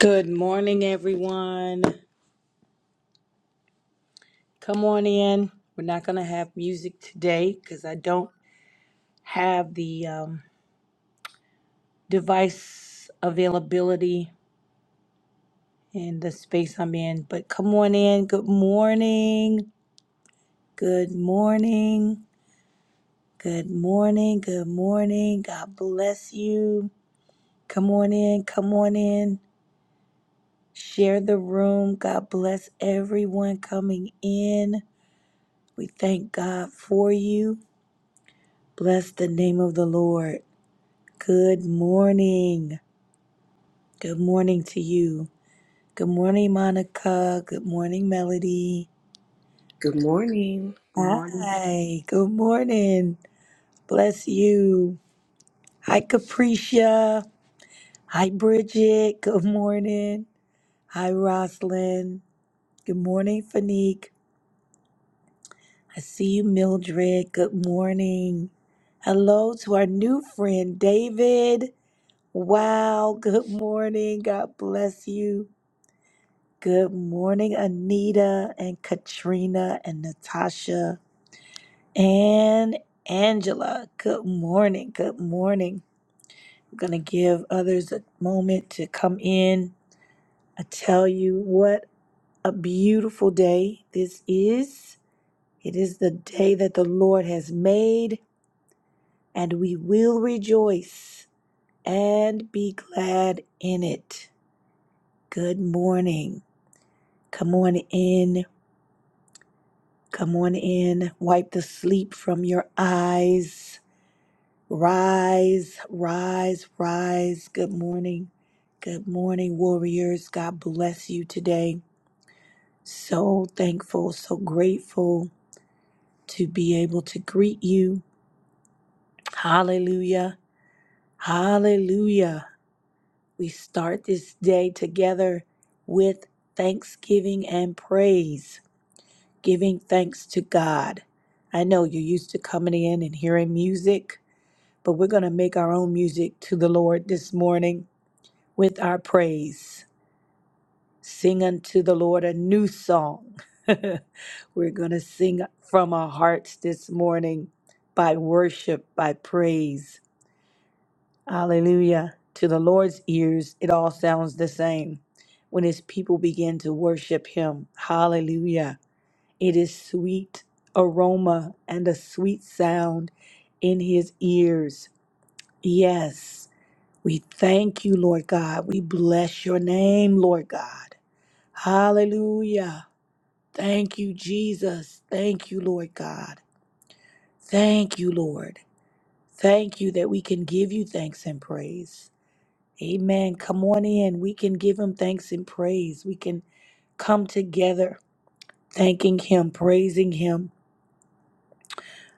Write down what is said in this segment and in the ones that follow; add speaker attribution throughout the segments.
Speaker 1: Good morning, everyone. Come on in. We're not going to have music today because I don't have the um, device availability in the space I'm in. But come on in. Good morning. Good morning. Good morning. Good morning. God bless you. Come on in. Come on in. Share the room. God bless everyone coming in. We thank God for you. Bless the name of the Lord. Good morning. Good morning to you. Good morning, Monica. Good morning, Melody.
Speaker 2: Good morning.
Speaker 3: morning.
Speaker 1: Hi. Good morning. Bless you. Hi, Capricia. Hi, Bridget. Good morning. Hi, Roslyn. Good morning, Fanique. I see you, Mildred. Good morning. Hello to our new friend, David. Wow. Good morning. God bless you. Good morning, Anita and Katrina and Natasha and Angela. Good morning. Good morning. I'm going to give others a moment to come in. I tell you what a beautiful day this is. It is the day that the Lord has made, and we will rejoice and be glad in it. Good morning. Come on in Come on in, wipe the sleep from your eyes. Rise, rise, rise. Good morning. Good morning, warriors. God bless you today. So thankful, so grateful to be able to greet you. Hallelujah. Hallelujah. We start this day together with thanksgiving and praise, giving thanks to God. I know you're used to coming in and hearing music but we're going to make our own music to the Lord this morning with our praise. Sing unto the Lord a new song. we're going to sing from our hearts this morning by worship, by praise. Hallelujah. To the Lord's ears, it all sounds the same when his people begin to worship him. Hallelujah. It is sweet aroma and a sweet sound in his ears. Yes. We thank you, Lord God. We bless your name, Lord God. Hallelujah. Thank you, Jesus. Thank you, Lord God. Thank you, Lord. Thank you that we can give you thanks and praise. Amen. Come on in. We can give him thanks and praise. We can come together thanking him, praising him.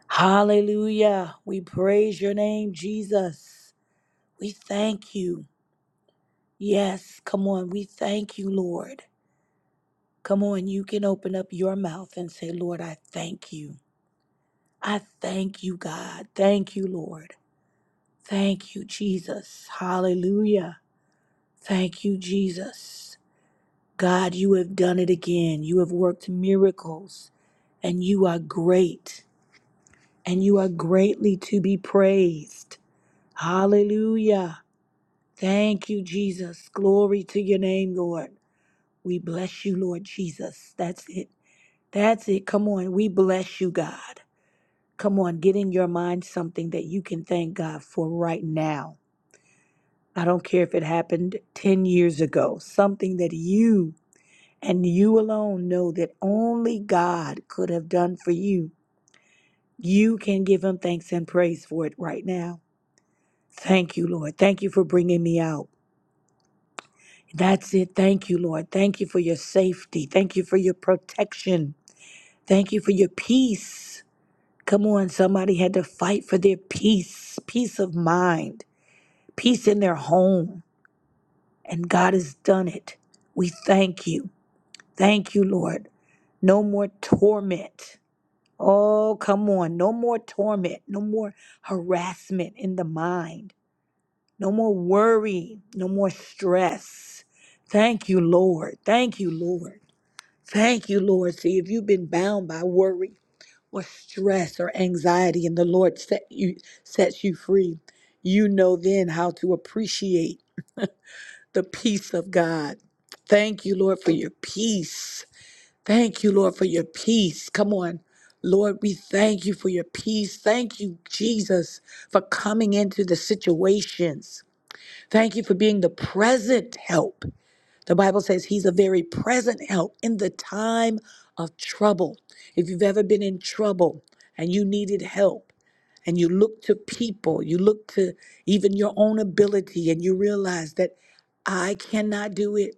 Speaker 1: Hallelujah. We praise your name, Jesus. We thank you. Yes, come on. We thank you, Lord. Come on, you can open up your mouth and say, Lord, I thank you. I thank you, God. Thank you, Lord. Thank you, Jesus. Hallelujah. Thank you, Jesus. God, you have done it again. You have worked miracles, and you are great, and you are greatly to be praised. Hallelujah. Thank you, Jesus. Glory to your name, Lord. We bless you, Lord Jesus. That's it. That's it. Come on. We bless you, God. Come on, get in your mind something that you can thank God for right now. I don't care if it happened 10 years ago, something that you and you alone know that only God could have done for you. You can give Him thanks and praise for it right now. Thank you, Lord. Thank you for bringing me out. That's it. Thank you, Lord. Thank you for your safety. Thank you for your protection. Thank you for your peace. Come on, somebody had to fight for their peace, peace of mind. peace in their home. And God has done it. We thank you. Thank you, Lord. No more torment. Oh, come on. No more torment. No more harassment in the mind. No more worry. No more stress. Thank you, Lord. Thank you, Lord. Thank you, Lord. See, if you've been bound by worry or stress or anxiety and the Lord set you, sets you free, you know then how to appreciate the peace of God. Thank you, Lord, for your peace. Thank you, Lord, for your peace. Come on. Lord, we thank you for your peace. Thank you, Jesus, for coming into the situations. Thank you for being the present help. The Bible says he's a very present help in the time of trouble. If you've ever been in trouble and you needed help, and you look to people, you look to even your own ability, and you realize that I cannot do it.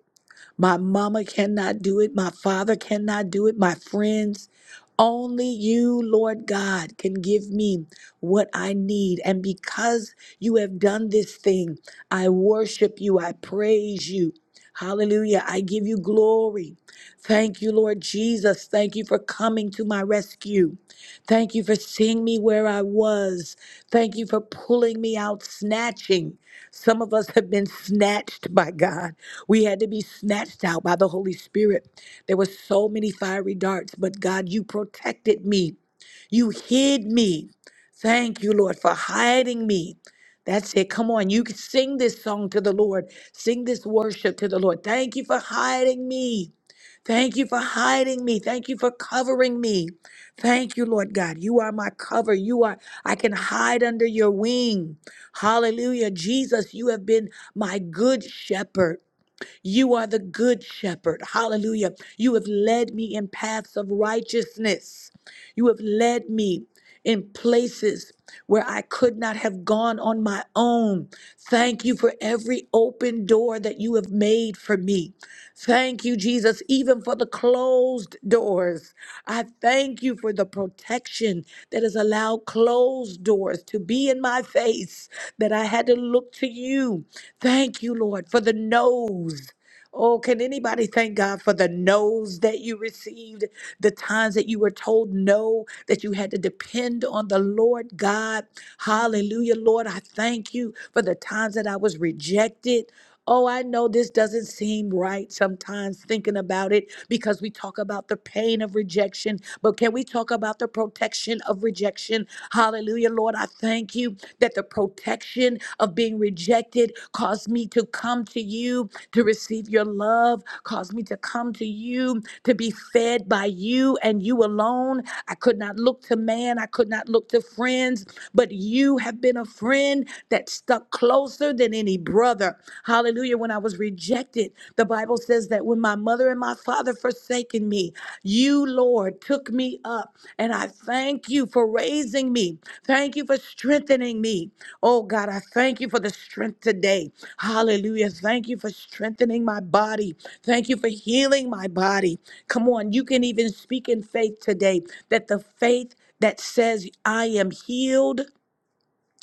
Speaker 1: My mama cannot do it. My father cannot do it. My friends. Only you, Lord God, can give me what I need. And because you have done this thing, I worship you. I praise you. Hallelujah. I give you glory. Thank you, Lord Jesus. Thank you for coming to my rescue. Thank you for seeing me where I was. Thank you for pulling me out, snatching. Some of us have been snatched by God. We had to be snatched out by the Holy Spirit. There were so many fiery darts, but God, you protected me. You hid me. Thank you, Lord, for hiding me. That's it. Come on. You can sing this song to the Lord. Sing this worship to the Lord. Thank you for hiding me. Thank you for hiding me. Thank you for covering me. Thank you, Lord God. You are my cover. You are, I can hide under your wing. Hallelujah. Jesus, you have been my good shepherd. You are the good shepherd. Hallelujah. You have led me in paths of righteousness. You have led me in places where I could not have gone on my own. Thank you for every open door that you have made for me. Thank you, Jesus, even for the closed doors. I thank you for the protection that has allowed closed doors to be in my face, that I had to look to you. Thank you, Lord, for the no's. Oh, can anybody thank God for the no's that you received, the times that you were told no, that you had to depend on the Lord God? Hallelujah, Lord. I thank you for the times that I was rejected. Oh, I know this doesn't seem right sometimes thinking about it because we talk about the pain of rejection, but can we talk about the protection of rejection? Hallelujah, Lord. I thank you thank you that the protection of being rejected caused me to come to you to receive your love, caused me to come to you to be fed by you and you alone. I could not look to man, I could not look to friends, but you have been a friend that stuck closer than any brother. Hallelujah. When I was rejected, the Bible says that when my mother and my father forsaken me, you, Lord, took me up, and I thank you for raising me. Thank you for strengthening me. Oh, God, I thank you for the strength today. Hallelujah. Thank you for strengthening my body. Thank you for healing my body. Come on, you can even speak in faith today that the faith that says, I am healed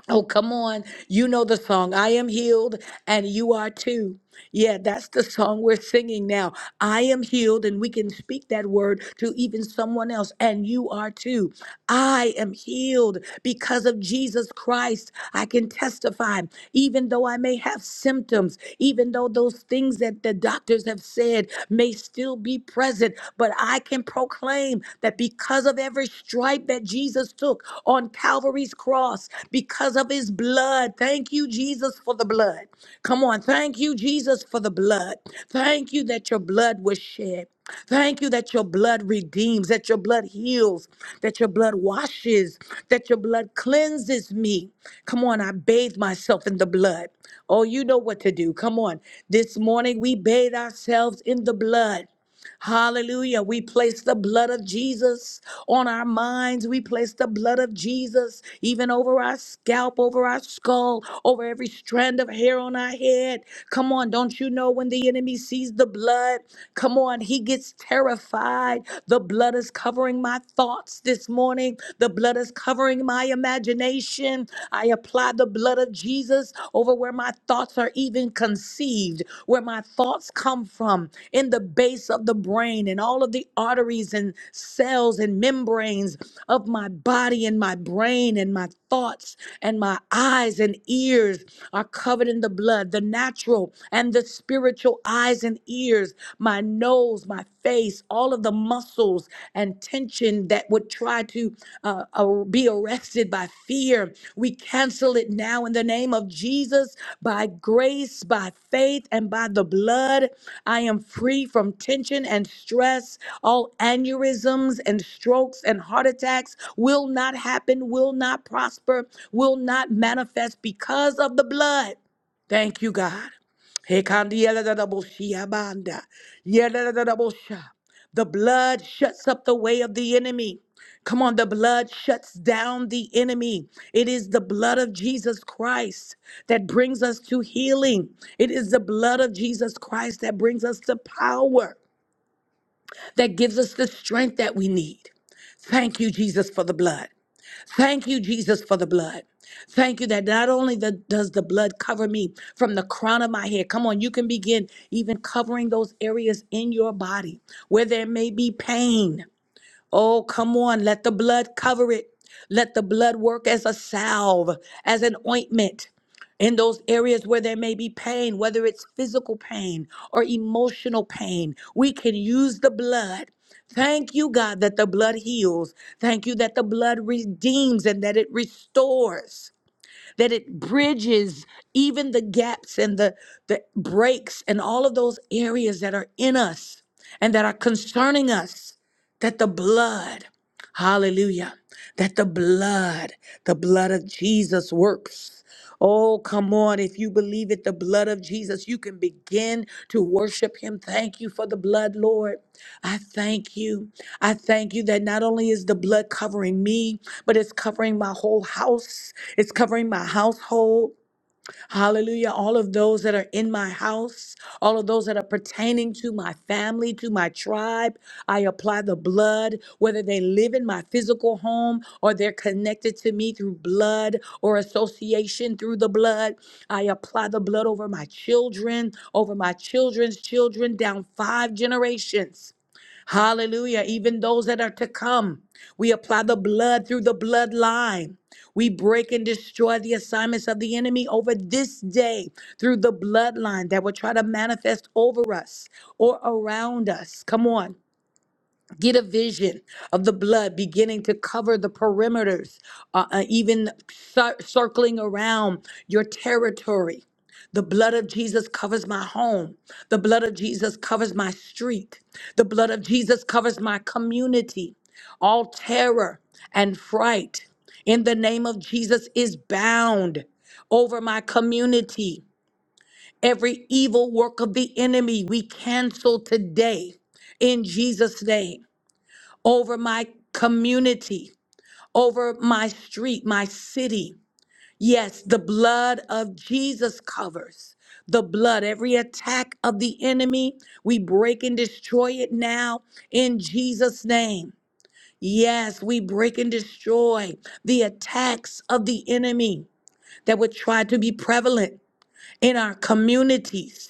Speaker 1: Oh, come on. You know the song, I am healed and you are too. Yeah, that's the song we're singing now. I am healed, and we can speak that word to even someone else, and you are too. I am healed because of Jesus Christ. I can testify, even though I may have symptoms, even though those things that the doctors have said may still be present, but I can proclaim that because of every stripe that Jesus took, on Calvary's cross because of his blood. Thank you, Jesus, for the blood. Come on. Thank you, Jesus, for the blood. Thank you that your blood was shed. Thank you that your blood redeems, that your blood heals, that your blood washes, that your blood cleanses me. Come on, I bathe myself in the blood. Oh, you know what to do. Come on. This morning we bathe ourselves in the blood. Hallelujah. We place the blood of Jesus on our minds. We place the blood of Jesus even over our scalp, over our skull, over every strand of hair on our head. Come on, don't you know when the enemy sees the blood? Come on, he gets terrified. The blood is covering my thoughts this morning. The blood is covering my imagination. I apply the blood blood of Jesus over where my thoughts are even conceived, where my thoughts come from, in the base of the brain and all of the arteries and cells and membranes of my body and my brain and my thoughts and my eyes and ears are covered in the blood, the natural and the spiritual eyes and ears, my nose, my face, all of the muscles muscles and tension that would try to uh, uh, be arrested by fear. We cancel it now in the name of Jesus by grace, by faith, and by the blood. I am free from tension and stress. All aneurysms and strokes and heart attacks will not happen, will not prosper, will not manifest because of the blood. Thank you, God. Hekandi yeleleleboshiabanda, yelelelebosha. The blood shuts up the way of the enemy. Come on, the blood shuts down the enemy. It is the blood of Jesus Christ that brings us to healing. It is the blood of Jesus Christ that brings us to power, that gives us the strength that we need. Thank you, Jesus, for the blood. Thank you, Jesus, for the blood. Thank you that not only the, does the blood cover me from the crown of my head, come on, you can begin even covering those areas in your body where there may be pain. Oh, come on. Let the blood cover it. Let the blood work as a salve, as an ointment in those areas where there may be pain, whether it's physical pain or emotional pain. We can use the blood. Thank you, God, that the blood heals. Thank you that the blood redeems and that it restores that it bridges even the gaps and the, the breaks and all of those areas that are in us and that are concerning us, that the blood Hallelujah. That the blood, the blood of Jesus works. Oh, come on. If you believe it, the blood of Jesus, you can begin to worship him. Thank you for the blood, Lord. I thank you. I thank you that not only is the blood covering me, but it's covering my whole house, it's covering my household. Hallelujah. All of those that are in my house, all of those that are pertaining to my family, to my tribe, I apply the blood, whether they live in my physical home or they're connected to me through blood or association through the blood. I apply the blood over my children, over my children's children, down five generations. Hallelujah. Even those that are to come, we apply the blood through the bloodline. We break and destroy the assignments of the enemy over this day through the bloodline that will try to manifest over us or around us. Come on. Get a vision of the blood beginning to cover the perimeters, uh, uh, even cir- circling around your territory. The blood of Jesus covers my home. The blood of Jesus covers my street. The blood of Jesus covers my community. All terror and fright in the name of Jesus is bound over my community. Every evil work of the enemy we cancel today in Jesus' name over my community, over my street, my city. Yes, the blood of Jesus covers the blood, every attack of the enemy. We break and destroy it now in Jesus' name. Yes, we break and destroy the attacks of the enemy that would try to be prevalent in our communities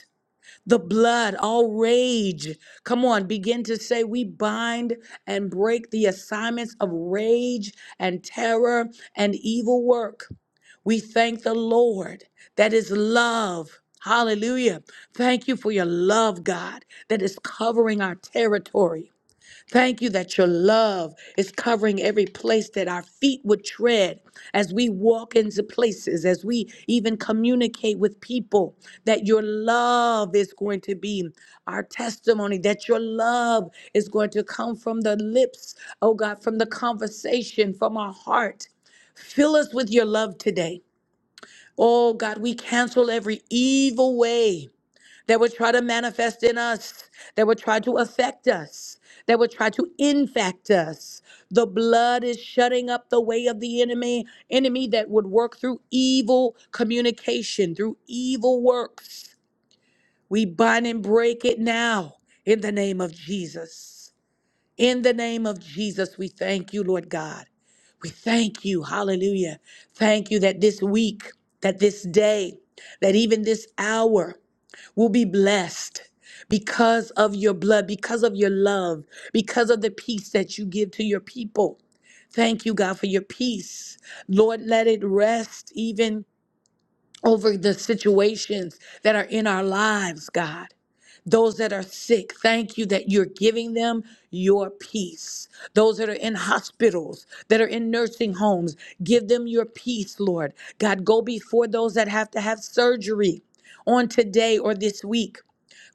Speaker 1: the blood, all rage. Come on, begin to say, We bind and break the assignments of rage and terror and evil work. We thank the Lord that is love. Hallelujah. Thank you for your love, God, that is covering our territory. Thank you that your love is covering every place that our feet would tread as we walk into places, as we even communicate with people, that your love is going to be our testimony, that your love is going to come from the lips, oh God, from the conversation, from our heart. Fill us with your love today. Oh God, we cancel every evil way that would try to manifest in us, that would try to affect us, that would try to infect us. The blood is shutting up the way of the enemy, enemy that would work through evil communication, through evil works. We bind and break it now in the name of Jesus. In the name of Jesus, we thank you, Lord God. We thank you. Hallelujah. Thank you that this week, that this day, that even this hour will be blessed because of your blood, because of your love, because of the peace that you give to your people. Thank you, God, for your peace. Lord, let it rest even over the situations that are in our lives, God. Those that are sick, thank you that you're giving them your peace. Those that are in hospitals, that are in nursing homes, give them your peace, Lord. God, go before those that have to have surgery on today or this week.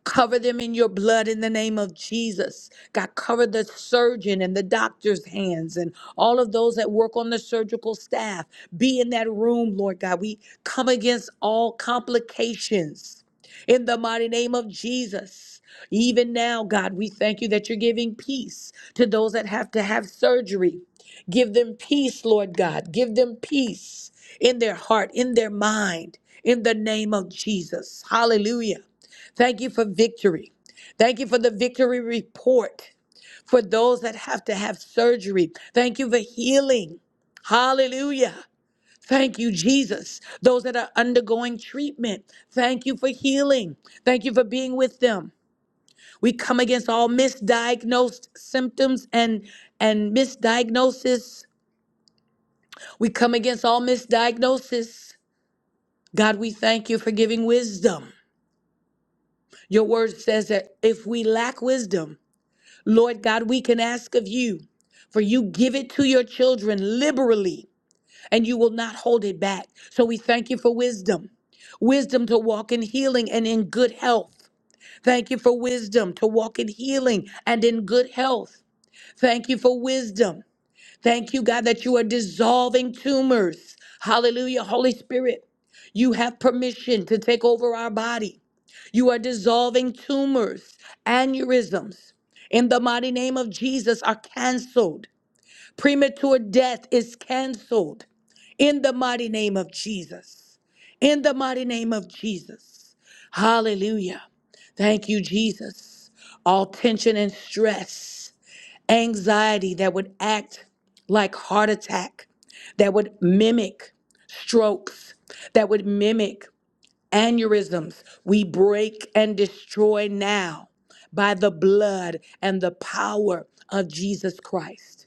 Speaker 1: Cover them in your blood in the name of Jesus. God, cover the surgeon and the doctor's hands and all of those that work on the surgical staff. Be in that room, Lord God. We come against all complications in the mighty name of Jesus. Even now, God, we thank you that you're giving peace to those that have to have surgery. Give them peace, Lord God. Give them peace in their heart, in their mind, in the name of Jesus. Hallelujah. Thank you for victory. Thank you for the victory report for those that have to have surgery. Thank you for healing. Hallelujah. Thank you, Jesus. Those that are undergoing treatment, thank you for healing. Thank you for being with them. We come against all misdiagnosed symptoms and, and misdiagnosis. We come against all misdiagnosis. God, we thank you for giving wisdom. Your word says that if we lack wisdom, Lord God, we can ask of you, for you give it to your children liberally, and you will not hold it back. So we thank you for wisdom wisdom to walk in healing and in good health. Thank you for wisdom to walk in healing and in good health. Thank you for wisdom Thank you, God, that you are dissolving tumors. Hallelujah. Holy Spirit, you have permission to take over our body. You are dissolving tumors, aneurysms. In the mighty name of Jesus, are canceled. Premature death is canceled. In the mighty name of Jesus. In the mighty name of Jesus. Hallelujah. Thank you, Jesus. All tension and stress anxiety that would act like heart attack, that would mimic strokes, that would mimic aneurysms. We break and destroy now by the blood and the power of Jesus Christ.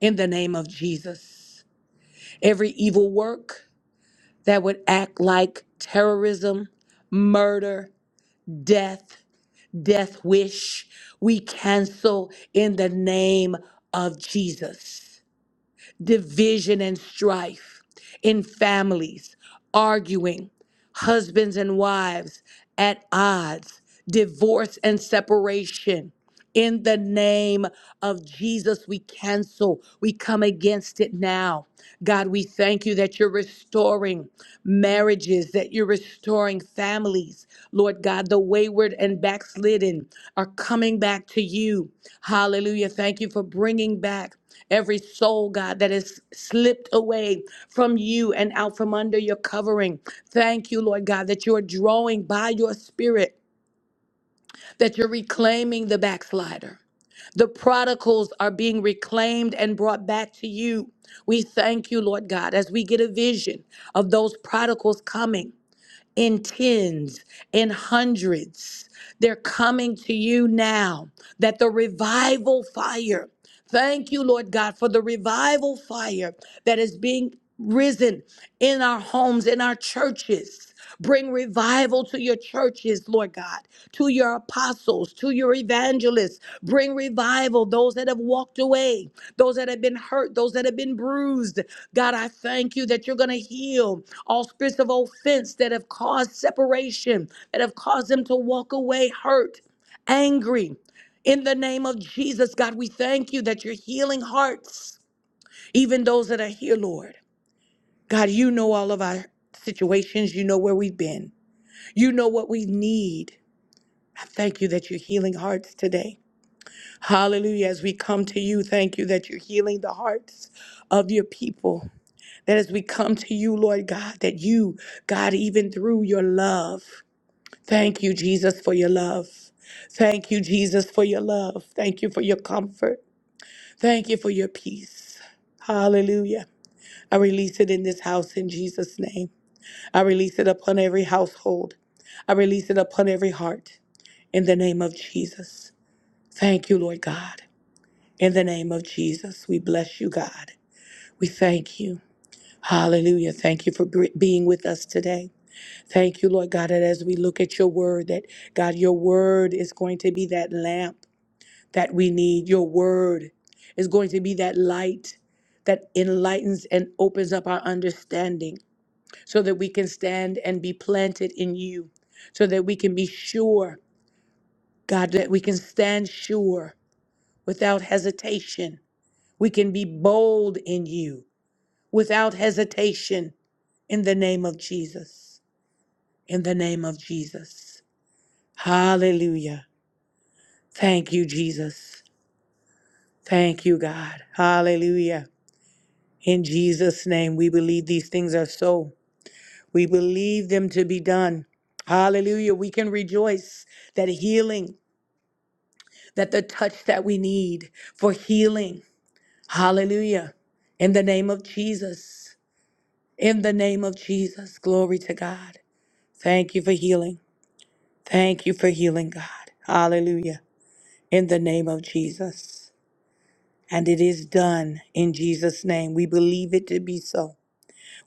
Speaker 1: In the name of Jesus. Every evil work that would act like terrorism, murder, death, death wish, we cancel in the name of Jesus. division and strife in families, arguing, husbands and wives at odds, divorce and separation, in the name of Jesus, we cancel. We come against it now. God, we thank you that you're restoring marriages, that you're restoring families. Lord God, the wayward and backslidden are coming back to you. Hallelujah. Thank you for bringing back every soul, God, that has slipped away from you and out from under your covering. Thank you, Lord God, that you are drawing by your spirit that you're reclaiming the backslider. The prodigals are being reclaimed and brought back to you. We thank you, Lord God, as we get a vision of those prodigals coming in tens, in hundreds. They're coming to you now that the revival fire, thank you, Lord God, for the revival fire that is being risen in our homes, in our churches. Bring revival to your churches, Lord God, to your apostles, to your evangelists. Bring revival, those that have walked away, those that have been hurt, those that have been bruised. God, I thank you that you're going to heal all spirits of offense that have caused separation, that have caused them to walk away hurt, angry. In the name of Jesus, God, we thank you that you're healing hearts, even those that are here, Lord. God, you know all of our situations. You know where we've been. You know what we need. I thank you that you're healing hearts today. Hallelujah. As we come to you, thank you that you're healing the hearts of your people. That as we come to you, Lord God, that you, God, even through your love, thank you, Jesus, for your love. Thank you, Jesus, for your love. Thank you for your comfort. Thank you for your peace. Hallelujah. I release it in this house in Jesus' name. I release it upon every household. I release it upon every heart in the name of Jesus. Thank you, Lord God. In the name of Jesus, we bless you, God. We thank you. Hallelujah. Thank you for br- being with us today. Thank you, Lord God, that as we look at your word, that God, your word is going to be that lamp that we need. Your word is going to be that light that enlightens and opens up our understanding so that we can stand and be planted in you, so that we can be sure, God, that we can stand sure without hesitation. We can be bold in you without hesitation in the name of Jesus. In the name of Jesus. Hallelujah. Thank you, Jesus. Thank you, God. Hallelujah. In Jesus' name, we believe these things are so. We believe them to be done. Hallelujah. We can rejoice that healing, that the touch that we need for healing. Hallelujah. In the name of Jesus. In the name of Jesus. Glory to God. Thank you for healing. Thank you for healing, God. Hallelujah. In the name of Jesus. And it is done in Jesus' name. We believe it to be so.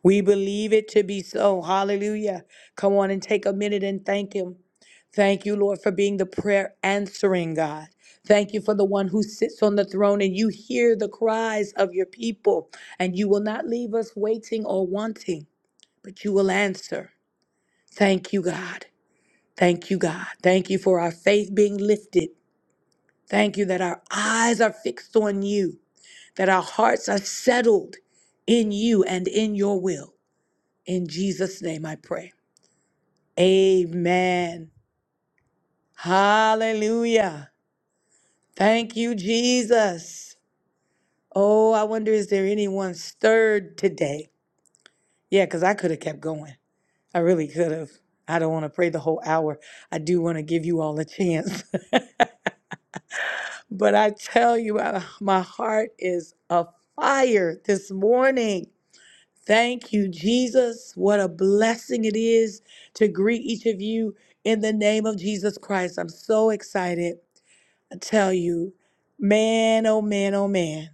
Speaker 1: We believe it to be so. Hallelujah. Come on and take a minute and thank Him. Thank you, Lord, for being the prayer answering God. Thank you for the one who sits on the throne and you hear the cries of your people and you will not leave us waiting or wanting, but you will answer. Thank you, God. Thank you, God. Thank you for our faith being lifted. Thank you that our eyes are fixed on you that our hearts are settled in you and in your will. In Jesus' name I pray. Amen. Hallelujah. Thank you, Jesus. Oh, I wonder is there anyone stirred today? Yeah, because I could have kept going. I really could have. I don't want to pray the whole hour. I do want to give you all a chance. but I tell you, uh, my heart is afire this morning Thank you, Jesus. What a blessing it is to greet each of you in the name of Jesus Christ. I'm so excited. I tell you, man, oh man, oh man,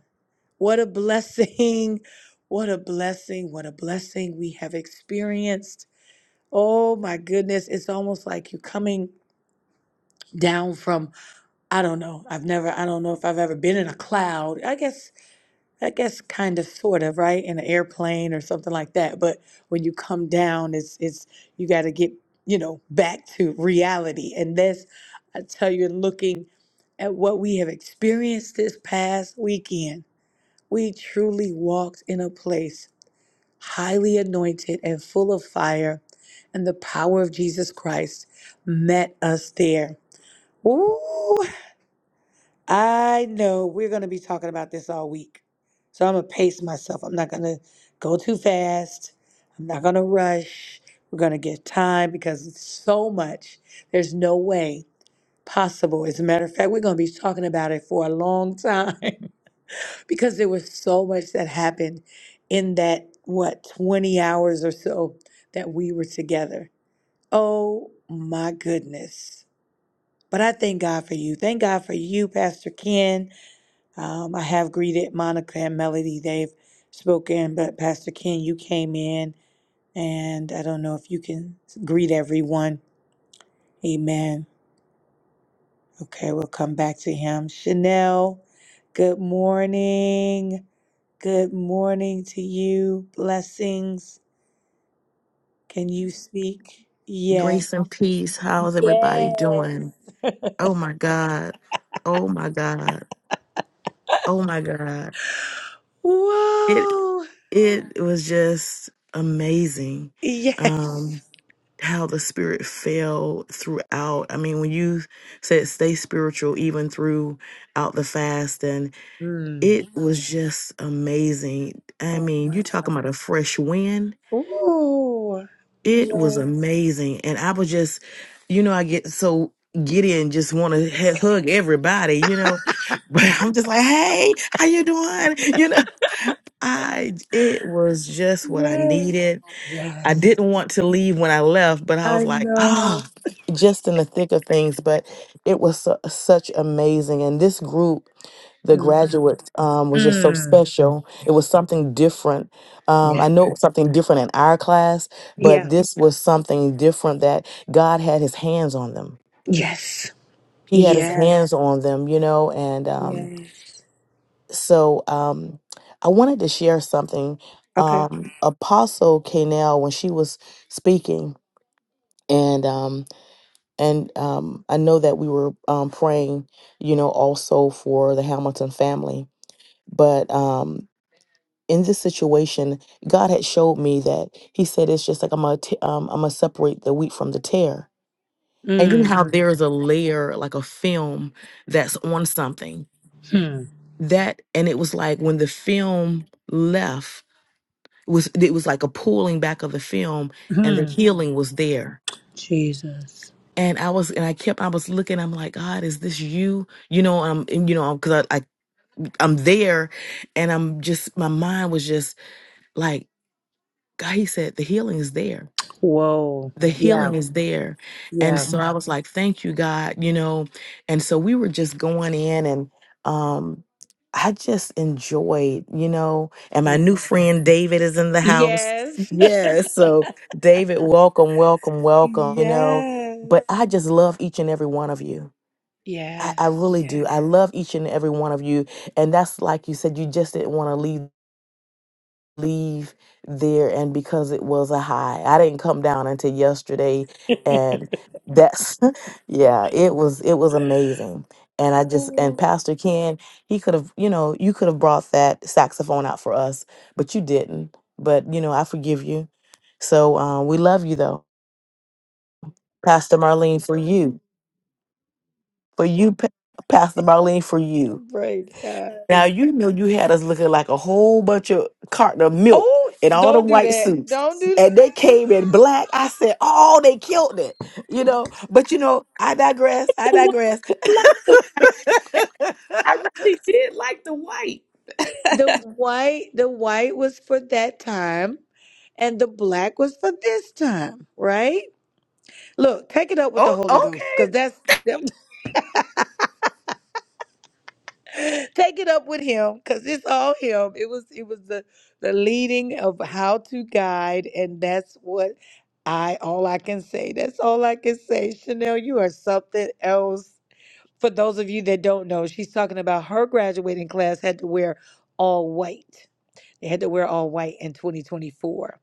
Speaker 1: what a blessing. What a blessing. What a blessing we have experienced. Oh my goodness. It's almost like you're coming down from, I don't know. I've never, I don't know if I've ever been in a cloud. I guess I guess kind of sort of, right? In an airplane or something like that. But when you come down, it's it's you gotta get, you know, back to reality. And that's I tell you, looking at what we have experienced this past weekend, we truly walked in a place highly anointed and full of fire, and the power of Jesus Christ met us there. Ooh, I know we're going to be talking about this all week. So I'm going to pace myself. I'm not going to go too fast. I'm not going to rush. We're going to get time because it's so much. There's no way possible. As a matter of fact, we're going to be talking about it for a long time because there was so much that happened in that, what, 20 hours or so that we were together. Oh my goodness. But I thank God for you. Thank God for you, Pastor Ken. Um, I have greeted Monica and Melody. They've spoken, but Pastor Ken, you came in, and I don't know if you can greet everyone. Amen. Okay, we'll come back to him. Chanel, good morning. Good morning to you. Blessings. Can you speak? Yes.
Speaker 4: Grace and peace. How's everybody
Speaker 1: Yes.
Speaker 4: doing? Oh my God. Oh my God. Oh my God. It
Speaker 1: Whoa.
Speaker 4: it was just amazing
Speaker 1: Yes.
Speaker 4: um how the spirit fell throughout. I mean, when you said stay spiritual even throughout the fast and it
Speaker 1: Mm.
Speaker 4: was just amazing. I
Speaker 1: Oh
Speaker 4: mean,
Speaker 1: my
Speaker 4: you talking
Speaker 1: God.
Speaker 4: about a fresh wind
Speaker 1: Ooh.
Speaker 4: It was
Speaker 1: Yes.
Speaker 4: amazing. And I was just, you know, I get so giddy and just want to h- hug everybody, you know, but I'm just like, hey, how you doing? You know, I, it was just what I
Speaker 1: Yes.
Speaker 4: needed. I
Speaker 1: Yes.
Speaker 4: didn't want to leave when I left, but I
Speaker 1: I
Speaker 4: was like,
Speaker 1: know.
Speaker 4: ah, just in the thick of things. But it was su- such amazing. And this group, the
Speaker 1: Mm.
Speaker 4: graduates, um, was just so
Speaker 1: Mm.
Speaker 4: special. It was something different. Um, I
Speaker 1: Yeah.
Speaker 4: know it was something different in our class, but
Speaker 1: Yeah.
Speaker 4: this was something different that God had his hands on them.
Speaker 1: Yes.
Speaker 4: He had his hands
Speaker 1: Yes.
Speaker 4: on them, you know. And um,
Speaker 1: Yes.
Speaker 4: so um, I wanted to share something.
Speaker 1: Okay.
Speaker 4: Um, Apostle Kanell, when she was speaking, and um and um I know that we were um praying, you know, also for the Hamilton family. But um in this situation, God had showed me that He said it's just like I'm gonna t- um, I'm gonna separate the wheat from the tear. And you know
Speaker 1: Mm-hmm.
Speaker 4: how there is a layer like a film that's on something
Speaker 1: Mm.
Speaker 4: that, and it was like when the film left it was it was like a pulling back of the film,
Speaker 1: Hmm.
Speaker 4: and the
Speaker 1: Hmm.
Speaker 4: healing was there
Speaker 1: Jesus.
Speaker 4: and I was and I kept I was looking I'm like God is this you you know I'm and, you know because I, I I'm there and I'm just my mind was just like God he said the healing is there
Speaker 1: Whoa.
Speaker 4: the
Speaker 1: Yeah.
Speaker 4: healing is there and
Speaker 1: Yeah.
Speaker 4: so I was like thank you God you know and so we were just going in and um I just enjoyed you know and my new
Speaker 1: Whoa.
Speaker 4: friend David is in the house
Speaker 1: Yes.
Speaker 4: yes so David welcome welcome welcome you know
Speaker 1: yes.
Speaker 4: but I just love each and every one of you I,
Speaker 1: Yes.
Speaker 4: I really
Speaker 1: Yes.
Speaker 4: do. I love each and every one of you. And that's like you said, you just didn't want to leave leave there and because it was a high. I didn't come down until yesterday and that's yeah, it was it was amazing. And I just and
Speaker 1: Oh,
Speaker 4: Pastor Ken, he could have, you know, you could have brought that saxophone out for us, but you didn't. But you know, I forgive you. So um, we love you though. Pastor Marlene for you. For you Pa- Pastor Marlene for you.
Speaker 1: praise God.
Speaker 4: Now you know you had us looking like a whole bunch of carton of milk
Speaker 1: Oh,
Speaker 4: in all the
Speaker 1: don't do
Speaker 4: white
Speaker 1: that.
Speaker 4: suits.
Speaker 1: Don't do
Speaker 4: And they came in black. I said, Oh, they killed it. You know, but you know, I digress. I
Speaker 2: the white.
Speaker 4: digress.
Speaker 2: I like the white. I really did like the white.
Speaker 1: The white, the white was for that time, and the black was for this time, right? Look, take it up with the
Speaker 4: oh,
Speaker 1: Holy Ghost, cause
Speaker 4: okay.
Speaker 1: that's take it up with him, cause it's all him. It was it was the the leading of how to guide, and that's what I all I can say. That's all I can say. Chanel, you are something else. For those of you that don't know, she's talking about her graduating class had to wear all white. They had to wear all white in 2024.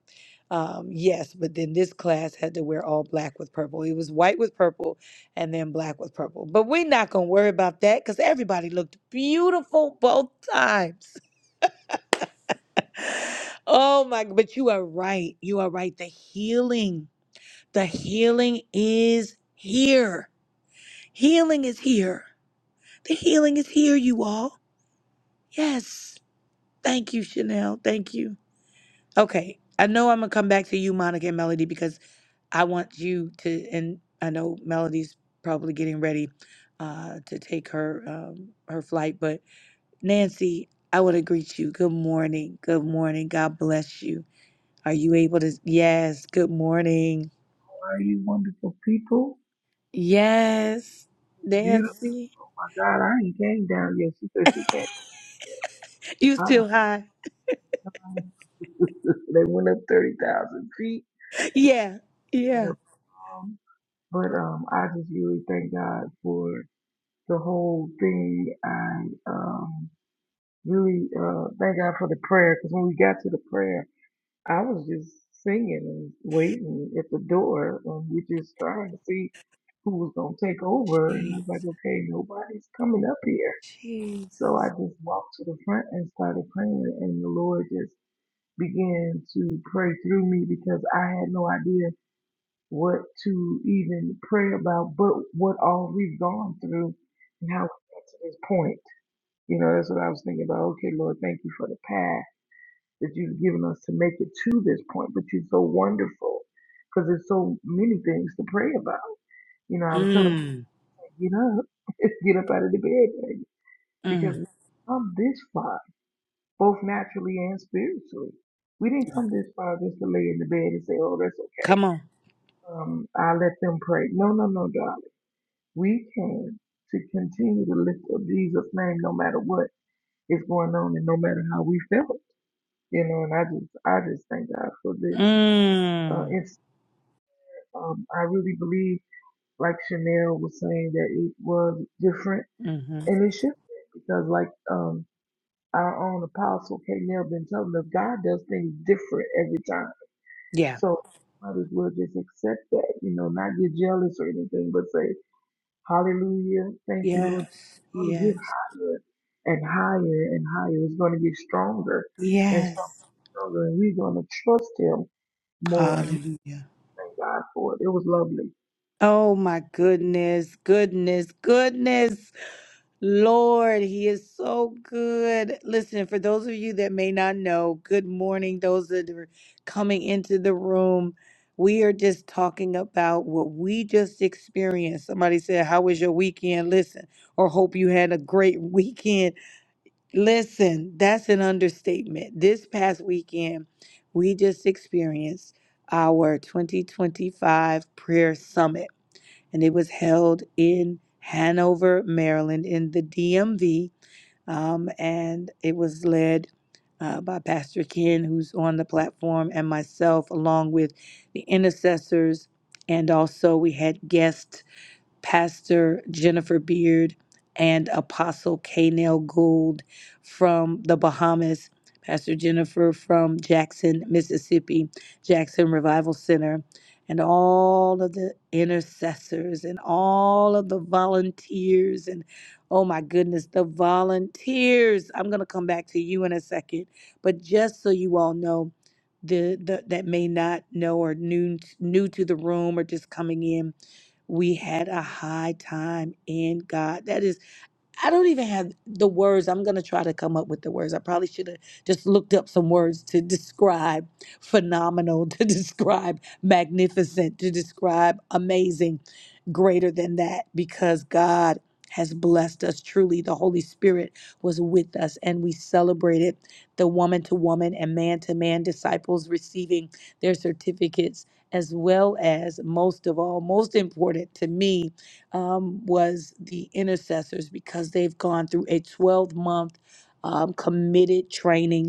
Speaker 1: Um, yes, but then this class had to wear all black with purple. It was white with purple and then black with purple. But we're not going to worry about that because everybody looked beautiful both times. Oh my, but you are right. You are right. The healing, the healing is here. Healing is here. The healing is here, you all. Yes. Thank you, Chanel. Thank you. Okay. I know I'm going to come back to you, Monica and Melody, because I want you to, and I know Melody's probably getting ready uh, to take her um, her flight, but Nancy, I want to greet you. Good morning. Good morning. God bless you. Are you able to? Yes. Good morning.
Speaker 5: by you wonderful people.
Speaker 1: Yes,
Speaker 5: Beautiful.
Speaker 1: Nancy.
Speaker 5: Oh my God, I ain't came down yet. She said she came.
Speaker 1: You
Speaker 5: Uh-uh.
Speaker 1: still high?
Speaker 5: They went up 30,000 feet.
Speaker 1: Yeah.
Speaker 5: But
Speaker 1: Yeah.
Speaker 5: um, but, um, I just really thank God for the whole thing. I um, really uh, thank God for the prayer because when we got to the prayer, I was just singing and waiting at the door and we just trying to see who was going to take over. And I
Speaker 1: Jeez.
Speaker 5: was like, okay, nobody's coming up here.
Speaker 1: Jeez.
Speaker 5: So I just walked to the front and started praying, and the Lord just began to pray through me because I had no idea what to even pray about, but what all we've gone through and how we got to this point. You know, that's what I was thinking about. Okay, Lord, thank you for the path that you've given us to make it to this point, but you're so wonderful because there's so many things to pray about. You know, I was telling him,
Speaker 1: Mm.
Speaker 5: get up, get up out of the bed, baby, because
Speaker 1: Mm.
Speaker 5: we've come this far both naturally and spiritually. We didn't come this far just to lay in the bed and say, oh, that's okay.
Speaker 1: Come on.
Speaker 5: Um, I let them pray. No, no, no, darling. We came to continue to lift up Jesus' name no matter what is going on and no matter how we felt. You know, and I just, I just thank God for this. Uh,
Speaker 1: Mm.
Speaker 5: it's, um, I really believe, like Chanel was saying, that it was different
Speaker 1: Mm-hmm.
Speaker 5: and it should be because like, um, our own apostle K. Nell been telling us God does things different every time
Speaker 1: Yeah.
Speaker 5: So might as well just accept that, you know, not get jealous or anything, but say, Hallelujah, thank you, Lord.
Speaker 1: Yes.
Speaker 5: It's going to get
Speaker 1: Yes.
Speaker 5: higher and higher and higher. It's going to get stronger and
Speaker 1: Yes.
Speaker 5: stronger, and we're going to trust Him more and
Speaker 1: Hallelujah.
Speaker 5: thank God for it. It was lovely.
Speaker 1: Oh my goodness, goodness, goodness. Lord, He is so good. Listen, for those of you that may not know, good morning. Those that are coming into the room, we are just talking about what we just experienced. Somebody said, How was your weekend? Listen, or hope you had a great weekend. Listen, that's an understatement. This past weekend, we just experienced our 2025 prayer summit, and it was held in Hanover, Maryland, in the DMV. Um, and it was led uh, by Pastor Ken, who's on the platform, and myself, along with the intercessors. And also, we had guests Pastor Jennifer Beard and Apostle Kanel Gould from the Bahamas, Pastor Jennifer from Jackson, Mississippi, Jackson Revival Center, and all of the intercessors and all of the volunteers and oh my goodness, the volunteers. I'm going to come back to you in a second, but just so you all know, the, the that may not know or new new to the room or just coming in we had a high time in God. That is I don't even have the words. I'm going to try to come up with the words. I probably should have just looked up some words to describe phenomenal, to describe magnificent, to describe amazing, greater than that, because God has blessed us truly. The Holy Spirit was with us, and we celebrated the woman to woman and man to man disciples receiving their certificates, as well as most of all, most important to me um, was the intercessors because they've gone through a 12 month um, committed training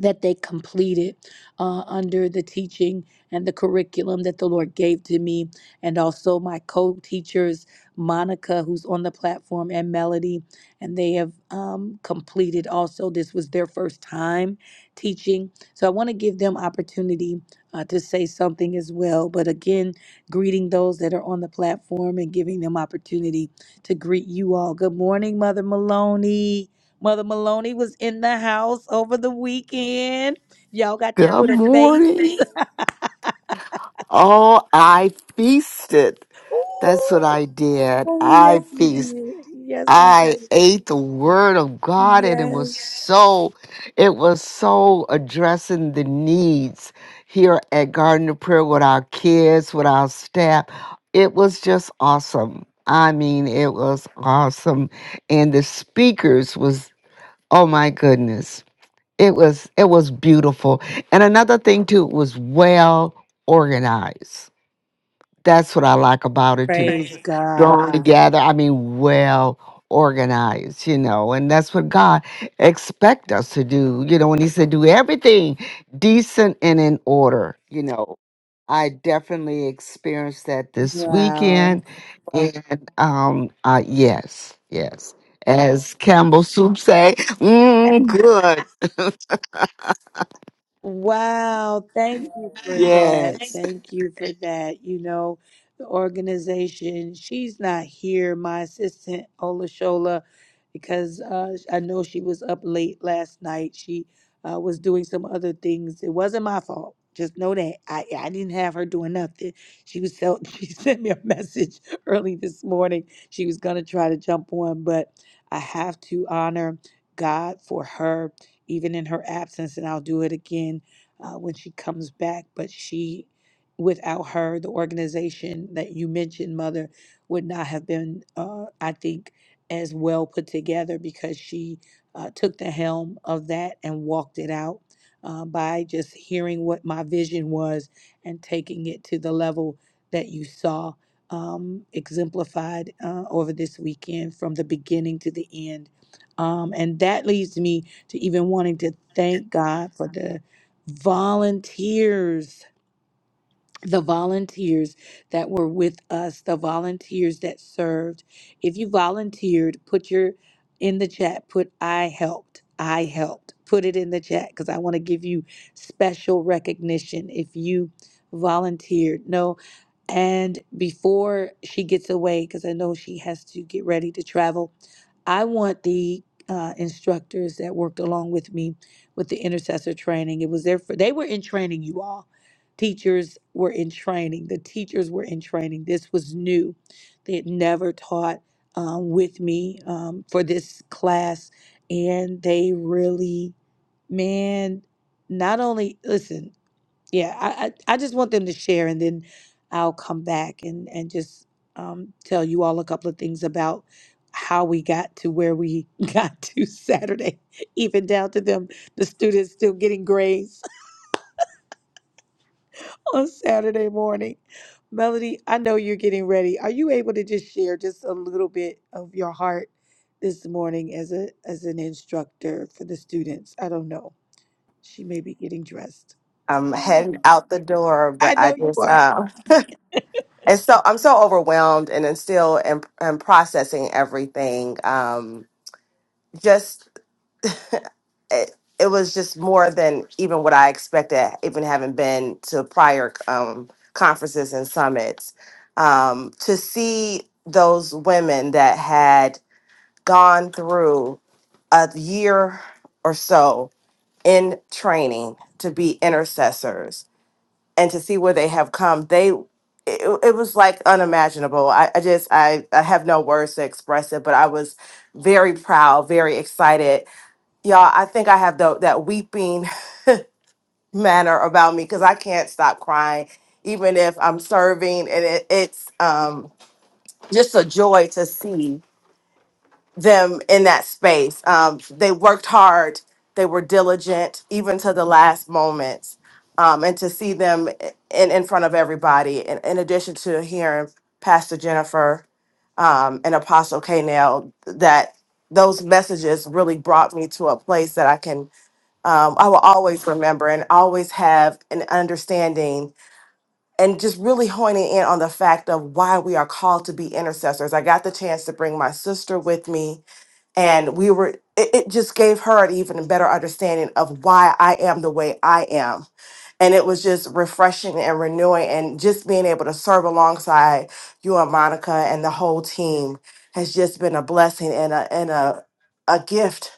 Speaker 1: that they completed uh, under the teaching and the curriculum that the Lord gave to me, and also my co teachers, Monica, who's on the platform, and Melody. And they have um, completed also, this was their first time teaching. So I want to give them opportunity uh, to say something as well. But again, greeting those that are on the platform and giving them opportunity to greet you all. Good morning, Mother Maloney. Mother Maloney was in the house over the weekend. Y'all got to
Speaker 6: Good
Speaker 1: put a face.
Speaker 6: morning. Oh, I feasted. That's what
Speaker 1: Ooh.
Speaker 6: I did.
Speaker 1: Oh,
Speaker 6: I
Speaker 1: yes, we
Speaker 6: feast.
Speaker 1: did. Yes, we
Speaker 6: I
Speaker 1: did.
Speaker 6: ate the word of God and it was
Speaker 1: Yes.
Speaker 6: so it was so addressing the needs here at Garden of Prayer with our kids, with our staff. It was just awesome. I mean, it was awesome. And the speakers was oh my goodness. It was it was beautiful. And another thing too it was well organized. That's what I like about it too.
Speaker 1: Praise God.
Speaker 6: Drawn together, I mean well organized, you know, and that's what God expect us to do, you know, when he said do everything decent and in order, you know. I definitely experienced that this
Speaker 1: Wow.
Speaker 6: weekend. And um uh yes, yes. As Campbell Soup say, mm, good.
Speaker 1: Wow, thank you for that.
Speaker 6: Yes.
Speaker 1: Thank you for that. You know, the organization, she's not here, my assistant Olashola, because uh, I know she was up late last night. She uh, was doing some other things. It wasn't my fault. Just know that I, I didn't have her doing nothing. She was so, she sent me a message early this morning. She was gonna try to jump on, but I have to honor God for her even in her absence, and I'll do it again uh, when she comes back. But she, without her, the organization that you mentioned, Mother, would not have been, uh, I think, as well put together because she uh, took the helm of that and walked it out uh, by just hearing what my vision was and taking it to the level that you saw um, exemplified uh, over this weekend from the beginning to the end. Um, and that leads me to even wanting to thank God for the volunteers the volunteers that were with us, the volunteers that served. If you volunteered, put your in the chat, put I helped. I helped. Put it in the chat because I want to give you special recognition if you volunteered. No, and before she gets away, because I know she has to get ready to travel, I want the uh, instructors that worked along with me with the intercessor training. It was there for they were in training, you all teachers were in training. The teachers were in training. This was new. They had never taught um, with me um, for this class. And they really, man, not only, listen, yeah, I, I, I just want them to share and then I'll come back and, and just um, tell you all a couple of things about how we got to where we got to Saturday, even down to them, the students still getting grades on Saturday morning. Melody, I know you're getting ready. Are you able to just share just a little bit of your heart this morning as a as an instructor for the students? I don't know. She may be getting dressed.
Speaker 3: I'm heading out the door,
Speaker 1: I
Speaker 3: but I
Speaker 1: know you
Speaker 3: just uh, it's so I'm so overwhelmed and then still and and processing everything. Um, just it, it was just more than even what I expected, even having been to prior um, conferences and summits. Um, to see those women that had gone through a year or so in training to be intercessors and to see where they have come they it, it was like unimaginable I, I just I, I have no words to express it but i was very proud very excited y'all i think i have the, that weeping manner about me because i can't stop crying even if i'm serving and it, it's um, just a joy to see them in that space. Um, they worked hard, they were diligent, even to the last moments. Um, and to see them in, in front of everybody, in, in addition to hearing Pastor Jennifer um, and Apostle K. Nail, that those messages really brought me to a place that I can, um, I will always remember and always have an understanding and just really honing in on the fact of why we are called to be intercessors. I got the chance to bring my sister with me and we were it, it just gave her an even better understanding of why i am the way i am and it was just refreshing and renewing and just being able to serve alongside you and monica and the whole team has just been a blessing and a and a a gift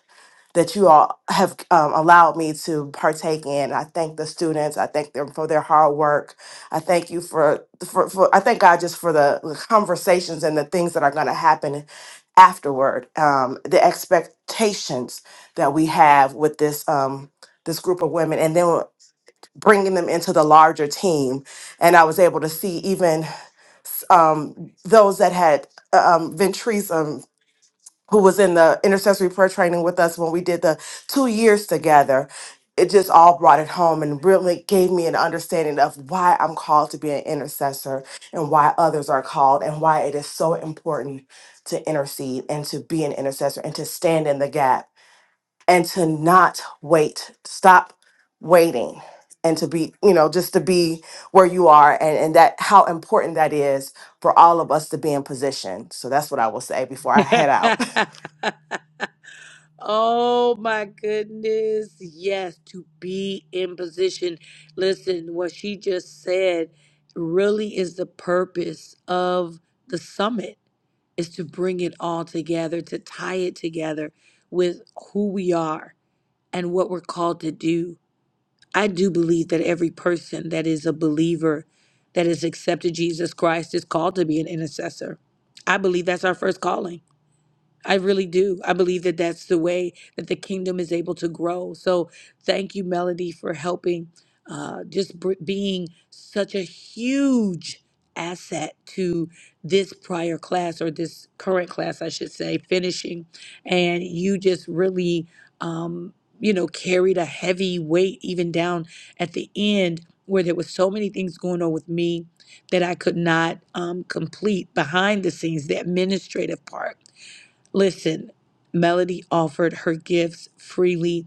Speaker 3: that you all have um, allowed me to partake in. I thank the students. I thank them for their hard work. I thank you for for, for I thank God just for the the conversations and the things that are going to happen afterward. Um, the expectations that we have with this um, this group of women, and then bringing them into the larger team. And I was able to see even um, those that had uh, um, Ventrice um, who was in the intercessory prayer training with us when we did the two years together. It just all brought it home and really gave me an understanding of why I'm called to be an intercessor and why others are called and why it is so important to intercede and to be an intercessor and to stand in the gap and to not wait, stop waiting and to be, you know, just to be where you are and, and that how important that is for all of us to be in position. So that's what I will say before I
Speaker 1: are.
Speaker 3: head out.
Speaker 1: Oh my goodness. Yes, to be in position. Listen, what she just said really is the purpose of the summit is to bring it all together, to tie it together with who we are and what we're called to do. I do believe that every person that is a believer that has accepted Jesus Christ is called to be an intercessor. I believe that's our first calling. I really do. I believe that that's the way that the kingdom is able to grow. So thank you, Melody, for helping, uh, just br- being such a huge asset to this prior class or this current class, I should say, finishing. And you just really, um, you know, carried a heavy weight even down at the end where there was so many things going on with me that I could not um, complete behind the scenes, the administrative part Listen, Melody offered her gifts freely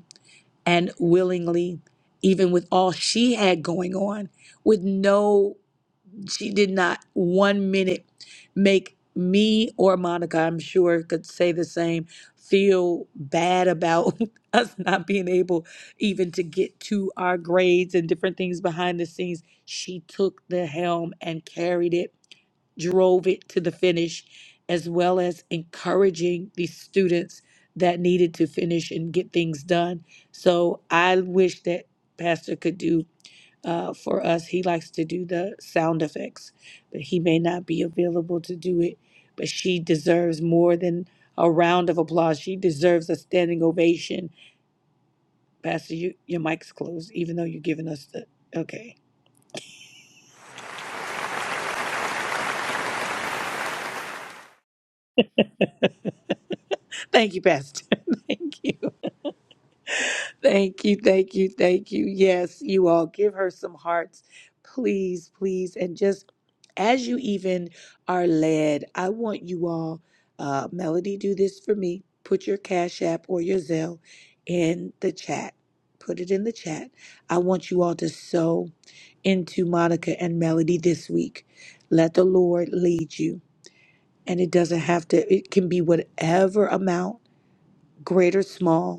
Speaker 1: and willingly, even with all she had going on, with no, she did not one minute make me or Monica, I'm sure, could say the same, feel bad about us not being able even to get to our grades and different things behind the scenes. She took the helm and carried it drove it to the finish, as well as encouraging the students that needed to finish and get things done. So I wish that Pastor could do uh, for us. He likes to do the sound effects, but he may not be available to do it. But she deserves more than a round of applause. She deserves a standing ovation. Pastor, you, your mic's closed, even though you're giving us the. Okay. Thank you, Pastor. Thank you. Thank you, thank you, thank you. Yes, you all give her some hearts, please, please. And just as you even are led, I want you all, uh, Melody, do this for me. Put your Cash App or your Zelle in the chat. Put it in the chat. I want you all to sow into Monica and Melody this week. Let the Lord lead you. And it doesn't have to, it can be whatever amount, great or small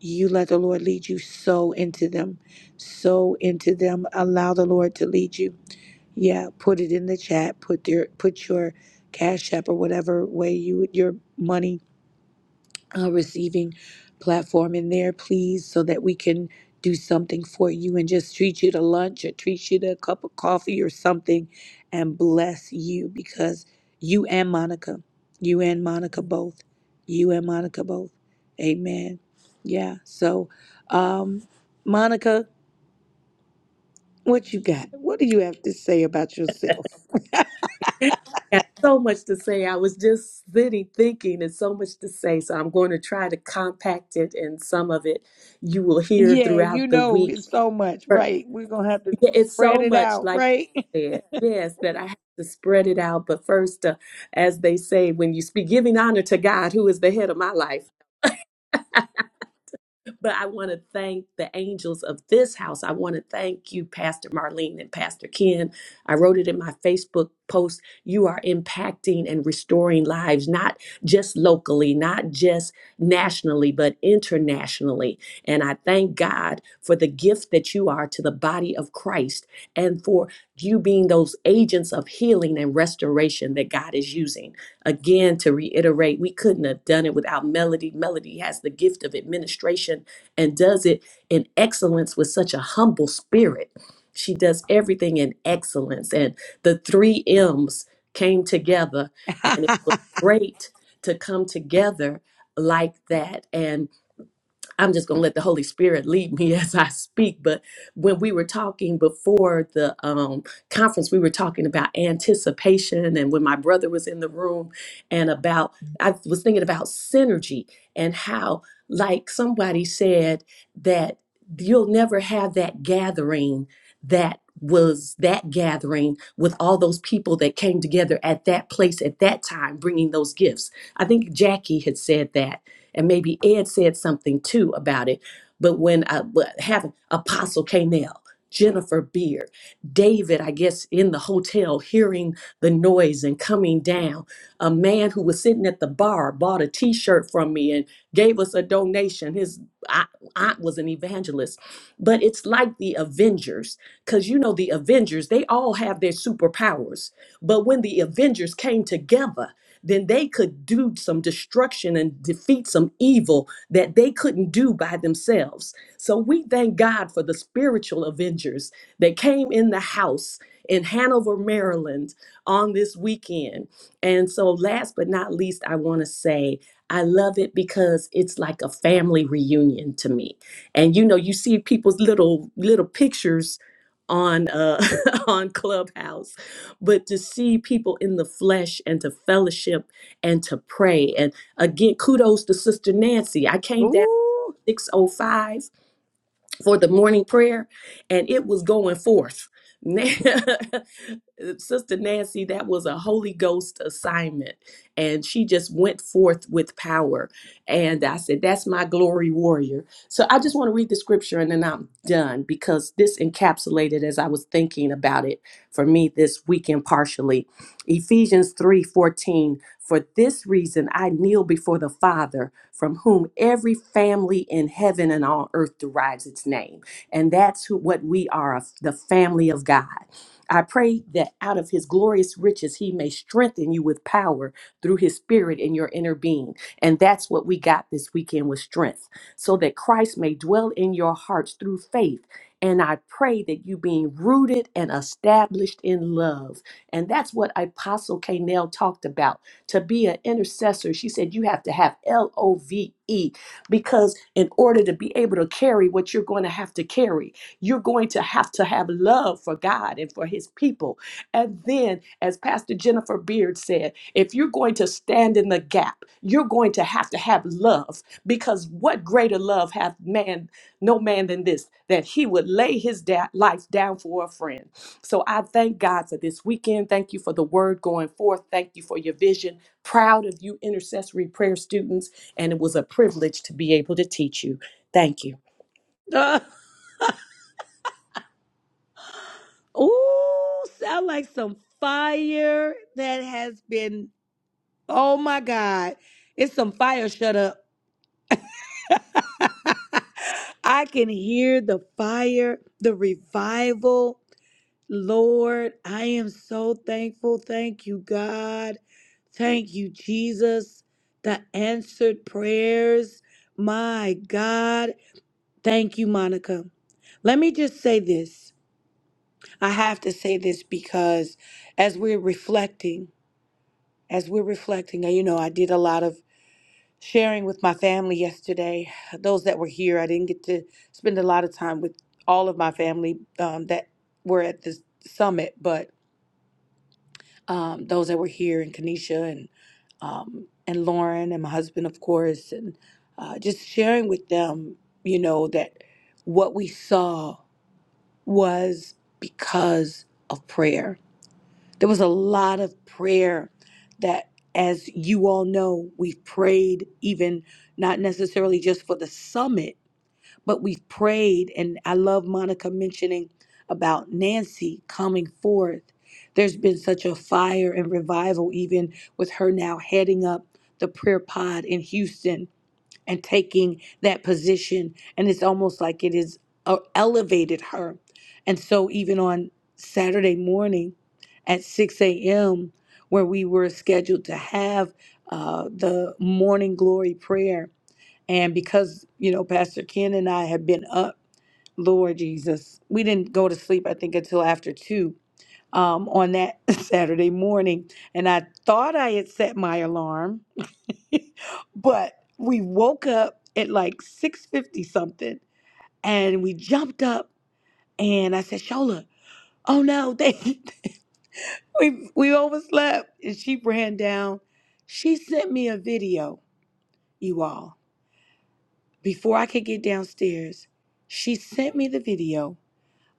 Speaker 1: you let the Lord lead you so into them, so into them. Allow the Lord to lead you. Yeah, put it in the chat. Put your put your cash app or whatever way you your money uh, receiving platform in there, please, so that we can do something for you and just treat you to lunch or treat you to a cup of coffee or something and bless you because you and Monica, you and Monica both, you and Monica both. Amen. Yeah. So, um, Monica, what you got? What do you have to say about yourself?
Speaker 2: I got so much to say. I was just sitting thinking and so much to say. So I'm going to try to compact it and some of it you will hear
Speaker 1: Yeah, you
Speaker 2: throughout the
Speaker 1: know,
Speaker 2: week.
Speaker 1: it's so much,
Speaker 2: But
Speaker 1: right? We're going to have to
Speaker 2: yeah, it's so
Speaker 1: spread it
Speaker 2: much
Speaker 1: out,
Speaker 2: like
Speaker 1: right?
Speaker 2: you said, yes, that I have to spread it out. But first, uh, as they say, when you speak, giving honor to God, who is the head of my life. But I want to thank the angels of this house. I want to thank you, Pastor Marlene and Pastor Ken. I wrote it in my Facebook post. You are impacting and restoring lives, not just locally, not just nationally, but internationally. And I thank God for the gift that you are to the body of Christ and for you being those agents of healing and restoration that God is using. Again, to reiterate, we couldn't have done it without Melody. Melody has the gift of administration and does it in excellence with such a humble spirit. She does everything in excellence. And the three M's came together, and it was great to come together like that. And I'm just going to let the Holy Spirit lead me as I speak. But when we were talking before the um, conference, we were talking about anticipation. And when my brother was in the room, and about, I was thinking about synergy and how, like somebody said, that you'll never have that gathering that was that gathering with all those people that came together at that place at that time bringing those gifts i think jackie had said that and maybe Ed said something too about it. But when I but having Apostle Canel, Jennifer Beard, David, I guess in the hotel hearing the noise and coming down, a man who was sitting at the bar bought a T-shirt from me and gave us a donation. His aunt aunt was an evangelist, but it's like the Avengers, because you know the Avengers they all have their superpowers, but when the Avengers came together then they could do some destruction and defeat some evil that they couldn't do by themselves. So we thank God for the spiritual avengers that came in the house in Hanover, Maryland on this weekend. And so, last but not least, I want to say, I love it because it's like a family reunion to me. And you know, you see people's little little pictures on uh on Clubhouse but to see people in the flesh and to fellowship and to pray. And again, kudos to Sister Nancy. I came down
Speaker 1: Ooh.
Speaker 2: 605 for the morning prayer and it was going forth. Sister Nancy, that was a Holy Ghost assignment. And she just went forth with power. And I said, That's my glory warrior. So I just want to read the scripture and then I'm done because this encapsulated as I was thinking about it for me this weekend partially. Ephesians 3:14. For this reason, I kneel before the Father, from whom every family in heaven and on earth derives its name. And that's who, what we are the family of God. I pray that out of his glorious riches, he may strengthen you with power through his spirit in your inner being. And that's what we got this weekend with strength, so that Christ may dwell in your hearts through faith. And I pray that you being rooted and established in love. And that's what Apostle Kanell talked about to be an intercessor, she said you have to have L O V E because in order to be able to carry what you're going to have to carry, you're going to have to have love for God and for his people. And then, as Pastor Jennifer Beard said, if you're going to stand in the gap, you're going to have to have love because what greater love hath man, no man than this, that he would lay his da- life down for a friend. So I thank God for this weekend. Thank you for the word going forth. Thank you for your vision. Proud of you, intercessory prayer students, and it was a privilege to be able to teach you. Thank you.
Speaker 1: Ooh, sound like some fire that has been. Oh my God. It's some fire. Shut up. I can hear the fire, the revival. Lord, I am so thankful. Thank you, God. Thank you, Jesus. The answered prayers. My God. Thank you, Monica. Let me just say this. I have to say this because as we're reflecting, as we're reflecting, uh, you know, I did a lot of sharing with my family yesterday. Those that were here, I didn't get to spend a lot of time with all of my family um, that were at the summit, but um, those that were here and Kanisha and um, and Lauren and my husband, of course, and uh, just sharing with them, you know, that what we saw was because of prayer There was a lot of prayer that, as you all know, we've prayed, even not necessarily just for the summit, but we've prayed. And I love Monica mentioning about Nancy coming forth. There's been such a fire and revival, even with her now heading up the prayer pod in Houston and taking that position. And it's almost like it is uh, elevated her. And so even on Saturday morning at 6 a.m., where we were scheduled to have uh, the morning glory prayer, and because you know Pastor Ken and I had been up, Lord Jesus, we didn't go to sleep. I think until after two um, on that Saturday morning, and I thought I had set my alarm but we woke up at like 6.50 something and we jumped up and i said shola oh no they we, we overslept and she ran down she sent me a video you all before i could get downstairs she sent me the video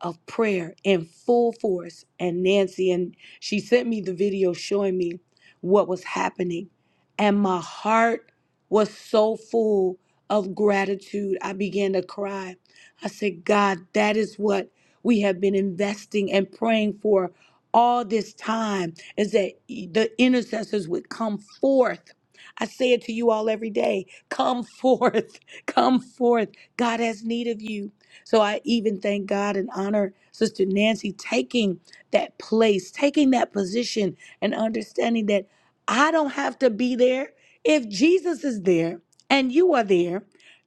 Speaker 1: of prayer in full force. And Nancy, and she sent me the video showing me what was happening. And my heart was so full of gratitude. I began to cry. I said, God, that is what we have been investing and praying for all this time is that e, the intercessors would come forth. I say it to you all every day come forth, come forth. God has need of you. So I even thank God and honor Sister Nancy taking that place, taking that position, and understanding that I don't have to be there. If Jesus is there and you are there,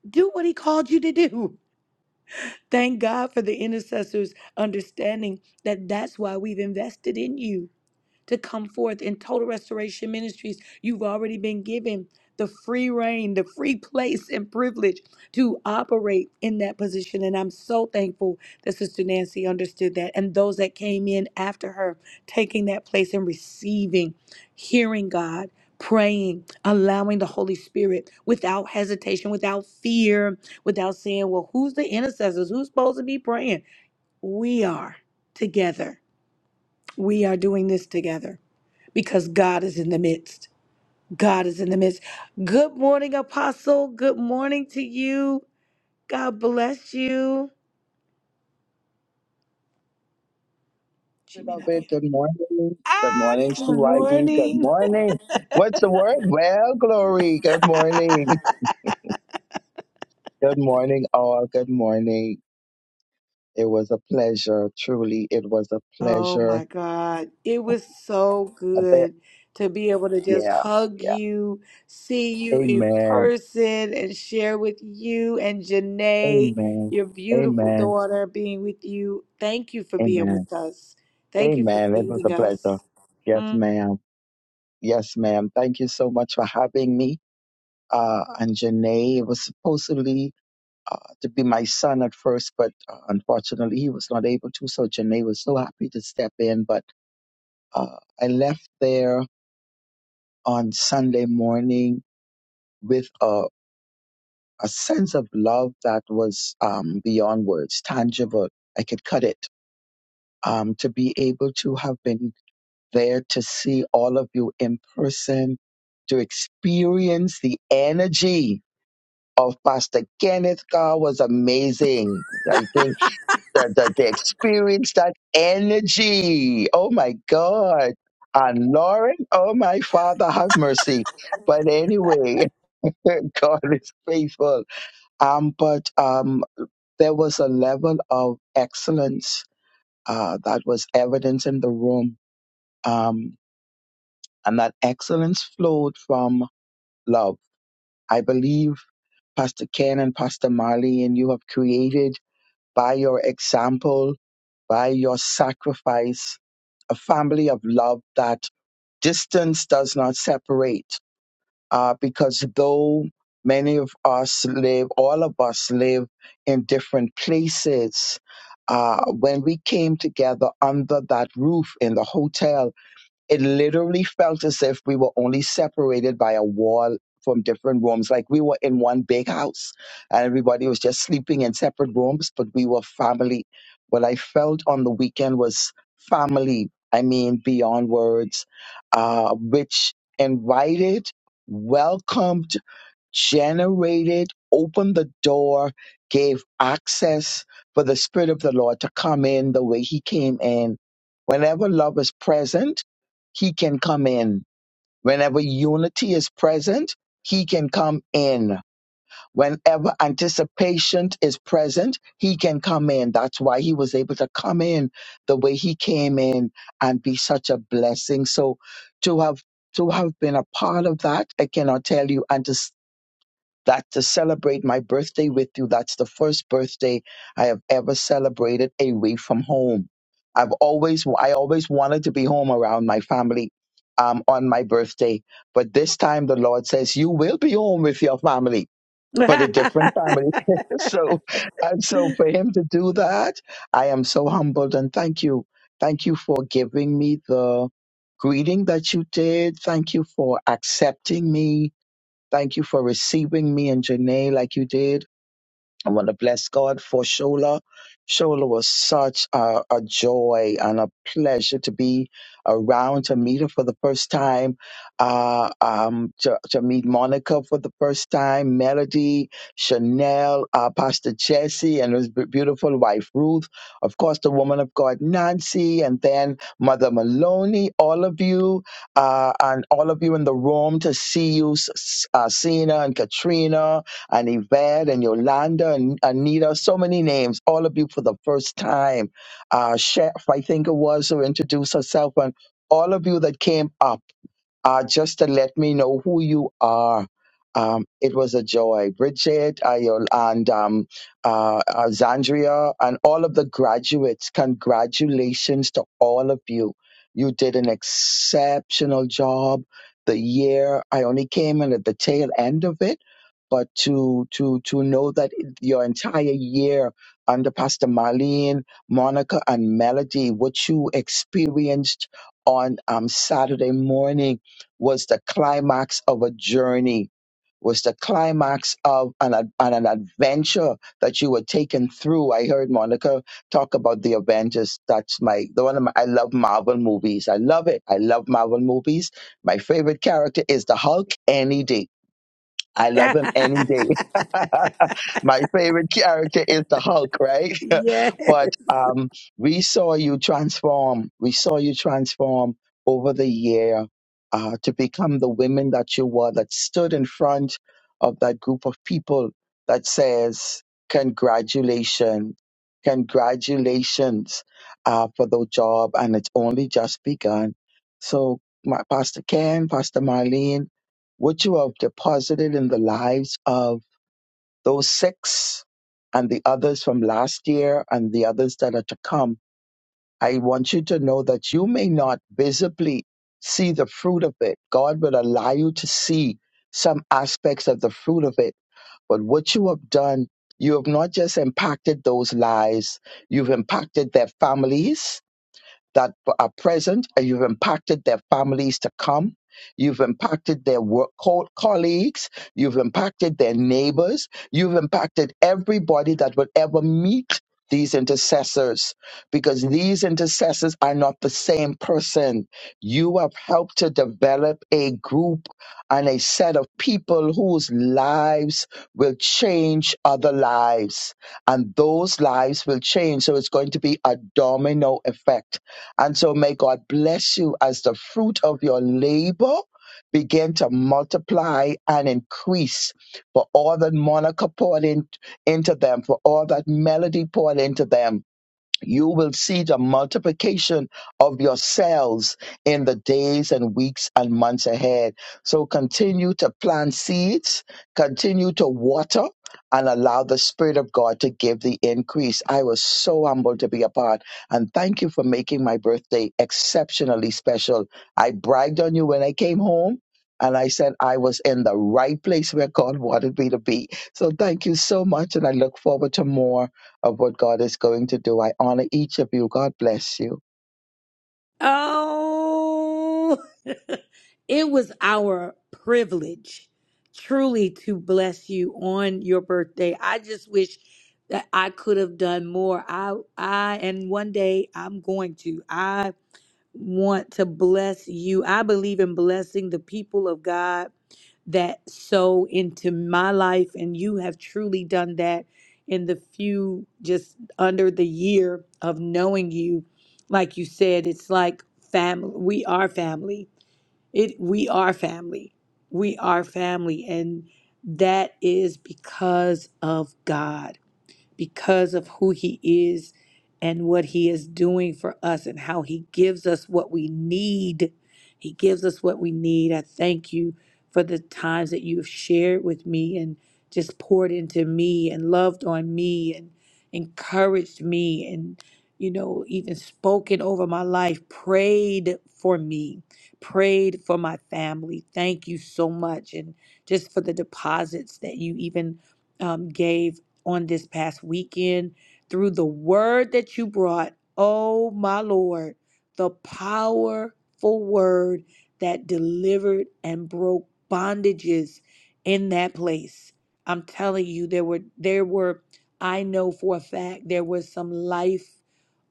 Speaker 1: do what he called you to do. Thank God for the intercessors understanding that that's why we've invested in you to come forth in total restoration ministries. You've already been given the free reign, the free place and privilege to operate in that position. And I'm so thankful that Sister Nancy understood that. And those that came in after her, taking that place and receiving, hearing God. Praying, allowing the Holy Spirit without hesitation, without fear, without saying, Well, who's the intercessors? Who's supposed to be praying? We are together. We are doing this together because God is in the midst. God is in the midst. Good morning, Apostle. Good morning to you. God bless you. She may not
Speaker 7: Beloved,
Speaker 1: be.
Speaker 7: good morning. Good
Speaker 1: Ah,
Speaker 7: morning,
Speaker 1: good
Speaker 7: CYD. Good
Speaker 1: morning.
Speaker 7: morning. What's the word? Well, glory. Good morning. Good morning, all. Good morning. It was a pleasure. Truly, it was a
Speaker 1: oh
Speaker 7: pleasure.
Speaker 1: my God. It was so
Speaker 7: I bet.
Speaker 1: good to be able to just
Speaker 7: Yeah.
Speaker 1: hug
Speaker 7: Yeah.
Speaker 1: you, see you in
Speaker 7: Amen.
Speaker 1: person, and share with you and Janae,
Speaker 7: Amen.
Speaker 1: your beautiful
Speaker 7: Amen.
Speaker 1: daughter, being with you. Thank you for being
Speaker 7: Amen.
Speaker 1: with us. Thank you for
Speaker 7: Amen. It was a
Speaker 1: feeding
Speaker 7: pleasure.
Speaker 1: us. Mm.
Speaker 7: Yes, ma'am. Yes, ma'am. Thank you so much for having me. Uh, and Janae, it was supposedly uh, to be my son at first, but uh, unfortunately he was not able to. So Janae was so happy to step in. But uh, I left there on Sunday morning with a, a sense of love that was um, beyond words, tangible. I could cut it. Um, to be able to have been there to see all of you in person, to experience the energy of Pastor Kenneth Carr was amazing. I think. the, the, the experience, that energy. Oh my God. And Lauren, oh my Father, have mercy. But anyway, God is faithful. Um, but um, there was a level of excellence uh, that was evident in the room. Um, and that excellence flowed from love. I believe Pastor Ken and Pastor Marley and you have created by your example, by your sacrifice, a family of love that distance does not separate. Uh, because though many of us live, all of us live in different places, uh, when we came together under that roof in the hotel, it literally felt as if we were only separated by a wall from different rooms. Like we were in one big house and everybody was just sleeping in separate rooms, but we were family. What I felt on the weekend was family. I mean, beyond words, uh, which invited, welcomed generated, opened the door, gave access for the Spirit of the Lord to come in the way He came in. Whenever love is present, He can come in. Whenever unity is present, He can come in. Whenever anticipation is present, He can come in. That's why He was able to come in the way He came in and be such a blessing. So to have to have been a part of that, I cannot tell you. And to that to celebrate my birthday with you. That's the first birthday I have ever celebrated away from home. I've always, I always wanted to be home around my family um, on my birthday. But this time the Lord says, you will be home with your family, but a different family. so, and so for him to do that, I am so humbled and thank you. Thank you for giving me the greeting that you did. Thank you for accepting me Thank you for receiving me and Janae like you did. I want to bless God for Shola. Shola was such a, a joy and a pleasure to be around to meet her for the first time, uh, um, to, to meet Monica for the first time, Melody, Chanel, uh, Pastor Jesse, and his be- beautiful wife Ruth. Of course, the woman of God Nancy, and then Mother Maloney. All of you, uh, and all of you in the room to see you, S- S- uh, Sina and Katrina and Yvette and Yolanda and Anita, so many names, all of you for the first time. Uh, Chef, I think it was, who introduced herself, and all of you that came up, uh, just to let me know who you are. Um, it was a joy. Bridget uh, Yol- and um, uh, uh, Zandria and all of the graduates, congratulations to all of you. You did an exceptional job. The year I only came in at the tail end of it but to to to know that your entire year under Pastor Marlene, Monica, and Melody, what you experienced on um, Saturday morning was the climax of a journey, was the climax of an, ad- an, an adventure that you were taken through. I heard Monica talk about the Avengers. That's my, the one of my, I love Marvel movies. I love it. I love Marvel movies. My favorite character is the Hulk any day I love him any day. My favorite character is the Hulk, right?
Speaker 1: yes.
Speaker 7: But um, we saw you transform. We saw you transform over the year uh, to become the women that you were, that stood in front of that group of people that says, Congratulations, congratulations uh, for the job. And it's only just begun. So, my, Pastor Ken, Pastor Marlene, what you have deposited in the lives of those six and the others from last year and the others that are to come, I want you to know that you may not visibly see the fruit of it. God will allow you to see some aspects of the fruit of it. But what you have done, you have not just impacted those lives, you've impacted their families, that are present and you've impacted their families to come. You've impacted their work co- colleagues. You've impacted their neighbors. You've impacted everybody that will ever meet these intercessors because these intercessors are not the same person. You have helped to develop a group and a set of people whose lives will change other lives and those lives will change. So it's going to be a domino effect and so may God bless you as the fruit of your labor begin to multiply and increase for all that Monica poured in, into them, for all that Melody poured into them you will see the multiplication of yourselves in the days and weeks and months ahead. So continue to plant seeds, continue to water, and allow the Spirit of God to give the increase. I was so humbled to be a part, and thank you for making my birthday exceptionally special. I bragged on you when I came home. And I said I was in the right place where God wanted me to be. So thank you so much. And I look forward to more of what God is going to do. I honor each of you. God bless you.
Speaker 1: Oh, it was our privilege truly to bless you on your birthday. I just wish that I could have done more. I I and one day I'm going to. want to bless you. I believe in blessing the people of God that sow into my life, and you have truly done that in the few just under the year of knowing you. Like you said, it's like family. We are family. It we are family. We are family, and that is because of God because of who He is and what He is doing for us and how He gives us what we need. He gives us what we need. I thank you for the times that you have shared with me and just poured into me and loved on me and encouraged me and, you know, even spoken over my life, prayed for me, prayed for my family. Thank you so much. And just for the deposits that you even um, gave on this past weekend through the word that you brought. Oh, my Lord, the powerful word that delivered and broke bondages in that place. I'm telling you, there were, there were, I know for a fact, there were some life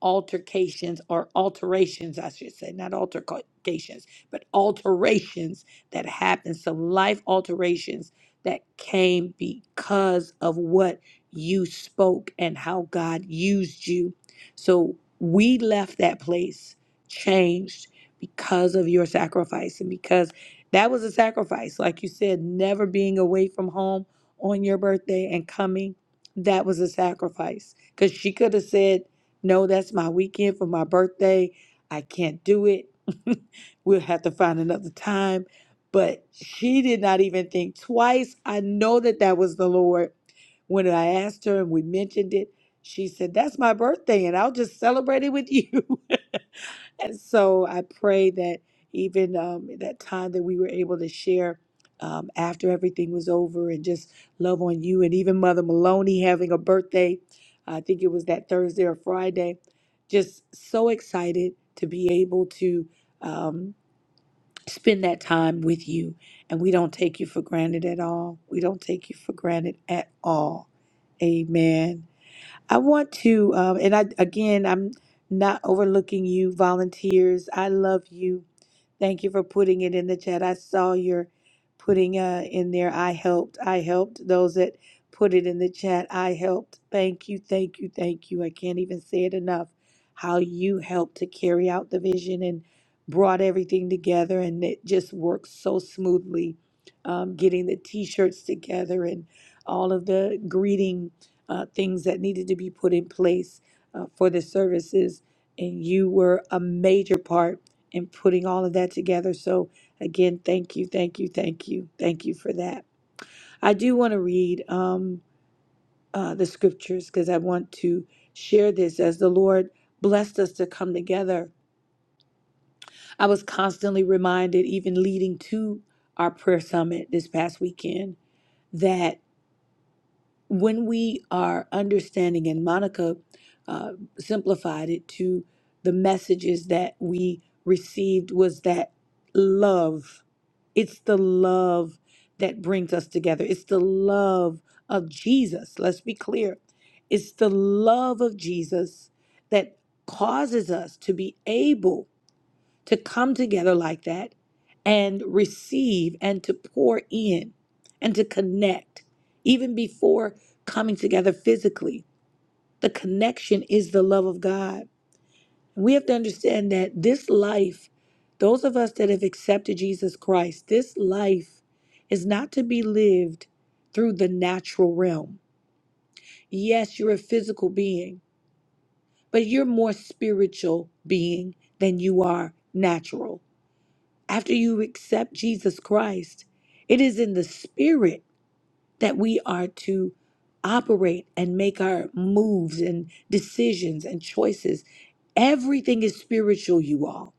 Speaker 1: altercations or alterations, I should say, not altercations, but alterations that happened, some life alterations that came because of what? you spoke and how God used you. So we left that place changed because of your sacrifice and because that was a sacrifice. Like you said, never being away from home on your birthday and coming, that was a sacrifice. Because she could have said, No, that's my weekend for my birthday. I can't do it. we'll have to find another time. But she did not even think twice. I know that that was the Lord when I asked her and we mentioned it, she said, That's my birthday, and I'll just celebrate it with you. And so I pray that even um, that time that we were able to share um, after everything was over and just love on you, and even Mother Maloney having a birthday, I think it was that Thursday or Friday, just so excited to be able to. Um, spend that time with you. And we don't take you for granted at all. We don't take you for granted at all. Amen. I want to, um, and I again, I'm not overlooking you, volunteers. I love you. Thank you for putting it in the chat. I saw your putting uh, in there. I helped. I helped those that put it in the chat. I helped. Thank you. Thank you. Thank you. I can't even say it enough. How you helped to carry out the vision and brought everything together, and it just worked so smoothly. Um, getting the T-shirts together and all of the greeting uh, things that needed to be put in place uh, for the services, and you were a major part in putting all of that together. So, again, thank you, thank you, thank you, thank you for that. I do want to read um, uh, the scriptures because I want to share this as the Lord blessed us to come together. I was constantly reminded, even leading to our prayer summit this past weekend, that. when we are understanding, and Monica uh, simplified it to the messages that we received was that love. It's the love that brings us together. It's the love of Jesus. Let's be clear. It's the love of Jesus that causes us to be able to come together like that and receive and to pour in and to connect, even before coming together physically. The connection is the love of God. We have to understand that this life, those of us that have accepted Jesus Christ, this life is not to be lived through the natural realm. Yes, you're a physical being, but you're more spiritual being than you are natural. After you accept Jesus Christ, it is in the spirit that we are to operate and make our moves and decisions and choices. Everything is spiritual, you all.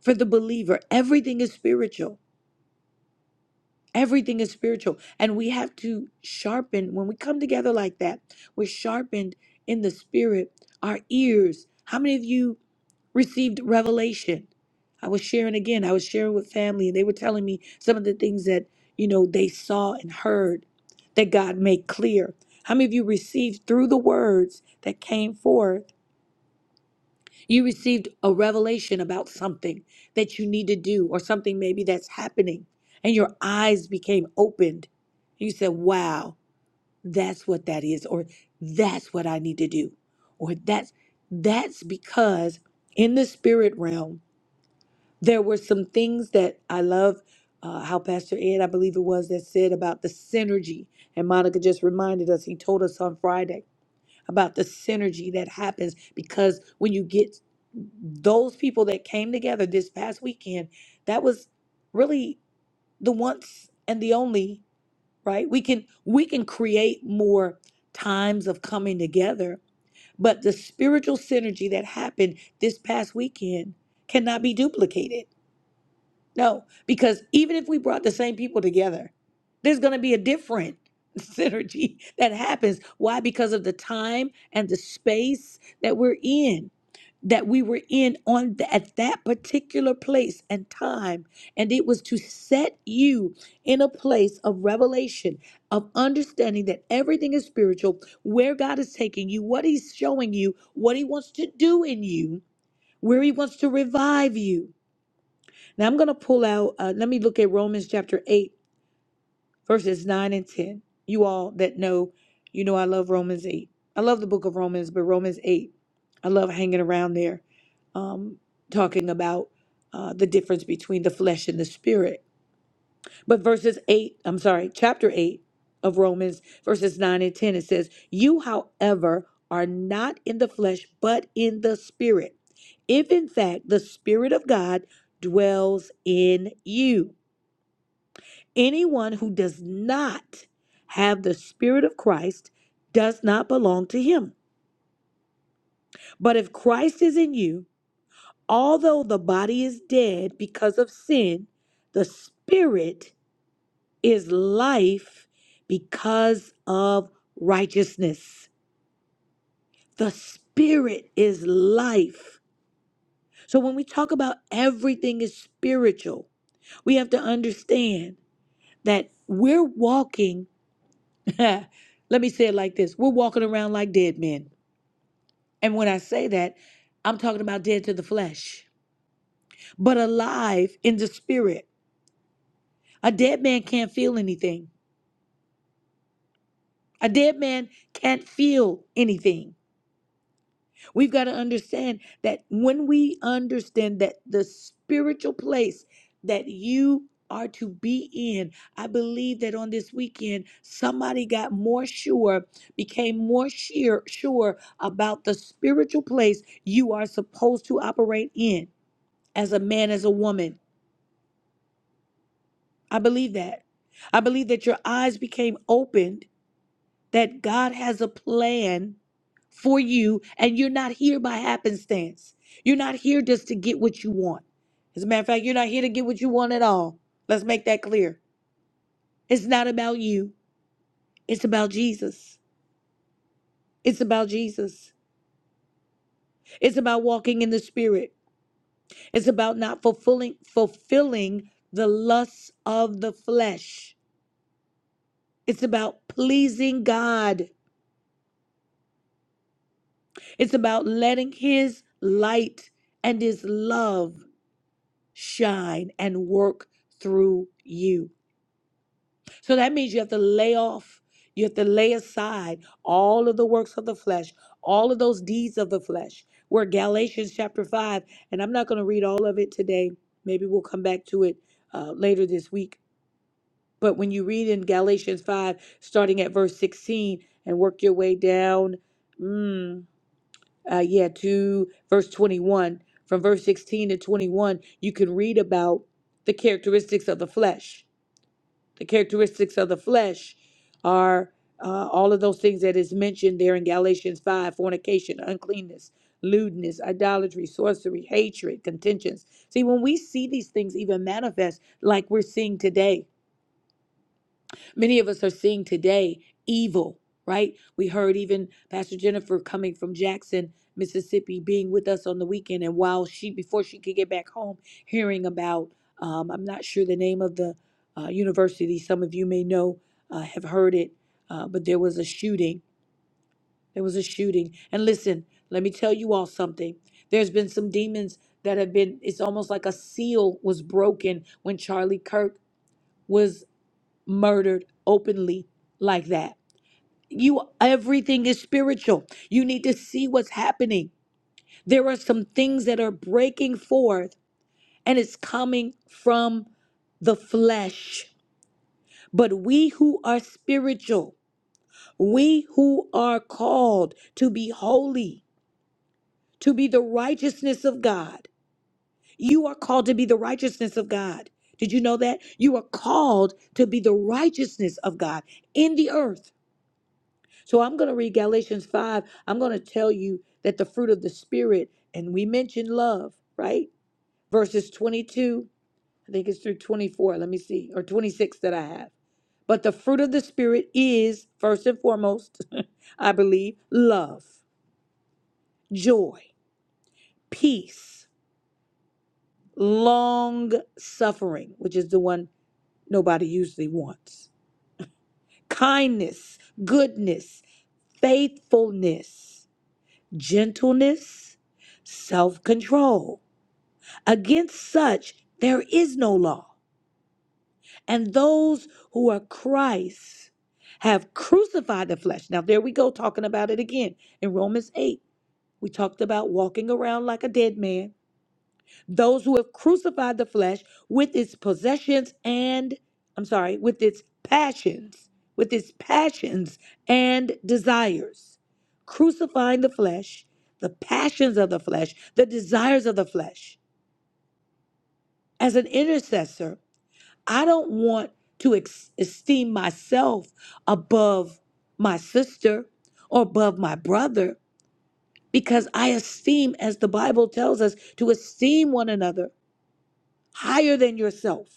Speaker 1: For the believer, everything is spiritual. Everything is spiritual. And we have to sharpen, when we come together like that, we're sharpened in the spirit, our ears. How many of you? received revelation. I was sharing again, I was sharing with family, and they were telling me some of the things that, you know, they saw and heard that God made clear. How many of you received through the words that came forth? You received a revelation about something that you need to do or something maybe that's happening, and your eyes became opened. You said, Wow, that's what that is, or that's what I need to do, or that's that's because in the spirit realm there were some things that I love uh, how Pastor Ed, I believe it was, that said about the synergy. And Monica just reminded us, he told us on Friday about the synergy that happens because when you get those people that came together this past weekend, that was really the once and the only, right? We can we can create more times of coming together, but the spiritual synergy that happened this past weekend cannot be duplicated no, because even if we brought the same people together, there's going to be a different synergy that happens. Why? Because of the time and the space that we're in, that we were in on th- at that particular place and time, and it was to set you in a place of revelation, of understanding that everything is spiritual, where God is taking you, what He's showing you, what He wants to do in you, where He wants to revive you. Now I'm going to pull out, uh, let me look at Romans chapter 8, verses 9 and 10. You all that know, you know I love Romans 8. I love the book of Romans, but Romans 8, I love hanging around there, um, talking about uh, the difference between the flesh and the spirit. But verses 8, I'm sorry, chapter 8 of Romans, verses 9 and 10, it says, You, however, are not in the flesh, but in the spirit. If in fact the spirit of God dwells in you. Anyone who does not have the Spirit of Christ does not belong to him. But if Christ is in you, although the body is dead because of sin, the Spirit is life because of righteousness. The Spirit is life. So when we talk about everything is spiritual, we have to understand that we're walking. Let me say it like this we're walking around like dead men. And when I say that, I'm talking about dead to the flesh, but alive in the spirit. A dead man can't feel anything. A dead man can't feel anything. We've got to understand that when we understand that the spiritual place that you are to be in, I believe that on this weekend, somebody got more sure, became more sheer, sure about the spiritual place you are supposed to operate in as a man, as a woman. I believe that. I believe that your eyes became opened that God has a plan for you, and you're not here by happenstance. You're not here just to get what you want. As a matter of fact, you're not here to get what you want at all. Let's make that clear. It's not about you, it's about Jesus. It's about Jesus. It's about walking in the Spirit. It's about not fulfilling, fulfilling the lusts of the flesh. It's about pleasing God. It's about letting His light and His love shine and work through you. So that means you have to lay off, you have to lay aside all of the works of the flesh, all of those deeds of the flesh. We're Galatians chapter 5, and I'm not going to read all of it today. Maybe we'll come back to it uh, later this week. But when you read in Galatians 5, starting at verse 16, and work your way down. mm, uh, yeah, to verse 21, from verse 16 to 21, you can read about the characteristics of the flesh. The characteristics of the flesh are uh, all of those things that is mentioned there in Galatians 5 fornication, uncleanness, lewdness, idolatry, sorcery, hatred, contentions. See, when we see these things even manifest, like we're seeing today, Many of us are seeing today evil, right? We heard even Pastor Jennifer coming from Jackson, Mississippi, being with us on the weekend, and while she before she could get back home, hearing about um, I'm not sure the name of the uh, university. Some of you may know, uh, have heard it, uh, but there was a shooting. There was a shooting, and listen, let me tell you all something. There's been some demons that have been. It's almost like a seal was broken when Charlie Kirk was murdered openly like that. You everything is spiritual. You need to see what's happening. There are some things that are breaking forth and it's coming from the flesh. But we who are spiritual, we who are called to be holy, to be the righteousness of God. You are called to be the righteousness of God. Did you know that? You are called to be the righteousness of God in the earth. So I'm going to read Galatians 5. I'm going to tell you that the fruit of the Spirit, and we mentioned love, right? Verses 22, I think it's through 24, let me see, or 26 that I have. But the fruit of the Spirit is, first and foremost, I believe, love, joy, peace, long suffering, which is the one nobody usually wants, kindness, goodness, faithfulness. gentleness, self control. Against such there is no law. And those who are Christ have crucified the flesh. Now, there we go, talking about it again in Romans 8. We talked about walking around like a dead man those who have crucified the flesh with its possessions and I'm sorry, with its passions, with its passions and desires. Crucifying the flesh, the passions of the flesh, the desires of the flesh. As an intercessor, I don't want to ex- esteem myself above my sister or above my brother because I esteem, as the Bible tells us, to esteem one another higher than yourself.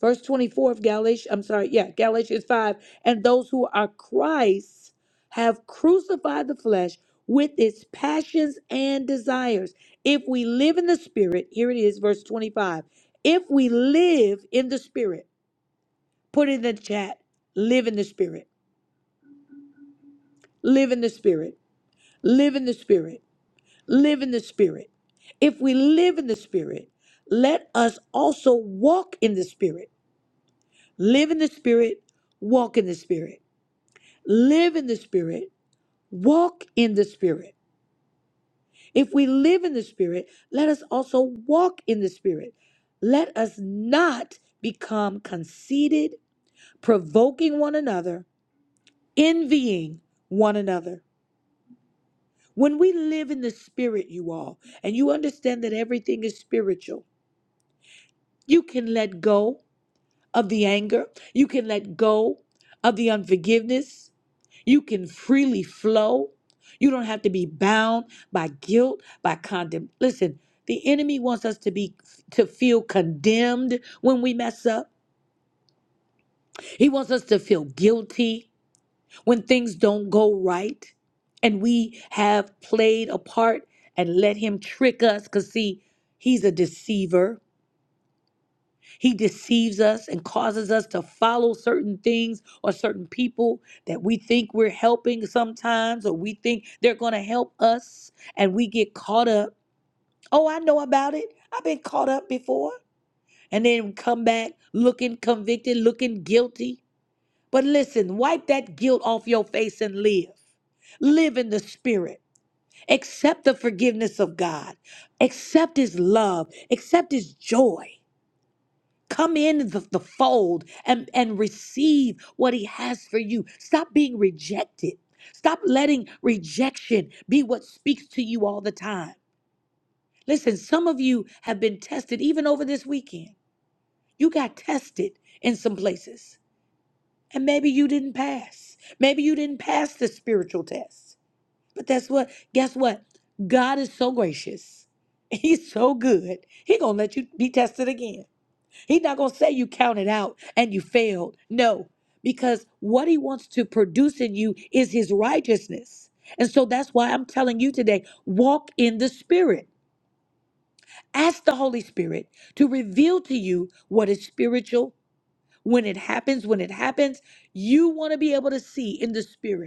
Speaker 1: Verse 24 of Galatians, I'm sorry, yeah, Galatians 5. And those who are Christ have crucified the flesh with its passions and desires. If we live in the Spirit, here it is, verse 25. If we live in the Spirit, put it in the chat, live in the Spirit, live in the Spirit, live in the Spirit, live in the Spirit. If we live in the Spirit, let us also walk in the Spirit. Live in the Spirit, walk in the Spirit. live in the Spirit, walk in the Spirit. If we live in the Spirit, let us also walk in the Spirit. Let us not become conceited, provoking one another, envying one another. When we live in the Spirit, you all, and you understand that everything is spiritual, you can let go. of the anger. You can let go of the unforgiveness. You can freely flow. You don't have to be bound by guilt, by condemn. Listen, the enemy wants us to be to feel condemned when we mess up. He wants us to feel guilty when things don't go right and we have played a part and let him trick us cuz see, he's a deceiver. He deceives us and causes us to follow certain things or certain people that we think we're helping sometimes, or we think they're going to help us, and we get caught up. Oh, I know about it. I've been caught up before. And then come back looking convicted, looking guilty. But listen, wipe that guilt off your face and live. Live in the spirit. Accept the forgiveness of God. Accept his love. Accept his joy. Come in the, the fold and, and receive what he has for you. Stop being rejected. Stop letting rejection be what speaks to you all the time. Listen, some of you have been tested even over this weekend. You got tested in some places, and maybe you didn't pass. Maybe you didn't pass the spiritual test. But that's what, guess what? God is so gracious. He's so good. He gonna let you be tested again. He's not going to say you counted out and you failed. No, because what he wants to produce in you is his righteousness. And so that's why I'm telling you today walk in the Spirit. Ask the Holy Spirit to reveal to you what is spiritual. When it happens, when it happens, you want to be able to see in the Spirit.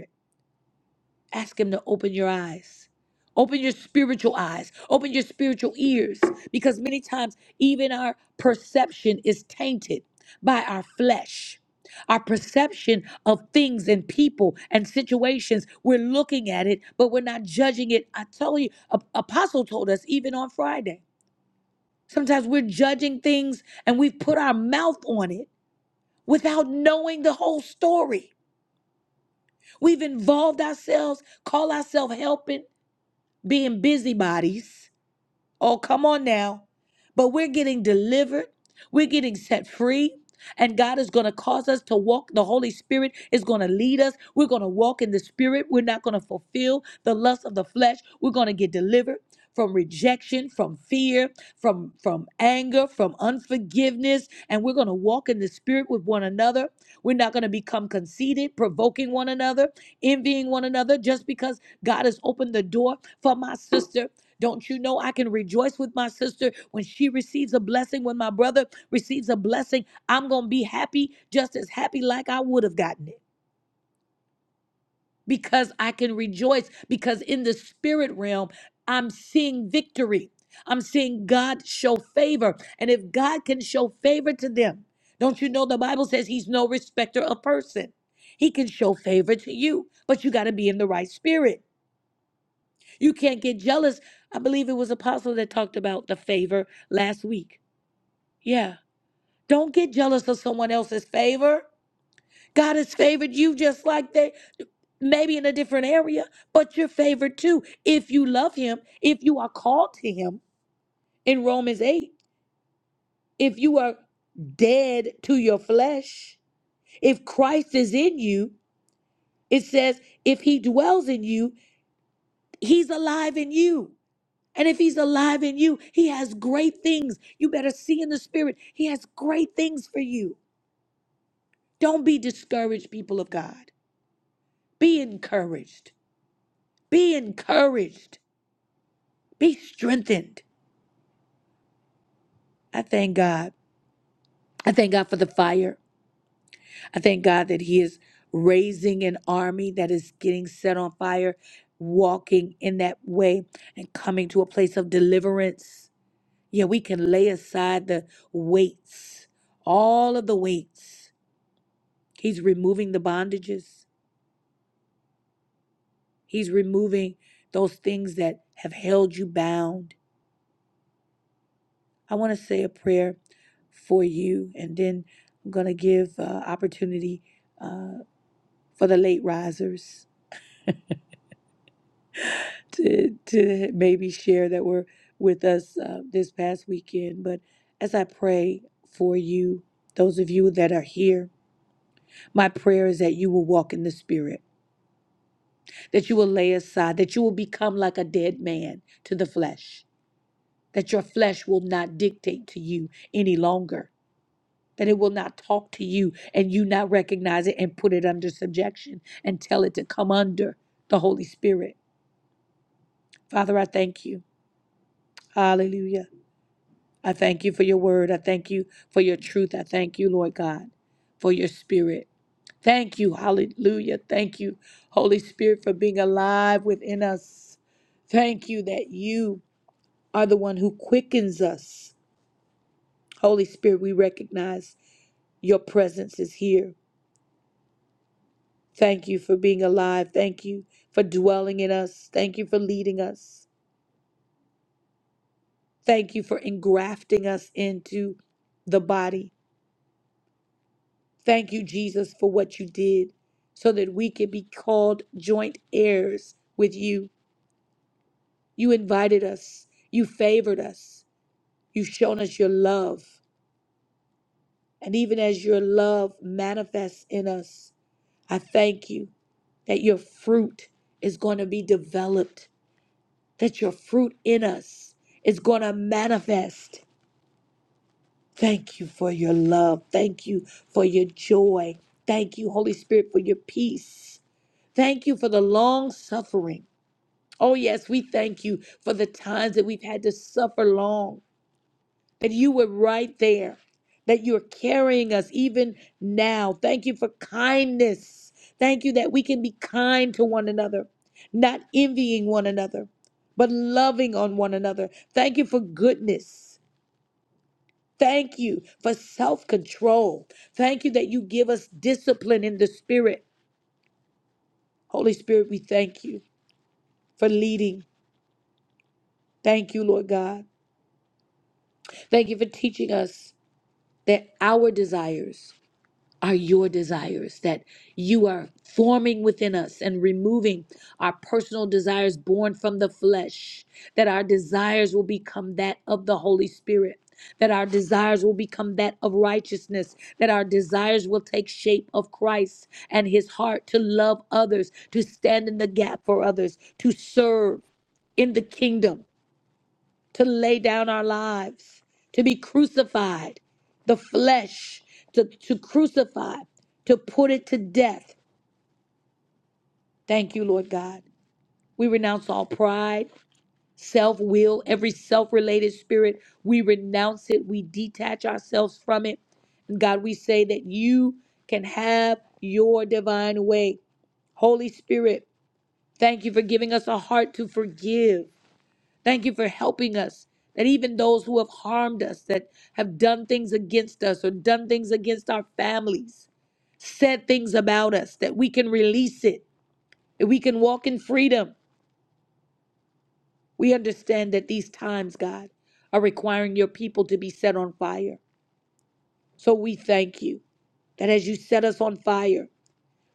Speaker 1: Ask Him to open your eyes. Open your spiritual eyes. Open your spiritual ears. Because many times, even our perception is tainted by our flesh. Our perception of things and people and situations, we're looking at it, but we're not judging it. I tell you, A- Apostle told us even on Friday. Sometimes we're judging things and we've put our mouth on it without knowing the whole story. We've involved ourselves, call ourselves helping, being busybodies Oh, come on now. But we're getting delivered, we're getting set free. And God is going to cause us to walk. The Holy Spirit is going to lead us. We're going to walk in the Spirit. We're not going to fulfill the lust of the flesh. We're going to get delivered from rejection, from fear, from from anger, from unforgiveness, and we're going to walk in the Spirit with one another. We're not going to become conceited, provoking one another, envying one another, just because God has opened the door for my sister. Don't you know I can rejoice with my sister when she receives a blessing, when my brother receives a blessing? I'm going to be happy, just as happy like I would have gotten it because I can rejoice because in the spirit realm, I'm seeing victory. I'm seeing God show favor. And if God can show favor to them, don't you know the Bible says he's no respecter of person? He can show favor to you, but you got to be in the right spirit. You can't get jealous. I believe it was Apostle that talked about the favor last week. Yeah. Don't get jealous of someone else's favor. God has favored you just like they, maybe in a different area, but you're favored too. If you love Him, if you are called to Him in Romans 8, if you are dead to your flesh, if Christ is in you, it says, if He dwells in you, He's alive in you. And if he's alive in you, he has great things. You better see in the spirit, he has great things for you. Don't be discouraged, people of God. Be encouraged. Be encouraged. Be strengthened. I thank God. I thank God for the fire. I thank God that he is raising an army that is getting set on fire, walking in that way and coming to a place of deliverance. Yeah, we can lay aside the weights, all of the weights He's removing the bondages. He's removing those things that have held you bound. I want to say a prayer for you, and then I'm going to give uh, opportunity uh, for the late risers to, to maybe share that were with us uh, this past weekend. But as I pray for you, those of you that are here, my prayer is that you will walk in the Spirit, that you will lay aside, that you will become like a dead man to the flesh that your flesh will not dictate to you any longer, that it will not talk to you and you not recognize it and put it under subjection and tell it to come under the Holy Spirit. Father, I thank you. Hallelujah. I thank you for your word. I thank you for your truth. I thank you, Lord God, for your spirit. Thank you. Hallelujah. Thank you, Holy Spirit, for being alive within us. Thank you that you are the one who quickens us. Holy Spirit, we recognize Your presence is here. Thank you for being alive. Thank you for dwelling in us. Thank you for leading us. Thank you for engrafting us into the body. Thank you, Jesus, for what you did so that we could be called joint heirs with you. You invited us, you favored us, you've shown us your love. And even as your love manifests in us, I thank you that your fruit is going to be developed that your fruit in us is going to manifest. Thank you for your love. Thank you for your joy. Thank you, Holy Spirit, for your peace. Thank you for the long suffering. Oh, yes, we thank you for the times that we've had to suffer long that you were right there, that you're carrying us even now. Thank you for kindness. Thank you that we can be kind to one another, not envying one another, but loving on one another. Thank you for goodness. Thank you for self control. Thank you that you give us discipline in the spirit. Holy Spirit, we thank you for leading. Thank you, Lord God. Thank you for teaching us that our desires are your desires that you are forming within us and removing our personal desires born from the flesh, that our desires will become that of the Holy Spirit. That our desires will become that of righteousness, that our desires will take shape of Christ and his heart to love others, to stand in the gap for others, to serve in the kingdom to lay down our lives, to be crucified, the flesh to, to crucify, to put it to death. Thank you, Lord God. We renounce all pride, self will, every self related spirit. We renounce it. We detach ourselves from it. And God, we say that you can have your divine way. Holy Spirit, thank you for giving us a heart to forgive Thank you for helping us. That even those who have harmed us, that have done things against us or done things against our families, said things about us, that we can release it, that we can walk in freedom. We understand that these times, God, are requiring your people to be set on fire. So we thank you that as you set us on fire,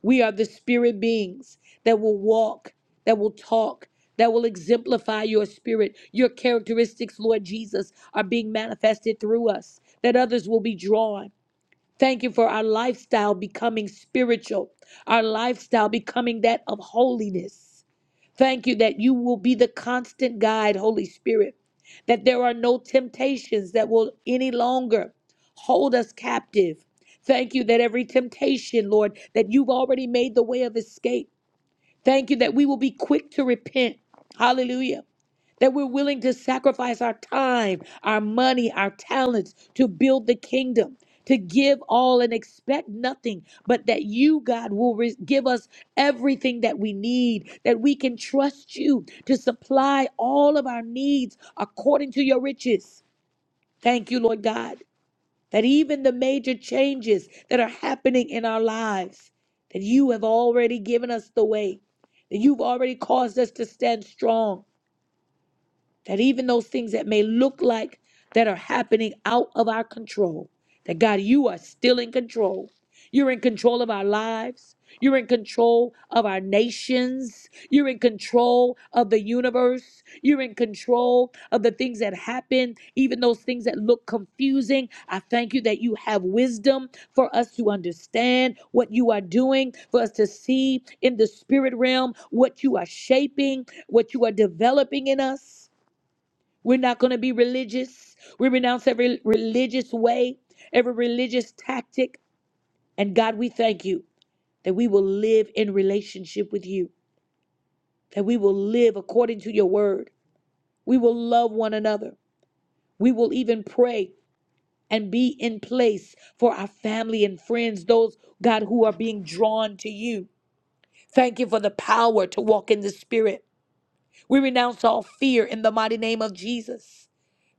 Speaker 1: We are the spirit beings that will walk, that will talk, that will exemplify your spirit. Your characteristics, Lord Jesus, are being manifested through us, that others will be drawn. Thank you for our lifestyle becoming spiritual, our lifestyle becoming that of holiness. Thank you that you will be the constant guide, Holy Spirit, that there are no temptations that will any longer hold us captive. Thank you that every temptation, Lord, that you've already made the way of escape. Thank you that we will be quick to repent. Hallelujah that we're willing to sacrifice our time, our money, our talents to build the kingdom, to give all and expect nothing, but that you, God, will re- give us everything that we need, that we can trust you to supply all of our needs according to your riches. Thank you, Lord God, that even the major changes that are happening in our lives, that you have already given us the way, that you've already caused us to stand strong that even those things that may look like that are happening out of our control, that God, you are still in control. You're in control of our lives. You're in control of our nations. You're in control of the universe. You're in control of the things that happen, even those things that look confusing. I thank you that you have wisdom for us to understand what you are doing, for us to see in the spirit realm what you are shaping, what you are developing in us. We're not going to be religious. We renounce every religious way, every religious tactic. And God, we thank you that we will live in relationship with you, that we will live according to your word. We will love one another. We will even pray and be in place for our family and friends, those, God, who are being drawn to you. Thank you for the power to walk in the spirit. We renounce all fear in the mighty name of Jesus.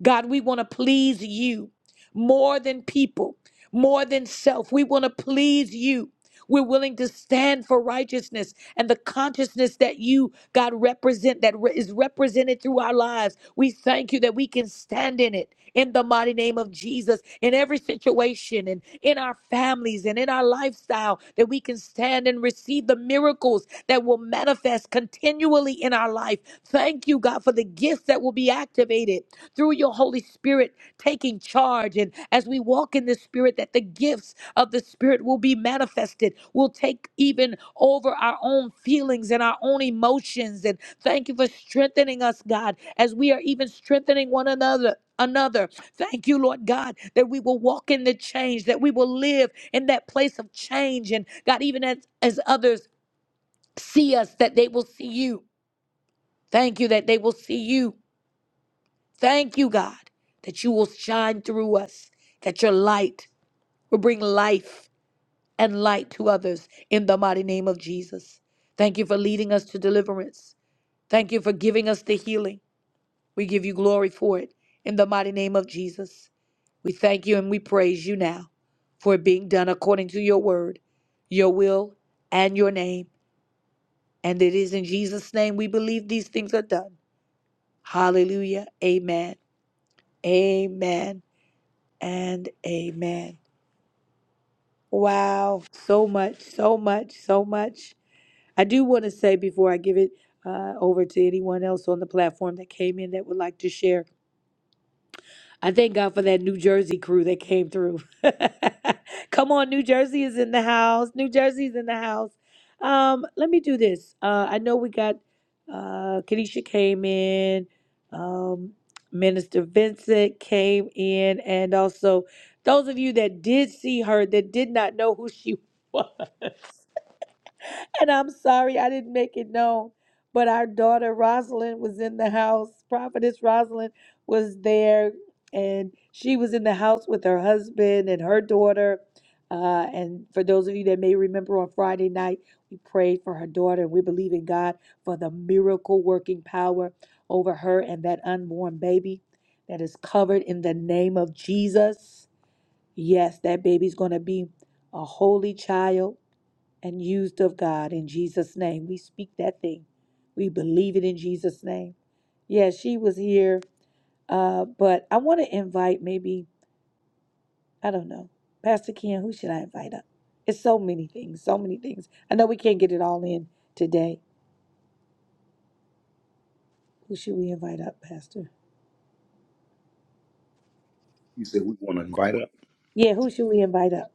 Speaker 1: God, we want to please you more than people, more than self. We want to please you. We're willing to stand for righteousness and the consciousness that you, God, represent, that re- is represented through our lives. We thank you that we can stand in it in the mighty name of Jesus in every situation and in our families and in our lifestyle, that we can stand and receive the miracles that will manifest continually in our life. Thank you, God, for the gifts that will be activated through your Holy Spirit taking charge. And as we walk in the Spirit, that the gifts of the Spirit will be manifested. will take even over our own feelings and our own emotions. And thank you for strengthening us, God, as we are even strengthening one another. Another. Thank you, Lord God, that we will walk in the change, that we will live in that place of change. And God, even as, as others see us, that they will see you. Thank you that they will see you. Thank you, God, that you will shine through us, that your light will bring life and light to others in the mighty name of Jesus. Thank you for leading us to deliverance. Thank you for giving us the healing. We give you glory for it in the mighty name of Jesus. We thank you and we praise you now for it being done according to your word, your will, and your name. And it is in Jesus' name we believe these things are done. Hallelujah. Amen. Amen and amen. Wow. So much, so much, so much. I do want to say before I give it uh, over to anyone else on the platform that came in that would like to share, I thank God for that New Jersey crew that came through. Come on, New Jersey is in the house. New Jersey is in the house. Um, let me do this. Uh, I know we got uh, Kanisha came in, um, Minister Vincent came in, and also those of you that did see her that did not know who she was. And I'm sorry I didn't make it known, but our daughter Rosalind was in the house. Prophetess Rosalind was there, and she was in the house with her husband and her daughter. Uh, and for those of you that may remember, on Friday night, we prayed for her daughter, and we believe in God for the miracle working power over her and that unborn baby that is covered in the name of Jesus. Yes, that baby's going to be a holy child and used of God in Jesus' name. We speak that thing. We believe it in Jesus' name. Yeah, she was here, uh, but I want to invite maybe, I don't know, Pastor Ken, who should I invite up? It's so many things, so many things. I know we can't get it all in today. Who should we invite up, Pastor?
Speaker 8: You said we want to invite up
Speaker 1: Yeah, who should we invite up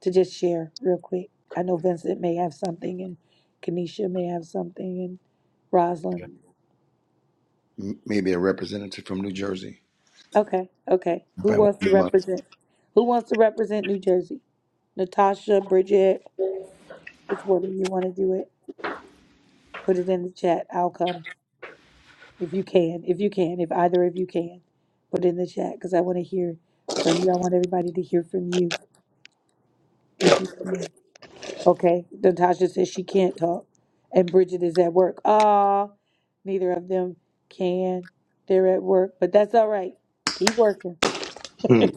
Speaker 1: to just share real quick? I know Vincent may have something, and Kenesha may have something, and Rosalind.
Speaker 8: m- maybe a representative from New Jersey.
Speaker 1: Okay, okay. Who
Speaker 8: Invite one
Speaker 1: wants to
Speaker 8: of them up.
Speaker 1: represent? Who wants to represent New Jersey? Natasha, Bridget, which one of you want to do it? Put it in the chat. I'll come if you can. If you can, if either of you can, put it in the chat because I want to hear from you. I want everybody to hear from you if you can. Okay. Natasha says she can't talk, and Bridget is at work. Ah, neither of them can. They're at work, but that's all right. Keep working.
Speaker 8: Hmm.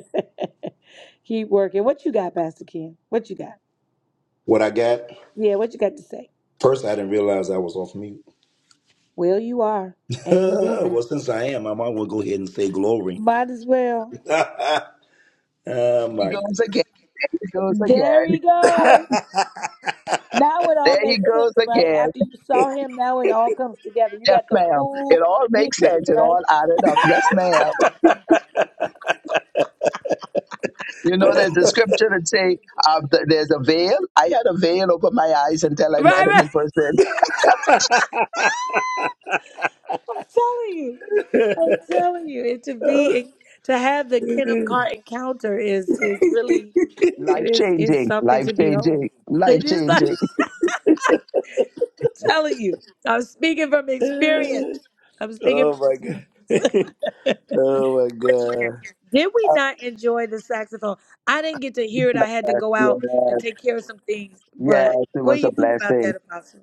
Speaker 1: Keep working. What you got, Pastor Ken? What you got?
Speaker 8: What I got?
Speaker 1: Yeah, what you got to say?
Speaker 8: First, I didn't realize I was off mute.
Speaker 1: Well, you are, and you moving.
Speaker 8: well, since I am, I might as well go ahead and say glory.
Speaker 1: Might as well.
Speaker 8: oh
Speaker 7: He
Speaker 8: my
Speaker 7: goes again.
Speaker 8: goodness.
Speaker 7: He goes
Speaker 1: There
Speaker 7: again.
Speaker 1: he goes. Now it all
Speaker 7: There he
Speaker 1: makes sense,
Speaker 7: goes
Speaker 1: right?
Speaker 7: again.
Speaker 1: After you saw him, now it all comes together. You
Speaker 7: Yes,
Speaker 1: got the
Speaker 7: ma'am. It
Speaker 1: full
Speaker 7: all makes
Speaker 1: picture,
Speaker 8: oh my
Speaker 7: sense. It
Speaker 1: right?
Speaker 7: all added up. Yes, ma'am. You know, there's a scripture that say uh, th- there's a veil. I had a veil over my eyes until I
Speaker 1: Right,
Speaker 7: met him
Speaker 1: right.
Speaker 7: in person.
Speaker 1: I'm telling you. I'm telling you. It to be to have the Kenneth Carr encounter is is really it
Speaker 7: Life
Speaker 1: is is
Speaker 7: changing.
Speaker 1: something
Speaker 7: Life
Speaker 1: to behold.
Speaker 7: changing. Life
Speaker 1: It is like
Speaker 7: changing.
Speaker 1: telling you. I'm speaking from experience. I'm speaking from
Speaker 8: god.
Speaker 1: experience.
Speaker 8: oh my
Speaker 1: what you got?
Speaker 8: god.
Speaker 1: Did we not enjoy the saxophone? I didn't get to hear it. I had to
Speaker 7: Yes.
Speaker 1: go out and
Speaker 7: Yes.
Speaker 1: take care of some things.
Speaker 7: Yes.
Speaker 1: But
Speaker 7: It
Speaker 1: what do
Speaker 7: was
Speaker 1: you
Speaker 7: a
Speaker 1: think about
Speaker 7: blessing.
Speaker 1: that, Apostle?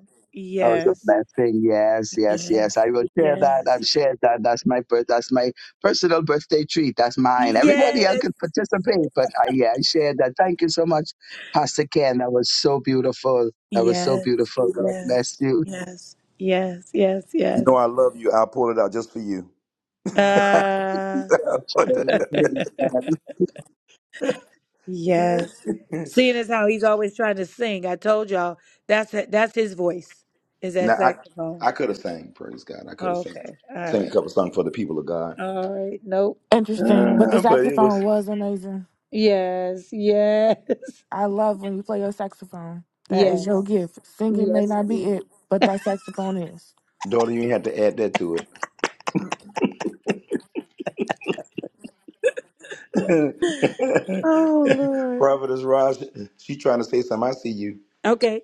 Speaker 7: That was a
Speaker 1: Yes,
Speaker 7: blessing. Yes, yes,
Speaker 1: yes,
Speaker 7: yes. I will share that.
Speaker 1: yes,
Speaker 7: I've shared that. That's my birth. That's my personal birthday treat. That's mine. Everybody else
Speaker 1: yes,
Speaker 7: could participate, but I, yeah, I shared that. Thank you so much, Pastor Ken. That was so beautiful. That was so
Speaker 1: yes,
Speaker 7: beautiful. God
Speaker 1: yes,
Speaker 7: bless you.
Speaker 1: yes, yes,
Speaker 8: You
Speaker 1: yes,
Speaker 8: know I love you. I'll pull it out just for you.
Speaker 1: yes. Uh, Yes. Seeing as how he's always trying to sing, I told y'all that's that's his voice. Is that
Speaker 8: Now
Speaker 1: saxophone?
Speaker 8: I I could have sang, praise God. I could have sang,
Speaker 1: Okay. All
Speaker 8: sang a
Speaker 1: right.
Speaker 8: couple songs for the people of God.
Speaker 1: All right. Nope.
Speaker 9: Interesting. But the
Speaker 8: Uh, but it was
Speaker 9: saxophone was amazing.
Speaker 1: Yes. Yes.
Speaker 9: I love when you play your saxophone. That is
Speaker 1: Yes.
Speaker 9: your gift. Singing may
Speaker 1: Yes.
Speaker 9: not be
Speaker 1: yes.
Speaker 9: it, but that saxophone is.
Speaker 8: daughter, you ain't had to add that to it.
Speaker 1: Oh Lord.
Speaker 8: Prophetess Raj, she trying to say something. I see you.
Speaker 1: Okay.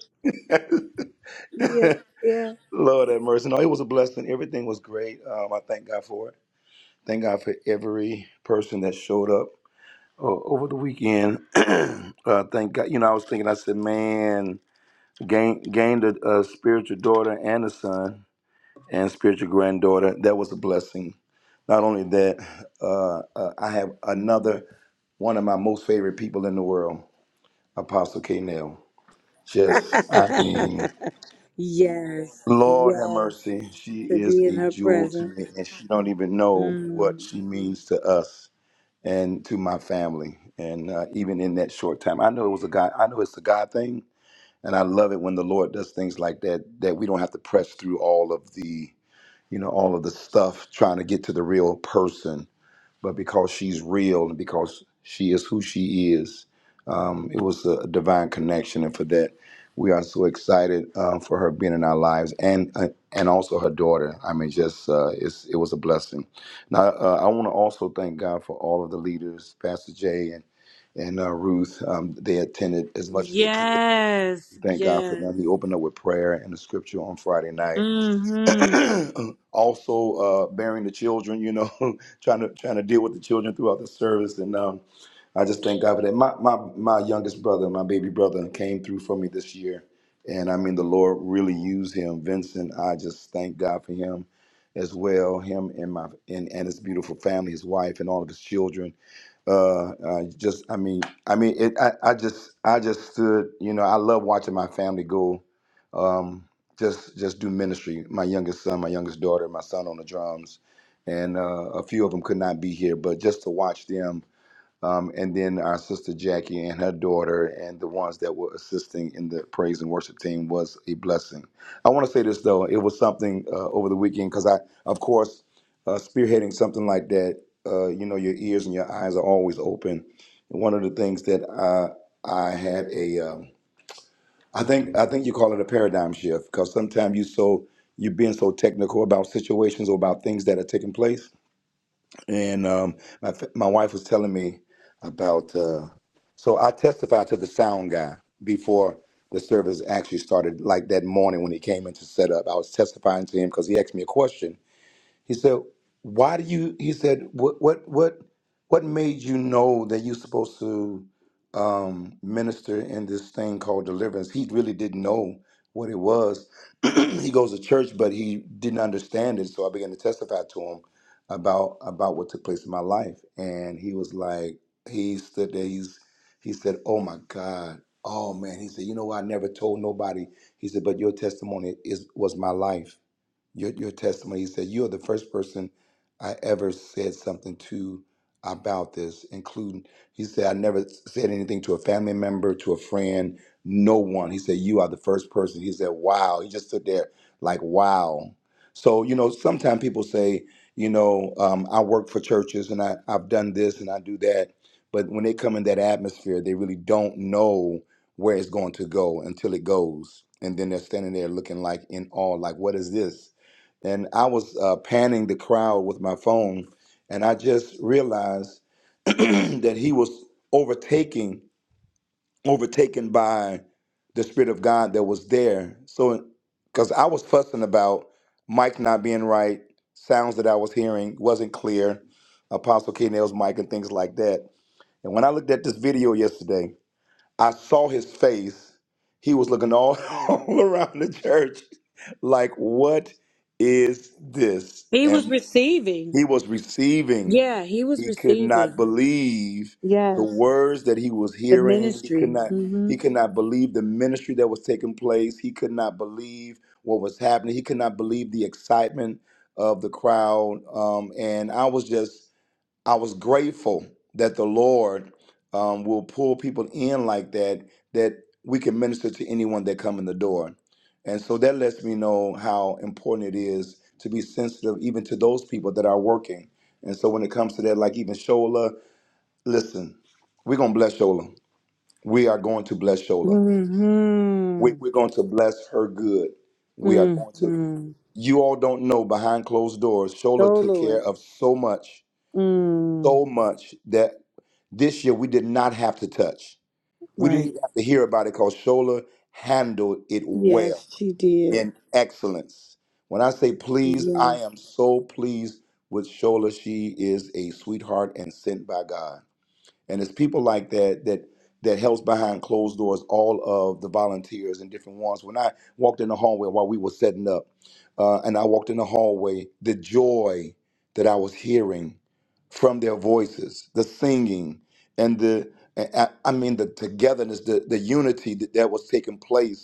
Speaker 1: Yeah. Yeah.
Speaker 8: Lord have mercy. No, it was a blessing. Everything was great. Um, I thank God for it. Thank God for every person that showed up uh, over the weekend. uh, thank God. You know, I was thinking. I said, man, gain, gained a, a spiritual daughter and a son and spiritual granddaughter. That was a blessing. Not only that, uh, uh, I have another one of my most favorite people in the world, Apostle K. Nell. Just, I mean,
Speaker 1: yes.
Speaker 8: Lord have
Speaker 1: Yes.
Speaker 8: mercy. She
Speaker 1: To
Speaker 8: is
Speaker 1: be in
Speaker 8: a
Speaker 1: her
Speaker 8: jewel to me,
Speaker 1: presence.
Speaker 8: and she don't even know what
Speaker 1: Mm.
Speaker 8: she means to us and to my family. And uh, even in that short time, I know it was a God. I know it's a God thing, and I love it when the Lord does things like that. That we don't have to press through all of the you know, all of the stuff trying to get to the real person. But because she's real and because she is who she is, um, it was a divine connection. And for that, we are so excited uh, for her being in our lives and uh, and also her daughter. I mean, just uh, it's, it was a blessing. Now, uh, I want to also thank God for all of the leaders, Pastor Jay and and uh, Ruth. Um, they attended as much as they could.
Speaker 1: Yes.
Speaker 8: Thank God for
Speaker 1: Yes.
Speaker 8: them. He opened up with prayer and the scripture on Friday night
Speaker 1: Mm-hmm.
Speaker 8: also uh, bearing the children, you know, trying to trying to deal with the children throughout the service, and um, I just thank God for that. My my my youngest brother, my baby brother, came through for me this year, and I mean the Lord really used him, Vincent. I just thank God for him as well, him and my and, and his beautiful family, his wife, and all of his children uh, I just I mean I mean it I, I just I just stood you know I love watching my family go um, just just do ministry my youngest son my youngest daughter my son on the drums and uh, a few of them could not be here but just to watch them um, and then our sister Jackie and her daughter and the ones that were assisting in the praise and worship team was a blessing. I want to say this though, it was something uh, over the weekend because I, of course, uh, spearheading something like that, uh, you know, your ears and your eyes are always open. And one of the things that I, I had a, um, I think I think you call it a paradigm shift because sometimes you so you're being so technical about situations or about things that are taking place and um, my my wife was telling me about. Uh, so I testified to the sound guy before the service actually started, like that morning when he came in to set up. I was testifying to him because he asked me a question, he said, "Why do you?" He said, "What what what what made you know that you're supposed to um, minister in this thing called deliverance?" He really didn't know what it was. he goes to church, but he didn't understand it. So I began to testify to him about about what took place in my life, and he was like, he stood there. He's he said, "Oh my God." Oh man, he said, you know, I never told nobody. He said, but your testimony is was my life your, your testimony. He said, You are the first person I ever said something to about this, including, he said, I never said anything to a family member, to a friend, no one. He said, You are the first person. He said, Wow. He just stood there like, Wow. So, you know, sometimes people say, You know, um, I work for churches and I, I've done this and I do that. But when they come in that atmosphere, they really don't know where it's going to go until it goes. And then they're standing there looking like in awe, like, What is this? and I was uh, panning the crowd with my phone, and I just realized that he was overtaking, overtaken by the spirit of God that was there. So, because I was fussing about Mike not being right, sounds that I was hearing wasn't clear, Apostle K. Nail's mic and things like that. And when I looked at this video yesterday, I saw his face. He was looking all, all around the church like, what is this?
Speaker 1: He was
Speaker 8: And
Speaker 1: receiving.
Speaker 8: he was receiving.
Speaker 1: Yeah, he was
Speaker 8: He could not
Speaker 1: receiving.
Speaker 8: believe the
Speaker 1: Yes,
Speaker 8: words that he was
Speaker 1: the
Speaker 8: hearing. He could
Speaker 1: ministry.
Speaker 8: not
Speaker 1: Mm-hmm.
Speaker 8: he could not believe the ministry that was taking place. He could not believe what was happening. He could not believe the excitement of the crowd. Um, and I was just I was grateful that the Lord um, will pull people in like that, that we can minister to anyone that come in the door. And so that lets me know how important it is to be sensitive even to those people that are working. And so when it comes to that, like even Shola, listen, we're going to bless Shola. We are going to bless Shola. We,
Speaker 1: Mm-hmm.
Speaker 8: we're going to bless her good. We are going to.
Speaker 1: Mm-hmm.
Speaker 8: You all don't know behind closed doors, Shola
Speaker 1: Oh
Speaker 8: took care
Speaker 1: Lord.
Speaker 8: of so much
Speaker 1: Mm.
Speaker 8: so much that This year, we did not have to touch. We didn't
Speaker 1: Right.
Speaker 8: even have to hear about it because Shola handled it well
Speaker 1: Yes, she did.
Speaker 8: in excellence. When I say pleased,
Speaker 1: Yes.
Speaker 8: I am so pleased with Shola. She is a sweetheart and sent by God. And it's people like that that that helps behind closed doors all of the volunteers and different ones. When I walked in the hallway while we were setting up, uh, and I walked in the hallway, the joy that I was hearing from their voices, the singing, and the I I mean the togetherness, the the unity that, that was taking place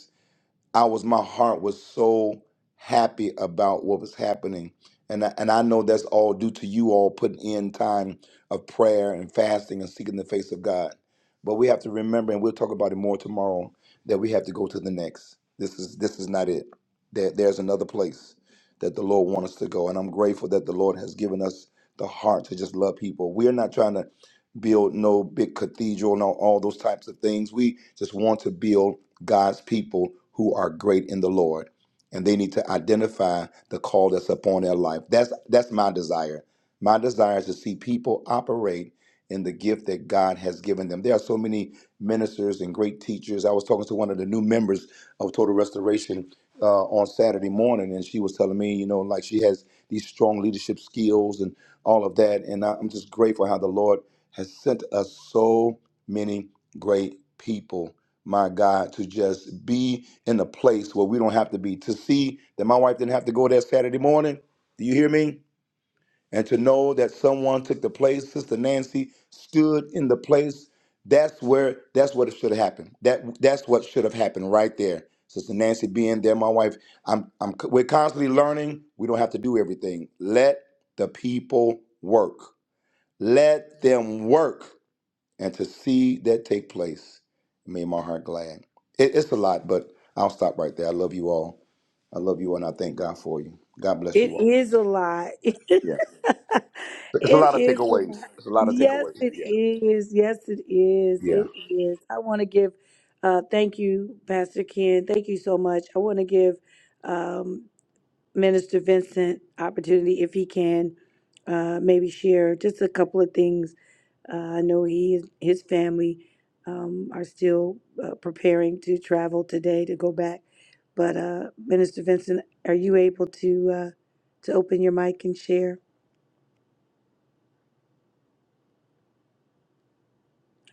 Speaker 8: I was my heart was so happy about what was happening. And I, and I know that's all due to you all putting in time of prayer and fasting and seeking the face of God. But we have to remember, and we'll talk about it more tomorrow, that we have to go to the next. This is this is not it. There, there's another place that the Lord wants us to go. And I'm grateful that the Lord has given us the heart to just love people. We're not trying to build no big cathedral and all, all those types of things. We just want to build God's people who are great in the Lord, and they need to identify the call that's upon their life. That's that's my desire. My desire is to see people operate in the gift that God has given them. There are so many ministers and great teachers. I was talking to one of the new members of Total Restoration uh, on Saturday morning, and she was telling me, you know, like she has these strong leadership skills and all of that. And I- I'm just grateful how the Lord has sent us so many great people my God, to just be in a place where we don't have to be. To see that my wife didn't have to go there Saturday morning. Do you hear me? And to know that someone took the place, Sister Nancy stood in the place. That's where that's what it should have happened. That that's what should have happened right there. Sister Nancy being there, my wife. I'm I'm we're constantly learning. We don't have to do everything. Let the people work. Let them work and to see that take place made my heart glad. It, it's a lot, but I'll stop right there. I love you all. I love you all, and I thank God for you. God bless
Speaker 1: It
Speaker 8: you all.
Speaker 1: is a lot. it
Speaker 8: Yeah, it's a lot of
Speaker 1: is a
Speaker 8: takeaways.
Speaker 1: lot.
Speaker 8: It's a lot of
Speaker 1: Yes,
Speaker 8: takeaways.
Speaker 1: it
Speaker 8: Yeah,
Speaker 1: is. Yes, it is.
Speaker 8: yeah.
Speaker 1: It is. I want to give uh thank you, Pastor Ken. Thank you so much. I want to give um Minister Vincent opportunity if he can uh, maybe share just a couple of things. Uh, I know he his family um, are still uh, preparing to travel today to go back. But uh, Minister Vincent, are you able to uh, to open your mic and share?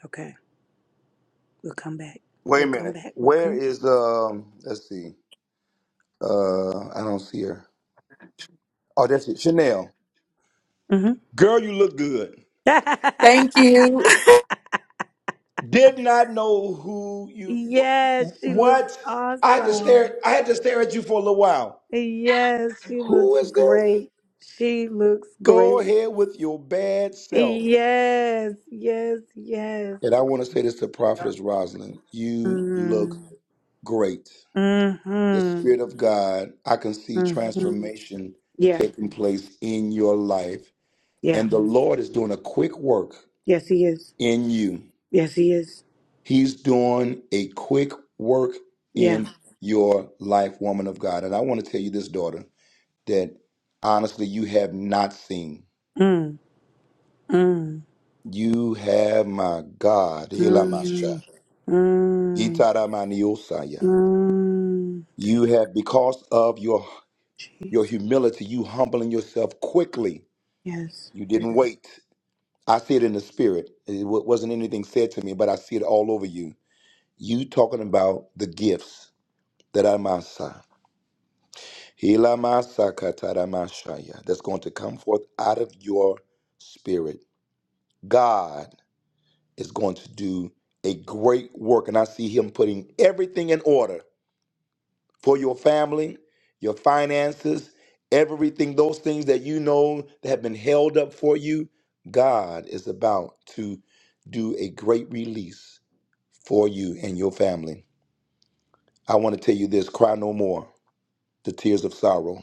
Speaker 1: Okay, we'll come back.
Speaker 8: Wait a
Speaker 1: We'll come
Speaker 8: minute.
Speaker 1: back. We'll
Speaker 8: Where
Speaker 1: come back.
Speaker 8: is um? Let's see. Uh, I don't see her. Oh, that's it. Chanel,
Speaker 1: hmm
Speaker 8: girl, you look good.
Speaker 4: Thank you.
Speaker 8: Did not know who you. wh-
Speaker 1: yes, she looks
Speaker 8: What? I had to
Speaker 1: awesome.
Speaker 8: stare. I had to stare at you for a little while.
Speaker 1: Yes, she looks
Speaker 8: Who is this?
Speaker 1: great. She looks
Speaker 8: Go
Speaker 1: great.
Speaker 8: ahead with your bad self.
Speaker 1: Yes, yes, yes.
Speaker 8: And I want to say this to Prophetess Rosalind. You look
Speaker 1: Mm.
Speaker 8: great. The
Speaker 1: Mm-hmm.
Speaker 8: Spirit of God, I can see
Speaker 1: Mm-hmm.
Speaker 8: transformation
Speaker 1: Yeah,
Speaker 8: taking place in your life.
Speaker 1: yeah.
Speaker 8: And the Lord is doing a quick work
Speaker 1: Yes, he is.
Speaker 8: in you.
Speaker 1: Yes, he is.
Speaker 8: He's doing a quick work
Speaker 1: Yeah.
Speaker 8: in your life, woman of God. And I want to tell you this, daughter, that honestly, you have not seen.
Speaker 1: Mm. Mm.
Speaker 8: You have, my God, Helamasha.
Speaker 1: Mm. Mm.
Speaker 8: Yitaramaniosaya.
Speaker 1: Mm.
Speaker 8: You have, because of your your
Speaker 1: Jesus.
Speaker 8: humility, you humbling yourself quickly.
Speaker 1: Yes.
Speaker 8: You didn't
Speaker 1: Yes.
Speaker 8: wait. I see it in the spirit. It wa- wasn't anything said to me, but I see it all over you. You talking about the gifts that are masa. Hila masa, Hilamasa kataramashaya. That's going to come forth out of your spirit. God is going to do a great work. And I see him putting everything in order for your family, your finances, everything, those things that you know that have been held up for you, God is about to do a great release for you and your family. I want to tell you this cry no more, the tears of sorrow.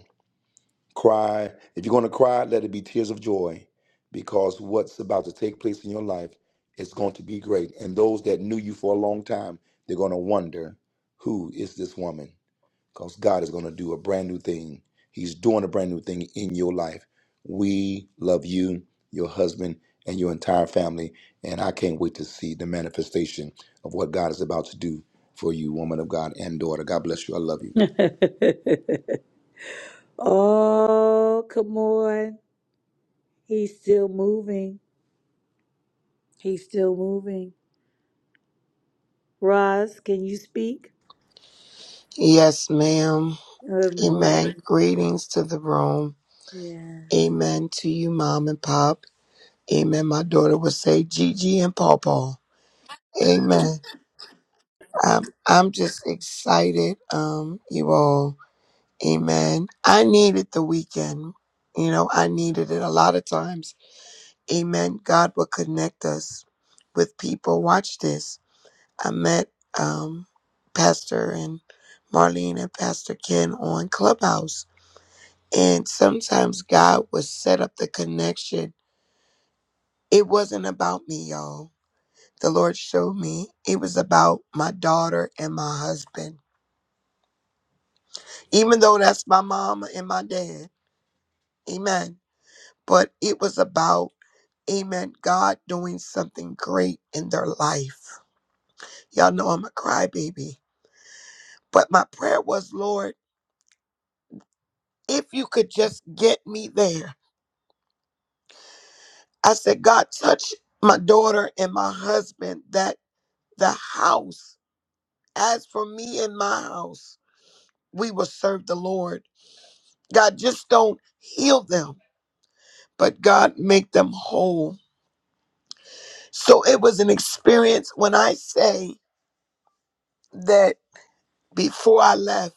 Speaker 8: Cry. If you're going to cry, let it be tears of joy because what's about to take place in your life is going to be great. And those that knew you for a long time, they're going to wonder who is this woman? because God is going to do a brand new thing. He's doing a brand new thing in your life. We love you, your husband, and your entire family. And I can't wait to see the manifestation of what God is about to do for you, woman of God and daughter. God bless you. I love you.
Speaker 1: oh, come on. He's still moving. He's still moving. Roz, can you speak?
Speaker 10: Yes, ma'am.
Speaker 1: Good
Speaker 10: Amen.
Speaker 1: morning.
Speaker 10: Greetings to the room.
Speaker 1: Yes.
Speaker 10: Amen to you, mom and pop. Amen. My daughter would say Gigi and Paw Paw. Amen. I'm I'm just excited, um, you all. Amen. I needed the weekend. You know, I needed it a lot of times. Amen. God will connect us with people. Watch this. I met um Pastor and Marlene and Pastor Ken on Clubhouse And sometimes God would set up the connection. It wasn't about me, y'all. The Lord showed me it was about my daughter and my husband, even though that's my mama and my dad. Amen. But it was about, amen, God doing something great in their life. Y'all know I'm a crybaby. But my prayer was, Lord, if you could just get me there. I said, God, touch my daughter and my husband that the house. As for me and my house, we will serve the Lord. God, just don't heal them, but God, make them whole. So it was an experience when I say that before I left,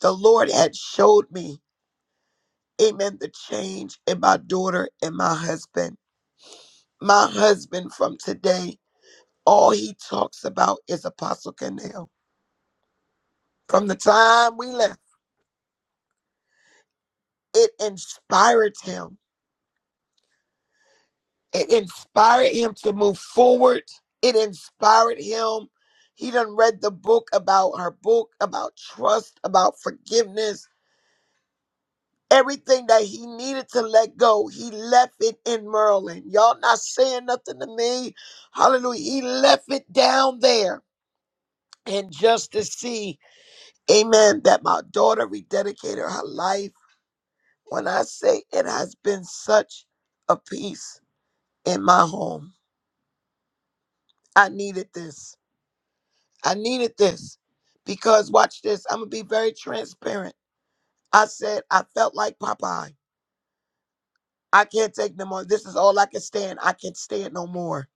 Speaker 10: the Lord had showed me, amen, the change in my daughter and my husband. My husband from today, all he talks about is Apostle Canal. From the time we left, it inspired him It inspired him to move forward. It inspired him. He done read the book about her book, about trust, about forgiveness. Everything that he needed to let go, he left it in Merlin. Y'all not saying nothing to me. Hallelujah. He left it down there. And just to see, amen, that my daughter rededicated her life. When I say it has been such a peace in my home, I needed this. I needed this because watch this. I'm gonna be very transparent. I said I felt like Popeye. I can't take no more. This is all I can stand. I can't stand no more.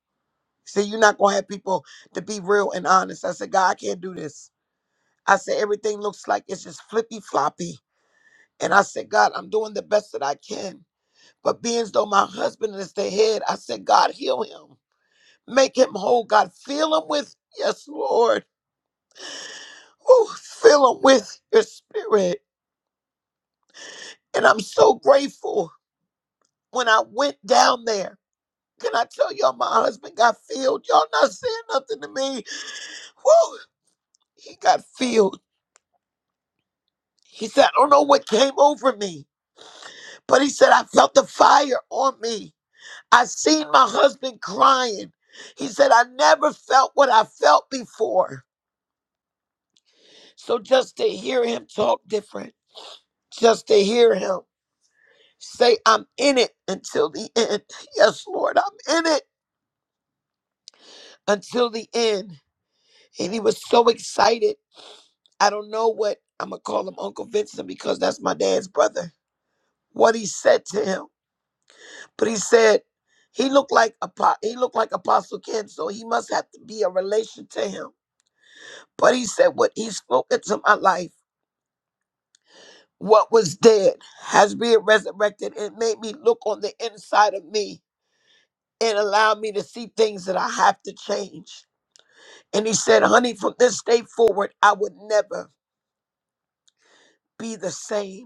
Speaker 10: See, you're not gonna have people to be real and honest. I said, God, I can't do this. I said everything looks like it's just flippy floppy. And I said, God, I'm doing the best that I can. But being as though my husband is the head, I said, God, heal him. Make him whole. God, fill him with, yes, Lord. Oh, fill him with your spirit. And I'm so grateful when I went down there. Can I tell y'all my husband got filled? Y'all not saying nothing to me. Woo! He got filled. He said, I don't know what came over me, but he said, I felt the fire on me. I seen my husband crying. He said, I never felt what I felt before. So just to hear him talk different, just to hear him say, I'm in it until the end. Yes, Lord, I'm in it until the end. and he was so excited. I don't know what I'm gonna call him Uncle Vincent because that's my dad's brother. What he said to him, but he said he looked like apo- he looked like Apostle Ken, so he must have to be a relation to him. But he said what he spoke into my life. What was dead has been resurrected and made me look on the inside of me and allow me to see things that I have to change. And he said, honey, from this day forward, I would never be the same.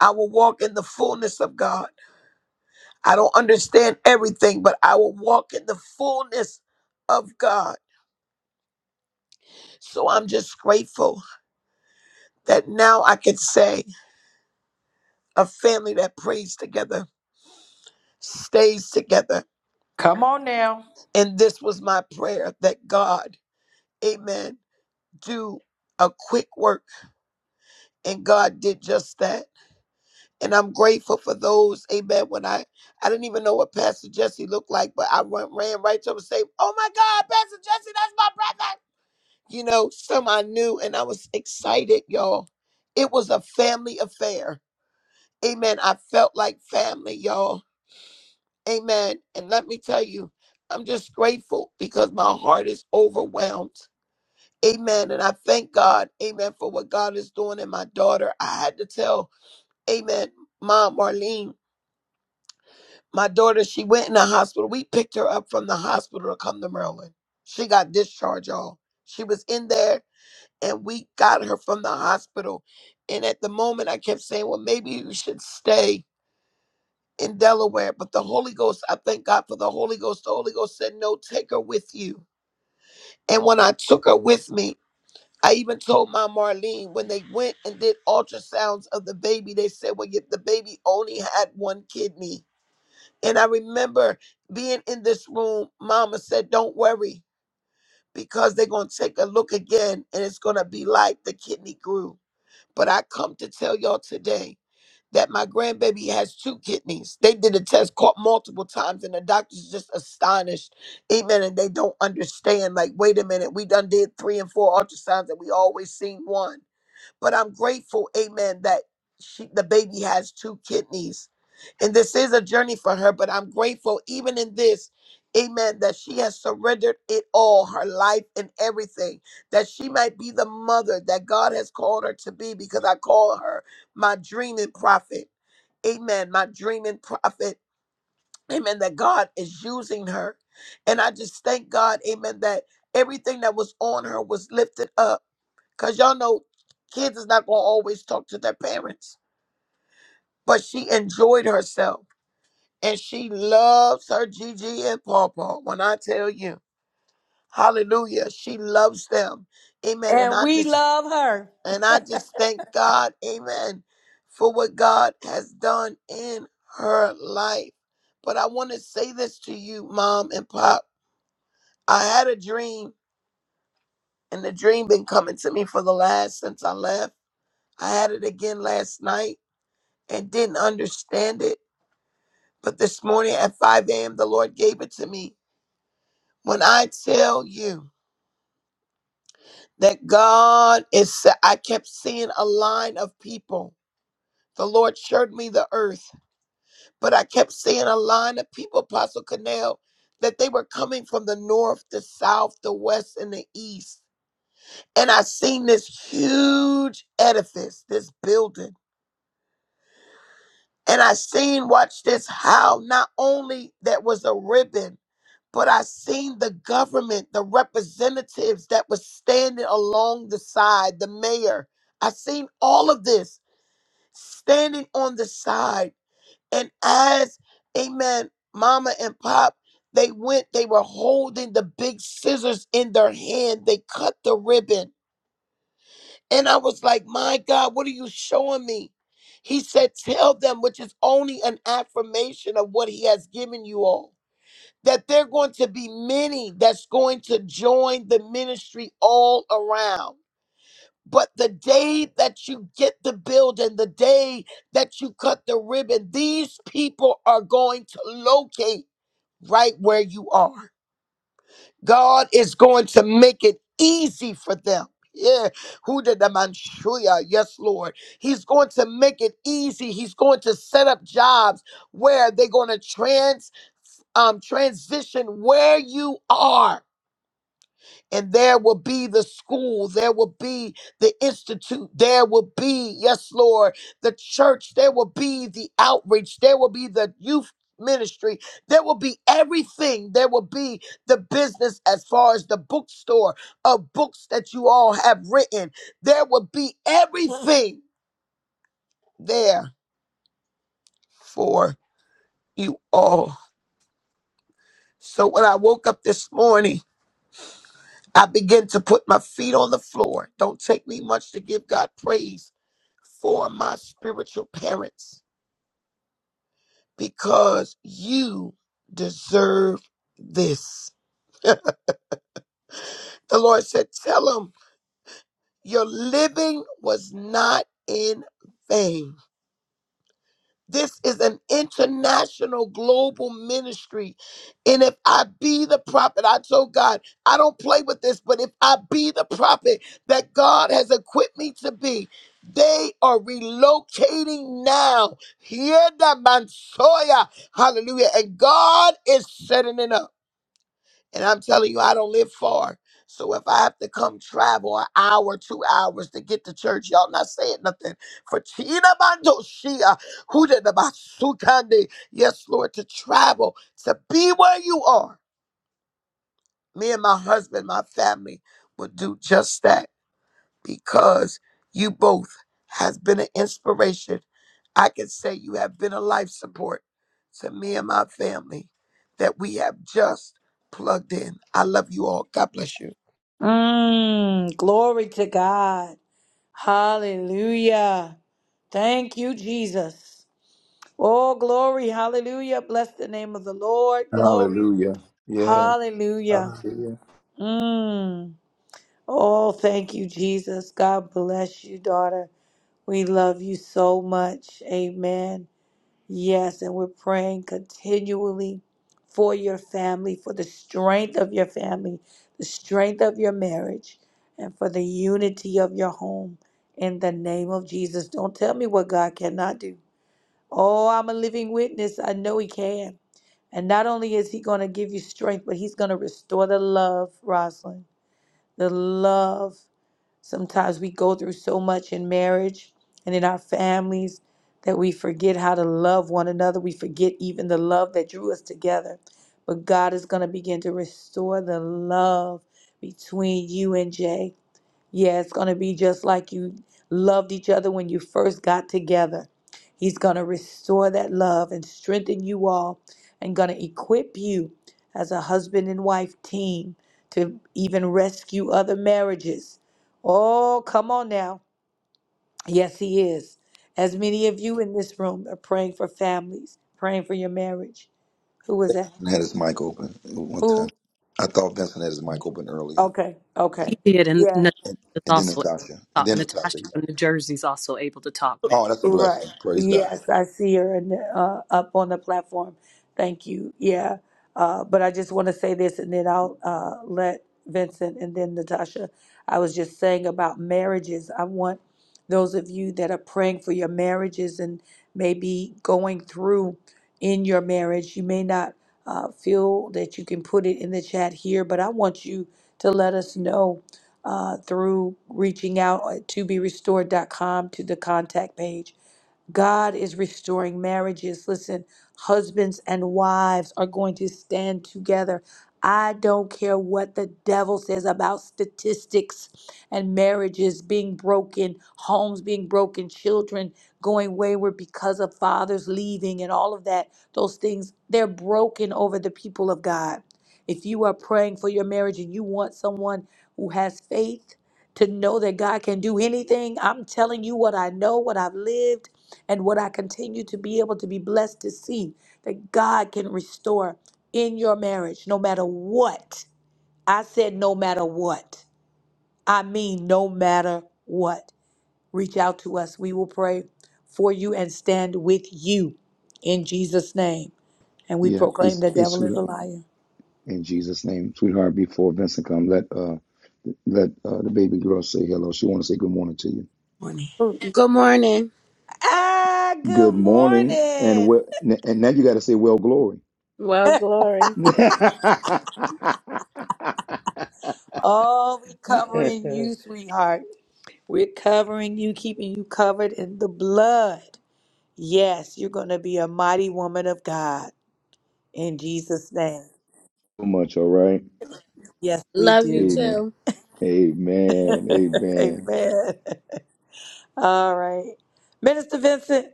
Speaker 10: I will walk in the fullness of God. I don't understand everything, but I will walk in the fullness of God. So I'm just grateful that now I can say a family that prays together stays together.
Speaker 1: Come on now.
Speaker 10: And this was my prayer that God, amen, do a quick work. And God did just that. And I'm grateful for those, amen. When I I didn't even know what Pastor Jesse looked like, but I went, ran right to him and say, Oh my God, Pastor Jesse, that's my brother. you know, some I knew, and I was excited, y'all. It was a family affair. Amen. I felt like family, y'all. Amen. And let me tell you, I'm just grateful because my heart is overwhelmed. Amen. And I thank God, amen, for what God is doing in my daughter. I had to tell, amen, Mom Marlene, my daughter, she went in the hospital. We picked her up from the hospital to come to Maryland. She got discharged, y'all. She was in there and we got her from the hospital. And at the moment, I kept saying, well, maybe you should stay in Delaware. But the Holy Ghost, I thank God for the Holy Ghost. The Holy Ghost said, no, take her with you. And when I took her with me, I even told my Marlene when they went and did ultrasounds of the baby, they said, well, if the baby only had one kidney. And I remember being in this room, Mama said, don't worry because they're going to take a look again and it's going to be like the kidney grew. But I come to tell y'all today that my grandbaby has two kidneys. They did a test caught multiple times, and the doctor's just astonished. Amen. And they don't understand. Like, wait a minute, we done did three and four ultrasounds, and we always seen one. But I'm grateful, amen, that she, the baby has two kidneys. And this is a journey for her, but I'm grateful, even in this, amen, that she has surrendered it all, her life and everything, that she might be the mother that God has called her to be, because I call her my dreaming prophet. Amen, my dreaming prophet. Amen, that God is using her. And I just thank God, amen, that everything that was on her was lifted up Cause y'all know kids is not gonna always talk to their parents. But she enjoyed herself and she loves her Gigi and Pawpaw. When I tell you, hallelujah, she loves them. Amen. And
Speaker 1: And
Speaker 10: I
Speaker 1: we
Speaker 10: just
Speaker 1: love her.
Speaker 10: and I just thank God, amen, for what God has done in her life. But I want to say this to you, mom and pop. I had a dream, and the dream been coming to me for the last since I left. I had it again last night and didn't understand it. But this morning at 5 a.m., the Lord gave it to me. When I tell you that God is, I kept seeing a line of people. The Lord showed me the earth, but I kept seeing a line of people, Apostle Canal, that they were coming from the north, the south, the west, and the east. And I seen this huge edifice, this building. And I seen, watch this, how not only that was a ribbon but I seen the government, the representatives that was standing along the side, the mayor. I seen all of this standing on the side. And as, amen, mama and pop, they went, they were holding the big scissors in their hand. They cut the ribbon. And I was like, my God, what are you showing me? He said, tell them, which is only an affirmation of what he has given you all that there are going to be many that's going to join the ministry all around. But the day that you get the building, the day that you cut the ribbon, these people are going to locate right where you are. God is going to make it easy for them. Yeah, who did the manshuya? Yes, Lord. He's going to make it easy. He's going to set up jobs where they're going to transit um, transition where you are. And there will be the school, there will be the institute, there will be, yes, Lord, the church, there will be the outreach, there will be the youth ministry, there will be everything, there will be the business as far as the bookstore of books that you all have written, there will be everything there for you all. So when I woke up this morning, I begin to put my feet on the floor. Don't take me much to give God praise for my spiritual parents because you deserve this. The Lord said, Tell them your living was not in vain. This is an international global ministry. And if I be the prophet, I told God, I don't play with this, but if I be the prophet that God has equipped me to be, they are relocating now. Hear the Mansoya. Hallelujah. And God is setting it up. And I'm telling you, I don't live far. So if I have to come travel an hour, two hours to get to church, y'all not saying nothing. For Tina Mando Shia, who did the Basukande. Yes, Lord, to travel, to be where you are. Me and my husband, my family will do just that because you both has been an inspiration. I can say you have been a life support to me and my family that we have just plugged in. I love you all. God bless you.
Speaker 1: Mm, glory to God. Hallelujah. Thank you, Jesus. Oh, glory. Hallelujah. Bless the name of the Lord. Glory.
Speaker 8: Hallelujah. Yes.
Speaker 1: Hallelujah.
Speaker 8: Hallelujah.
Speaker 1: Mm. Oh, thank you, Jesus. God bless you, daughter. We love you so much. Amen. Yes, and we're praying continually for your family, for the strength of your family, the strength of your marriage, and for the unity of your home. In the name of Jesus, don't tell me what God cannot do. Oh, I'm a living witness. I know He can. And not only is He going to give you strength, but He's going to restore the love, Rosalind, the love. Sometimes we go through so much in marriage and in our families that we forget how to love one another. We forget even the love that drew us together. But God is going to begin to restore the love between you and Jay. Yeah, it's going to be just like you loved each other when you first got together. He's going to restore that love and strengthen you all and going to equip you as a husband and wife team to even rescue other marriages. Oh, come on now. Yes, He is. As many of you in this room are praying for families, praying for your marriage. Who was that?
Speaker 8: Vincent had his mic open one time.
Speaker 1: Who?
Speaker 8: I thought Vincent had his mic open earlier.
Speaker 1: Okay,
Speaker 8: Yeah.
Speaker 1: okay.
Speaker 2: He did, and
Speaker 1: Yeah,
Speaker 8: And,
Speaker 2: Natasha's
Speaker 8: and then
Speaker 2: also able
Speaker 8: Natasha.
Speaker 2: to
Speaker 8: And
Speaker 2: talk.
Speaker 8: then Natasha.
Speaker 2: Natasha
Speaker 8: Yeah.
Speaker 2: from New Jersey is also able to talk now.
Speaker 8: Oh, that's a
Speaker 1: Right.
Speaker 8: blessing. Praise God.
Speaker 1: Yes, I see her in the, uh, up on the platform. Thank you. Yeah. Uh, but I just want to say this and then I'll uh, let Vincent and then Natasha. I was just saying about marriages. I want those of you that are praying for your marriages and maybe going through in your marriage, you may not uh, feel that you can put it in the chat here, but I want you to let us know uh, through reaching out at to be restored dot com to the contact page God is restoring marriages. Listen, husbands and wives are going to stand together. I don't care what the devil says about statistics and marriages being broken, homes being broken, children going wayward because of fathers leaving and all of that. Those things, they're broken over the people of God. If you are praying for your marriage and you want someone who has faith to know that God can do anything, I'm telling you what I know, what I've lived. And what I continue to be able to be blessed to see that God can restore in your marriage no matter what? I said, no matter what. I mean, no matter what. Reach out to us. We will pray for you and stand with you in Jesus' name. And we
Speaker 8: Yeah,
Speaker 1: proclaim
Speaker 8: it's
Speaker 1: the
Speaker 8: it's
Speaker 1: devil is a
Speaker 8: who.
Speaker 1: liar.
Speaker 8: in Jesus' name, sweetheart. Before Vincent come, let uh let uh, the baby girl say hello. She want to say good morning to you.
Speaker 10: Morning.
Speaker 1: Ah,
Speaker 8: Good
Speaker 1: good
Speaker 8: morning, and
Speaker 1: morning.
Speaker 8: well, and now you got to say well glory.
Speaker 10: Well, glory.
Speaker 8: so
Speaker 1: Oh, we are covering you, sweetheart. We're covering you, keeping you covered in the blood. Yes, you're going to be a mighty woman of God in Jesus' name.
Speaker 8: much, all right.
Speaker 1: Yes, we
Speaker 10: Love you
Speaker 1: do.
Speaker 8: Amen.
Speaker 10: too.
Speaker 8: Amen. Amen.
Speaker 1: Amen. All right. Minister Vincent,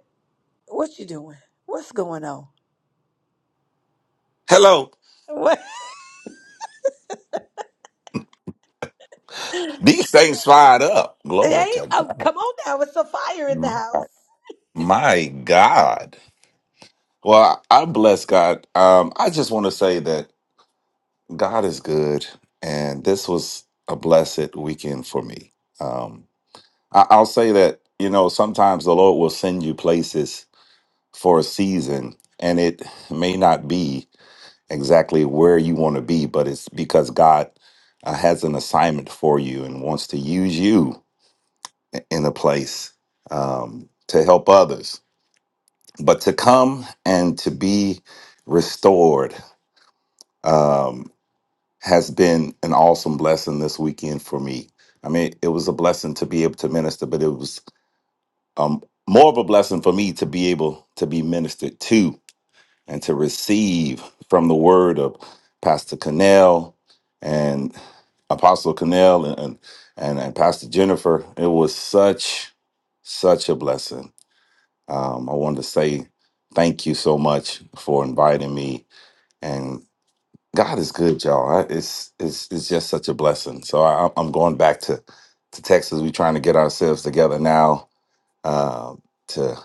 Speaker 1: what you doing? What's going on?
Speaker 11: Hello.
Speaker 1: What?
Speaker 11: These things fired up.
Speaker 1: It
Speaker 11: Glory
Speaker 1: ain't,
Speaker 11: to
Speaker 1: oh,
Speaker 11: God.
Speaker 1: come on now. It's a fire in the
Speaker 11: My,
Speaker 1: house.
Speaker 11: my God. Well, I bless God. Um, I just want to say that God is good, and this was a blessed weekend for me. Um, I, I'll say that, you know, sometimes the Lord will send you places for a season, and it may not be exactly where you want to be, but it's because God uh, has an assignment for you and wants to use you in a place um, to help others. But to come and to be restored um, has been an awesome blessing this weekend for me. I mean, it was a blessing to be able to minister, but it was um, more of a blessing for me to be able to be ministered to and to receive from the word of Pastor Cannell and Apostle Cannell and, and, and Pastor Jennifer. It was such, such a blessing Um, I wanted to say thank you so much for inviting me. And God is good, y'all. I- It's it's it's just such a blessing. So I, I'm going back to to Texas. We're trying to get ourselves together now uh, to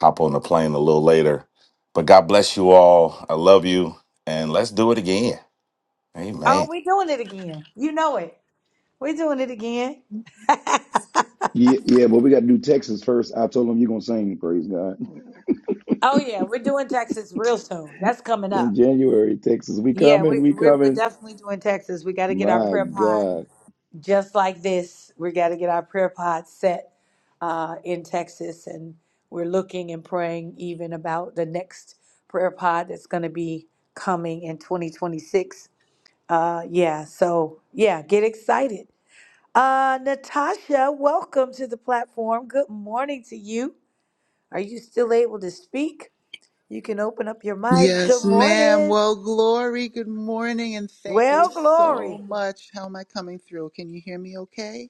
Speaker 11: hop on the plane a little later. But God bless you all. I love you, and let's do it again. Amen.
Speaker 1: Oh, we doing it again. You know it. We're doing it again.
Speaker 8: Yeah, yeah, but we got to do Texas first. I told them you're gonna sing, praise God.
Speaker 1: oh, yeah. We're doing Texas real soon. That's coming
Speaker 8: In
Speaker 1: up.
Speaker 8: January, Texas, we
Speaker 1: Yeah,
Speaker 8: coming,
Speaker 1: we,
Speaker 8: we
Speaker 1: we're, we're
Speaker 8: coming.
Speaker 1: definitely doing Texas. We got to get our
Speaker 8: My
Speaker 1: prayer pod.
Speaker 8: God.
Speaker 1: just like this, we got to get our prayer pod set uh, in Texas, and we're looking and praying even about the next prayer pod that's going to be coming in 2026. Uh, yeah, so yeah, get excited. Uh, Natasha, welcome to the platform. Good morning to you. Are you still able to speak? You can open up your mic. Good
Speaker 12: Yes, ma'am.
Speaker 1: morning.
Speaker 12: Well, Glory, good morning and thank you
Speaker 1: Well,
Speaker 12: so
Speaker 1: glory.
Speaker 12: much. How am I coming through? Can you hear me okay?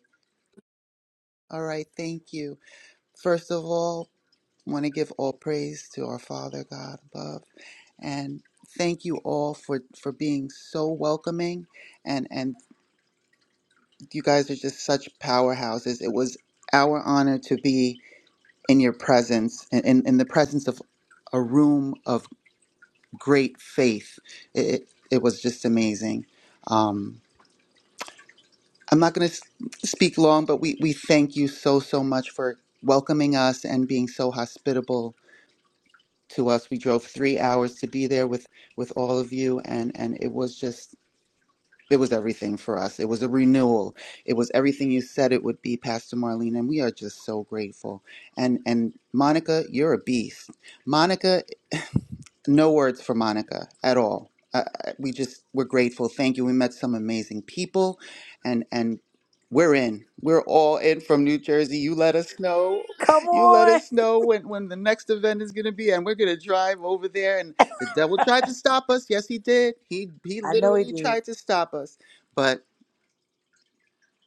Speaker 12: All right, thank you. First of all, want to give all praise to our Father God above and thank you all for for being so welcoming and and you guys are just such powerhouses. It was our honor to be in your presence in, in in the presence of a room of. great faith. It, it, was just amazing. Um, I'm not going to speak long, but we, we thank you so, so much for welcoming us and being so hospitable to us. We drove three hours to be there with, with all of you, and, and it was just, it was everything for us. It was a renewal. It was everything you said it would be, Pastor Marlene, and we are just so grateful. And, and Monica, you're a beast. Monica. no words for Monica at all. Uh, we just we're grateful. Thank you. We met some amazing people, and and we're in. We're all in from New Jersey. You let us know.
Speaker 1: Come
Speaker 12: You let
Speaker 1: on.
Speaker 12: us know when when the next event is going to be, and we're going to drive over there. And the devil tried to stop us. Yes, he did. He he
Speaker 1: I know it
Speaker 12: literally
Speaker 1: did.
Speaker 12: tried to stop us, but.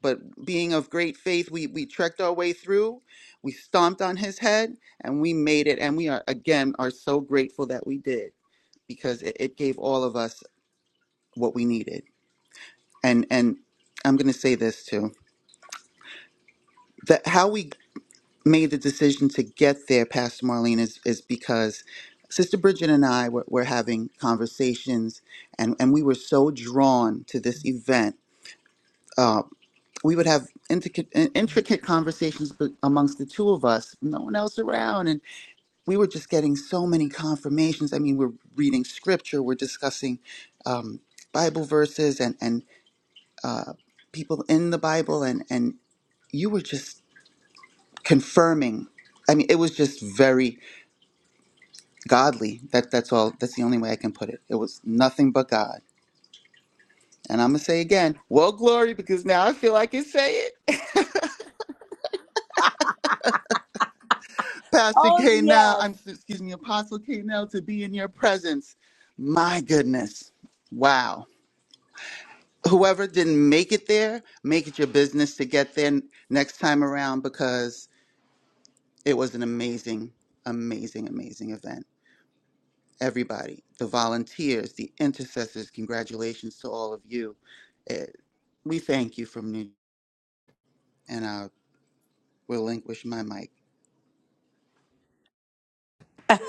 Speaker 12: But being of great faith, we, we trekked our way through. We stomped on his head and we made it. And we are, again, are so grateful that we did because it, it gave all of us what we needed. And and I'm going to say this too: that how we made the decision to get there, Pastor Marlene, is is because Sister Bridget and I were, were having conversations, and and we were so drawn to this event. Uh, we would have intricate, intricate conversations be- amongst the two of us, no one else around, and we were just getting so many confirmations. I mean, we're reading scripture, we're discussing um, Bible verses, and and uh, people in the Bible, and and you were just confirming. I mean, it was just very godly. That that's all. That's the only way I can put it. It was nothing but God. And I'm gonna say again, well, glory, because now I feel I can say it. Pastor
Speaker 1: Oh,
Speaker 12: K, now
Speaker 1: yes.
Speaker 12: I'm excuse me, Apostle K, now to be in your presence. My goodness, wow. Whoever didn't make it there, make it your business to get there n- next time around because it was an amazing, amazing, amazing event. everybody, the volunteers, the intercessors. Congratulations to all of you. Eh, We thank you from New and I'll relinquish my mic.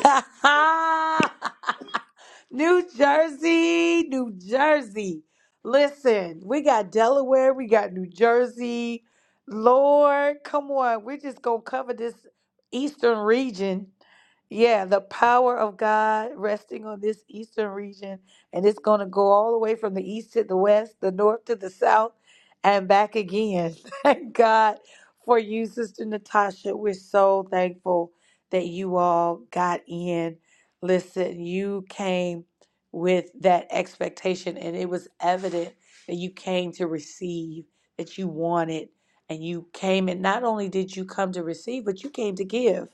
Speaker 1: New Jersey, New Jersey. Listen, we got Delaware, we got New Jersey. Lord, come on. We're just going to cover this eastern region. Yeah, the power of God resting on this eastern region. And it's going to go all the way from the east to the west, the north to the south, and back again. Thank God for you, Sister Natasha. We're so thankful that you all got in. Listen, you came with that expectation, and it was evident that you came to receive, that you wanted, and you came. And not only did you come to receive, but you came to give.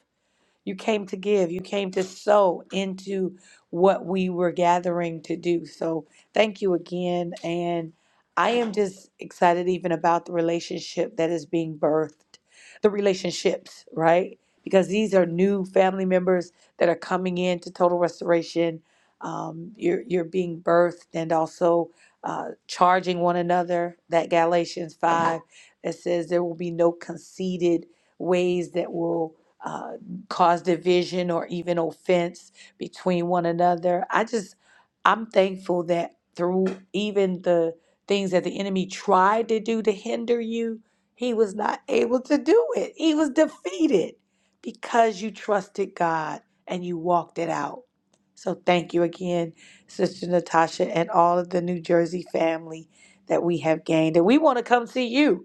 Speaker 1: You came to give. You came to sow into what we were gathering to do. So thank you again. And I am just excited even about the relationship that is being birthed, the relationships, right? Because these are new family members that are coming in to total restoration. Um, you're, you're being birthed and also uh, charging one another. That Galatians 5 that says there will be no conceited ways that will. uh, cause division or even offense between one another. I just, I'm thankful that through even the things that the enemy tried to do to hinder you, he was not able to do it. He was defeated because you trusted God and you walked it out. So thank you again, Sister Natasha, and all of the New Jersey family that we have gained. And we want to come see you.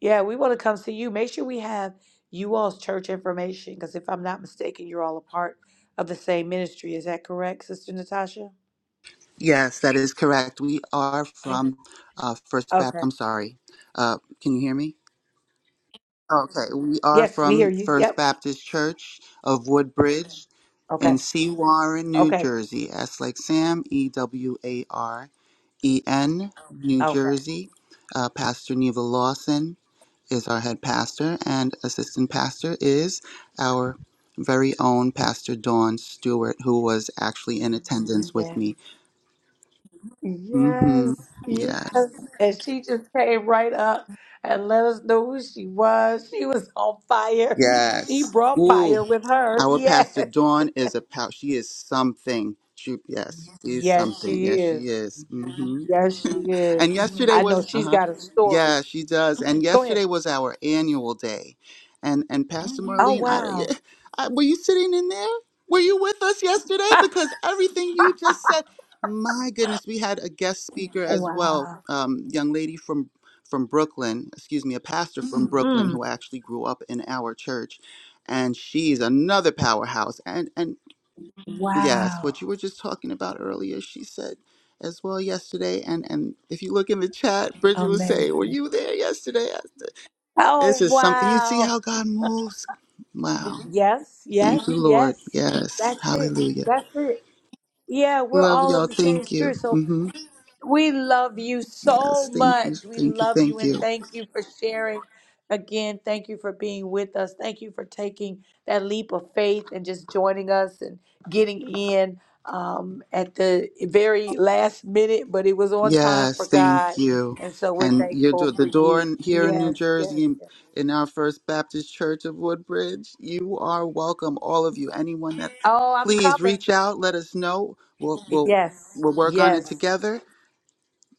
Speaker 1: Yeah, we want to come see you. Make sure we have you all's church information because if I'm not mistaken, you're all a part of the same ministry. Is that correct, Sister Natasha?
Speaker 12: Yes, that is correct. We are from uh, First Baptist.
Speaker 1: Okay.
Speaker 12: I'm sorry. Uh, can you hear me? Okay, we are
Speaker 1: Yes, we hear
Speaker 12: from
Speaker 1: you.
Speaker 12: First
Speaker 1: Yep.
Speaker 12: Baptist Church of Woodbridge
Speaker 1: Okay.
Speaker 12: in Sea Warren, New
Speaker 1: Okay.
Speaker 12: Jersey. S like Sam, E W A R E N, New
Speaker 1: Okay.
Speaker 12: Jersey. Uh, Pastor Neva Lawson. is our head pastor, and assistant pastor is our very own Pastor Dawn Stewart, who was actually in attendance with
Speaker 1: Yeah.
Speaker 12: me. Mm-hmm.
Speaker 1: Yes.
Speaker 12: Yes.
Speaker 1: Yes. And she just came right up and let us know who she was. She was on fire. She
Speaker 12: Yes.
Speaker 1: brought
Speaker 12: Ooh,
Speaker 1: fire with her.
Speaker 12: our Pastor
Speaker 1: Yes.
Speaker 12: Dawn is a pal. She is something. She yes, she is
Speaker 1: Yes,
Speaker 12: something.
Speaker 1: she
Speaker 12: Yes,
Speaker 1: is.
Speaker 12: she is.
Speaker 1: Yes, she
Speaker 12: Mm-hmm. and
Speaker 1: is.
Speaker 12: yesterday
Speaker 1: I know
Speaker 12: was.
Speaker 1: she's
Speaker 12: Uh-huh.
Speaker 1: got a story.
Speaker 12: Yeah, she does. And
Speaker 1: Go ahead.
Speaker 12: yesterday was our annual day, and and Pastor Mhm.
Speaker 1: Oh,
Speaker 12: Marlene, I, don't-
Speaker 1: wow.
Speaker 12: yeah, I were you sitting in there? Were you with us yesterday? Because everything you just said, my goodness, we had a guest speaker as well,
Speaker 1: Wow.
Speaker 12: um, young lady from from Brooklyn. Excuse me, a pastor from Mhm. Brooklyn
Speaker 1: Mm.
Speaker 12: who actually grew up in our church, and she's another powerhouse. And and Yes,
Speaker 1: Wow.
Speaker 12: what you were just talking about earlier, she said as well yesterday. And and if you look in the chat, Bridget was saying, "Were
Speaker 1: Amazing.
Speaker 12: you there yesterday?" This
Speaker 1: Oh,
Speaker 12: is something. You see
Speaker 1: wow.
Speaker 12: how God moves. Wow.
Speaker 1: Yes, yes,
Speaker 12: Thank you, Lord.
Speaker 1: yes.
Speaker 12: Yes.
Speaker 1: That's it.
Speaker 12: Hallelujah.
Speaker 1: That's it. Yeah, we're
Speaker 12: Love
Speaker 1: all of
Speaker 12: y'all.
Speaker 1: the same
Speaker 12: Thank you.
Speaker 1: spirit. So
Speaker 12: hmm
Speaker 1: We love you so
Speaker 12: Yes. Thank you.
Speaker 1: much. We
Speaker 12: Thank you.
Speaker 1: love you
Speaker 12: Thank
Speaker 1: and
Speaker 12: you.
Speaker 1: thank you for sharing. Again, thank you for being with us. Thank you for taking that leap of faith and just joining us and getting in um, at the very last minute, but it was on time for
Speaker 12: Yes, thank
Speaker 1: God.
Speaker 12: you.
Speaker 1: And so we're
Speaker 12: And you're do-
Speaker 1: thankful
Speaker 12: the
Speaker 1: for
Speaker 12: door
Speaker 1: you.
Speaker 12: in- here in New
Speaker 1: Yes, yes,
Speaker 12: Jersey in,
Speaker 1: yes.
Speaker 12: in our First Baptist Church of Woodbridge. You are welcome, all of you. Anyone that
Speaker 1: Oh, I'm
Speaker 12: please
Speaker 1: coming.
Speaker 12: reach out, let us know. We'll we'll
Speaker 1: Yes,
Speaker 12: we'll work on it
Speaker 1: yes,
Speaker 12: together.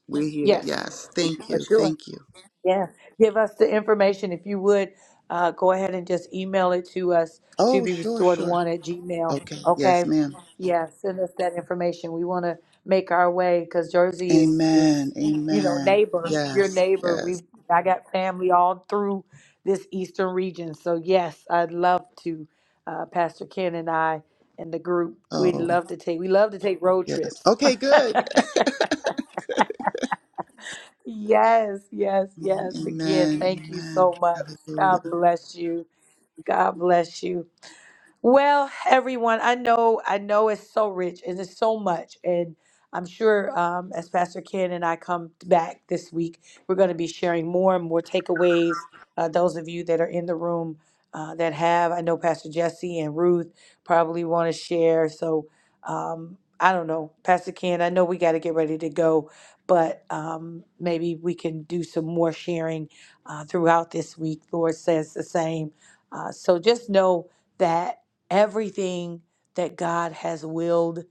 Speaker 12: We're here.
Speaker 1: yes,
Speaker 12: Yes, thank
Speaker 1: for
Speaker 12: you,
Speaker 1: sure.
Speaker 12: thank you.
Speaker 1: Yeah, give us the information if you would. Uh, go ahead and just email it to us to
Speaker 12: Oh,
Speaker 1: be
Speaker 12: sure,
Speaker 1: restored
Speaker 12: sure.
Speaker 1: one at Gmail.
Speaker 12: Okay, yes,
Speaker 1: Okay.
Speaker 12: ma'am.
Speaker 1: Yeah, send us that information. We want to make our way because Jersey is is
Speaker 12: Amen,
Speaker 1: you know
Speaker 12: amen.
Speaker 1: neighbor, your
Speaker 12: Yes,
Speaker 1: neighbor. We
Speaker 12: yes.
Speaker 1: I got family all through this eastern region, so yes, I'd love to. Uh, Pastor Ken and I and the group, we'd
Speaker 12: Oh,
Speaker 1: love to take. We love to take road
Speaker 12: yes.
Speaker 1: trips.
Speaker 12: Okay, good.
Speaker 1: Yes, yes,
Speaker 12: Mm-hmm,
Speaker 1: yes. Again,
Speaker 12: Amen,
Speaker 1: thank you
Speaker 12: amen.
Speaker 1: so much.
Speaker 12: Hallelujah.
Speaker 1: God bless you. God bless you. Well, everyone, I know, I know it's so rich and it's so much. And I'm sure um, as Pastor Ken and I come back this week, we're going to be sharing more and more takeaways. Uh, those of you that are in the room uh, that have, I know Pastor Jesse and Ruth probably want to share. So um, I don't know, Pastor Ken, I know we got to get ready to go, but um, maybe we can do some more sharing uh, throughout this week. Lord says the same. Uh, so just know that everything that God has willed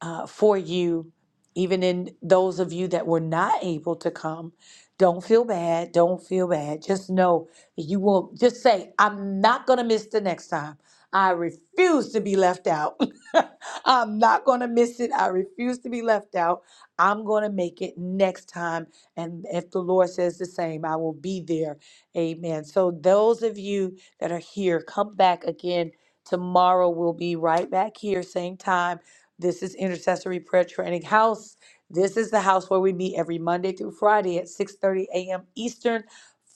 Speaker 1: uh, for you, even in those of you that were not able to come. Don't feel bad. Don't feel bad. Just know that you won't. Just say, I'm not going to miss the next time. I refuse to be left out. I'm not going to miss it. I refuse to be left out. I'm going to make it next time. And if the Lord says the same, I will be there. Amen. So, those of you that are here, come back again. Tomorrow we'll be right back here, same time this is Intercessory Prayer Training House. This is the house where we meet every Monday through Friday at 6:30 a.m. Eastern,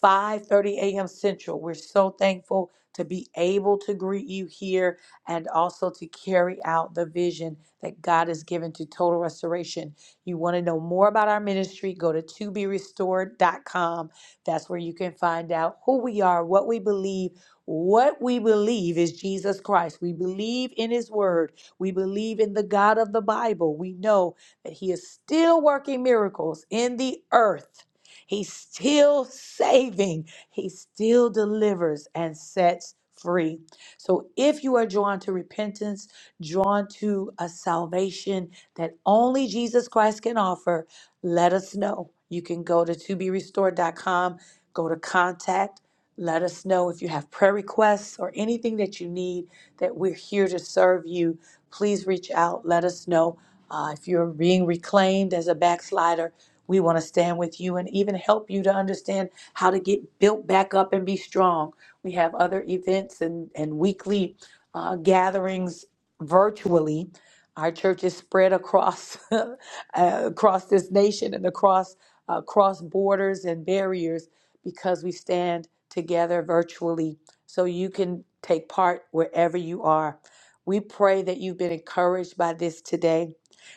Speaker 1: 5:30 a.m. Central. We're so thankful to be able to greet you here and also to carry out the vision that God has given to total restoration. You want to know more about our ministry, go to to be restored dot com. That's where you can find out who we are, what we believe. What we believe is Jesus Christ. We believe in his word. We believe in the God of the Bible. We know that He is still working miracles in the earth. He's still saving. He still delivers and sets free. So if you are drawn to repentance, drawn to a salvation that only Jesus Christ can offer, let us know. You can go to to be restored dot com. go to contact. Let us know if you have prayer requests or anything that you need, that we're here to serve you please reach out. Let us know uh, if you're being reclaimed as a backslider. We want to stand with you and even help you to understand how to get built back up and be strong. We have other events and, and weekly uh, gatherings virtually. Our church is spread across uh, across this nation and across uh, across borders and barriers because we stand together virtually so you can take part wherever you are. We pray that you've been encouraged by this today.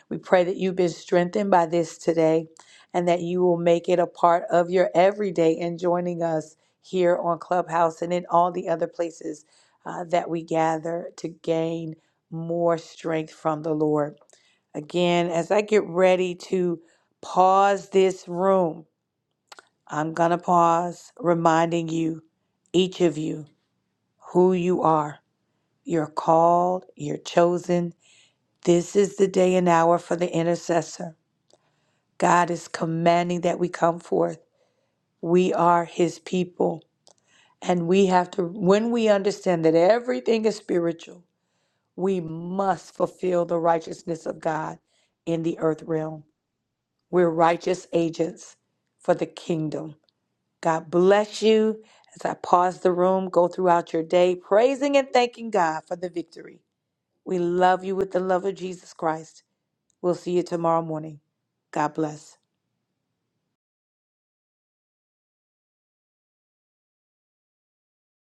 Speaker 1: We pray that you've been strengthened by this today and that you will make it a part of your everyday and joining us here on Clubhouse and in all the other places uh, that we gather to gain more strength from the Lord. Again, as I get ready to pause this room, I'm going to pause reminding you, each of you, who you are. You're called, you're chosen, this is the day and hour for the intercessor. God is commanding that we come forth. We are his people. And we have to, when we understand that everything is spiritual, we must fulfill the righteousness of God in the earth realm. We're righteous agents for the kingdom. God bless you. As I pause the room, go throughout your day praising and thanking God for the victory. We love you with the love of Jesus Christ. We'll see you tomorrow morning. God bless.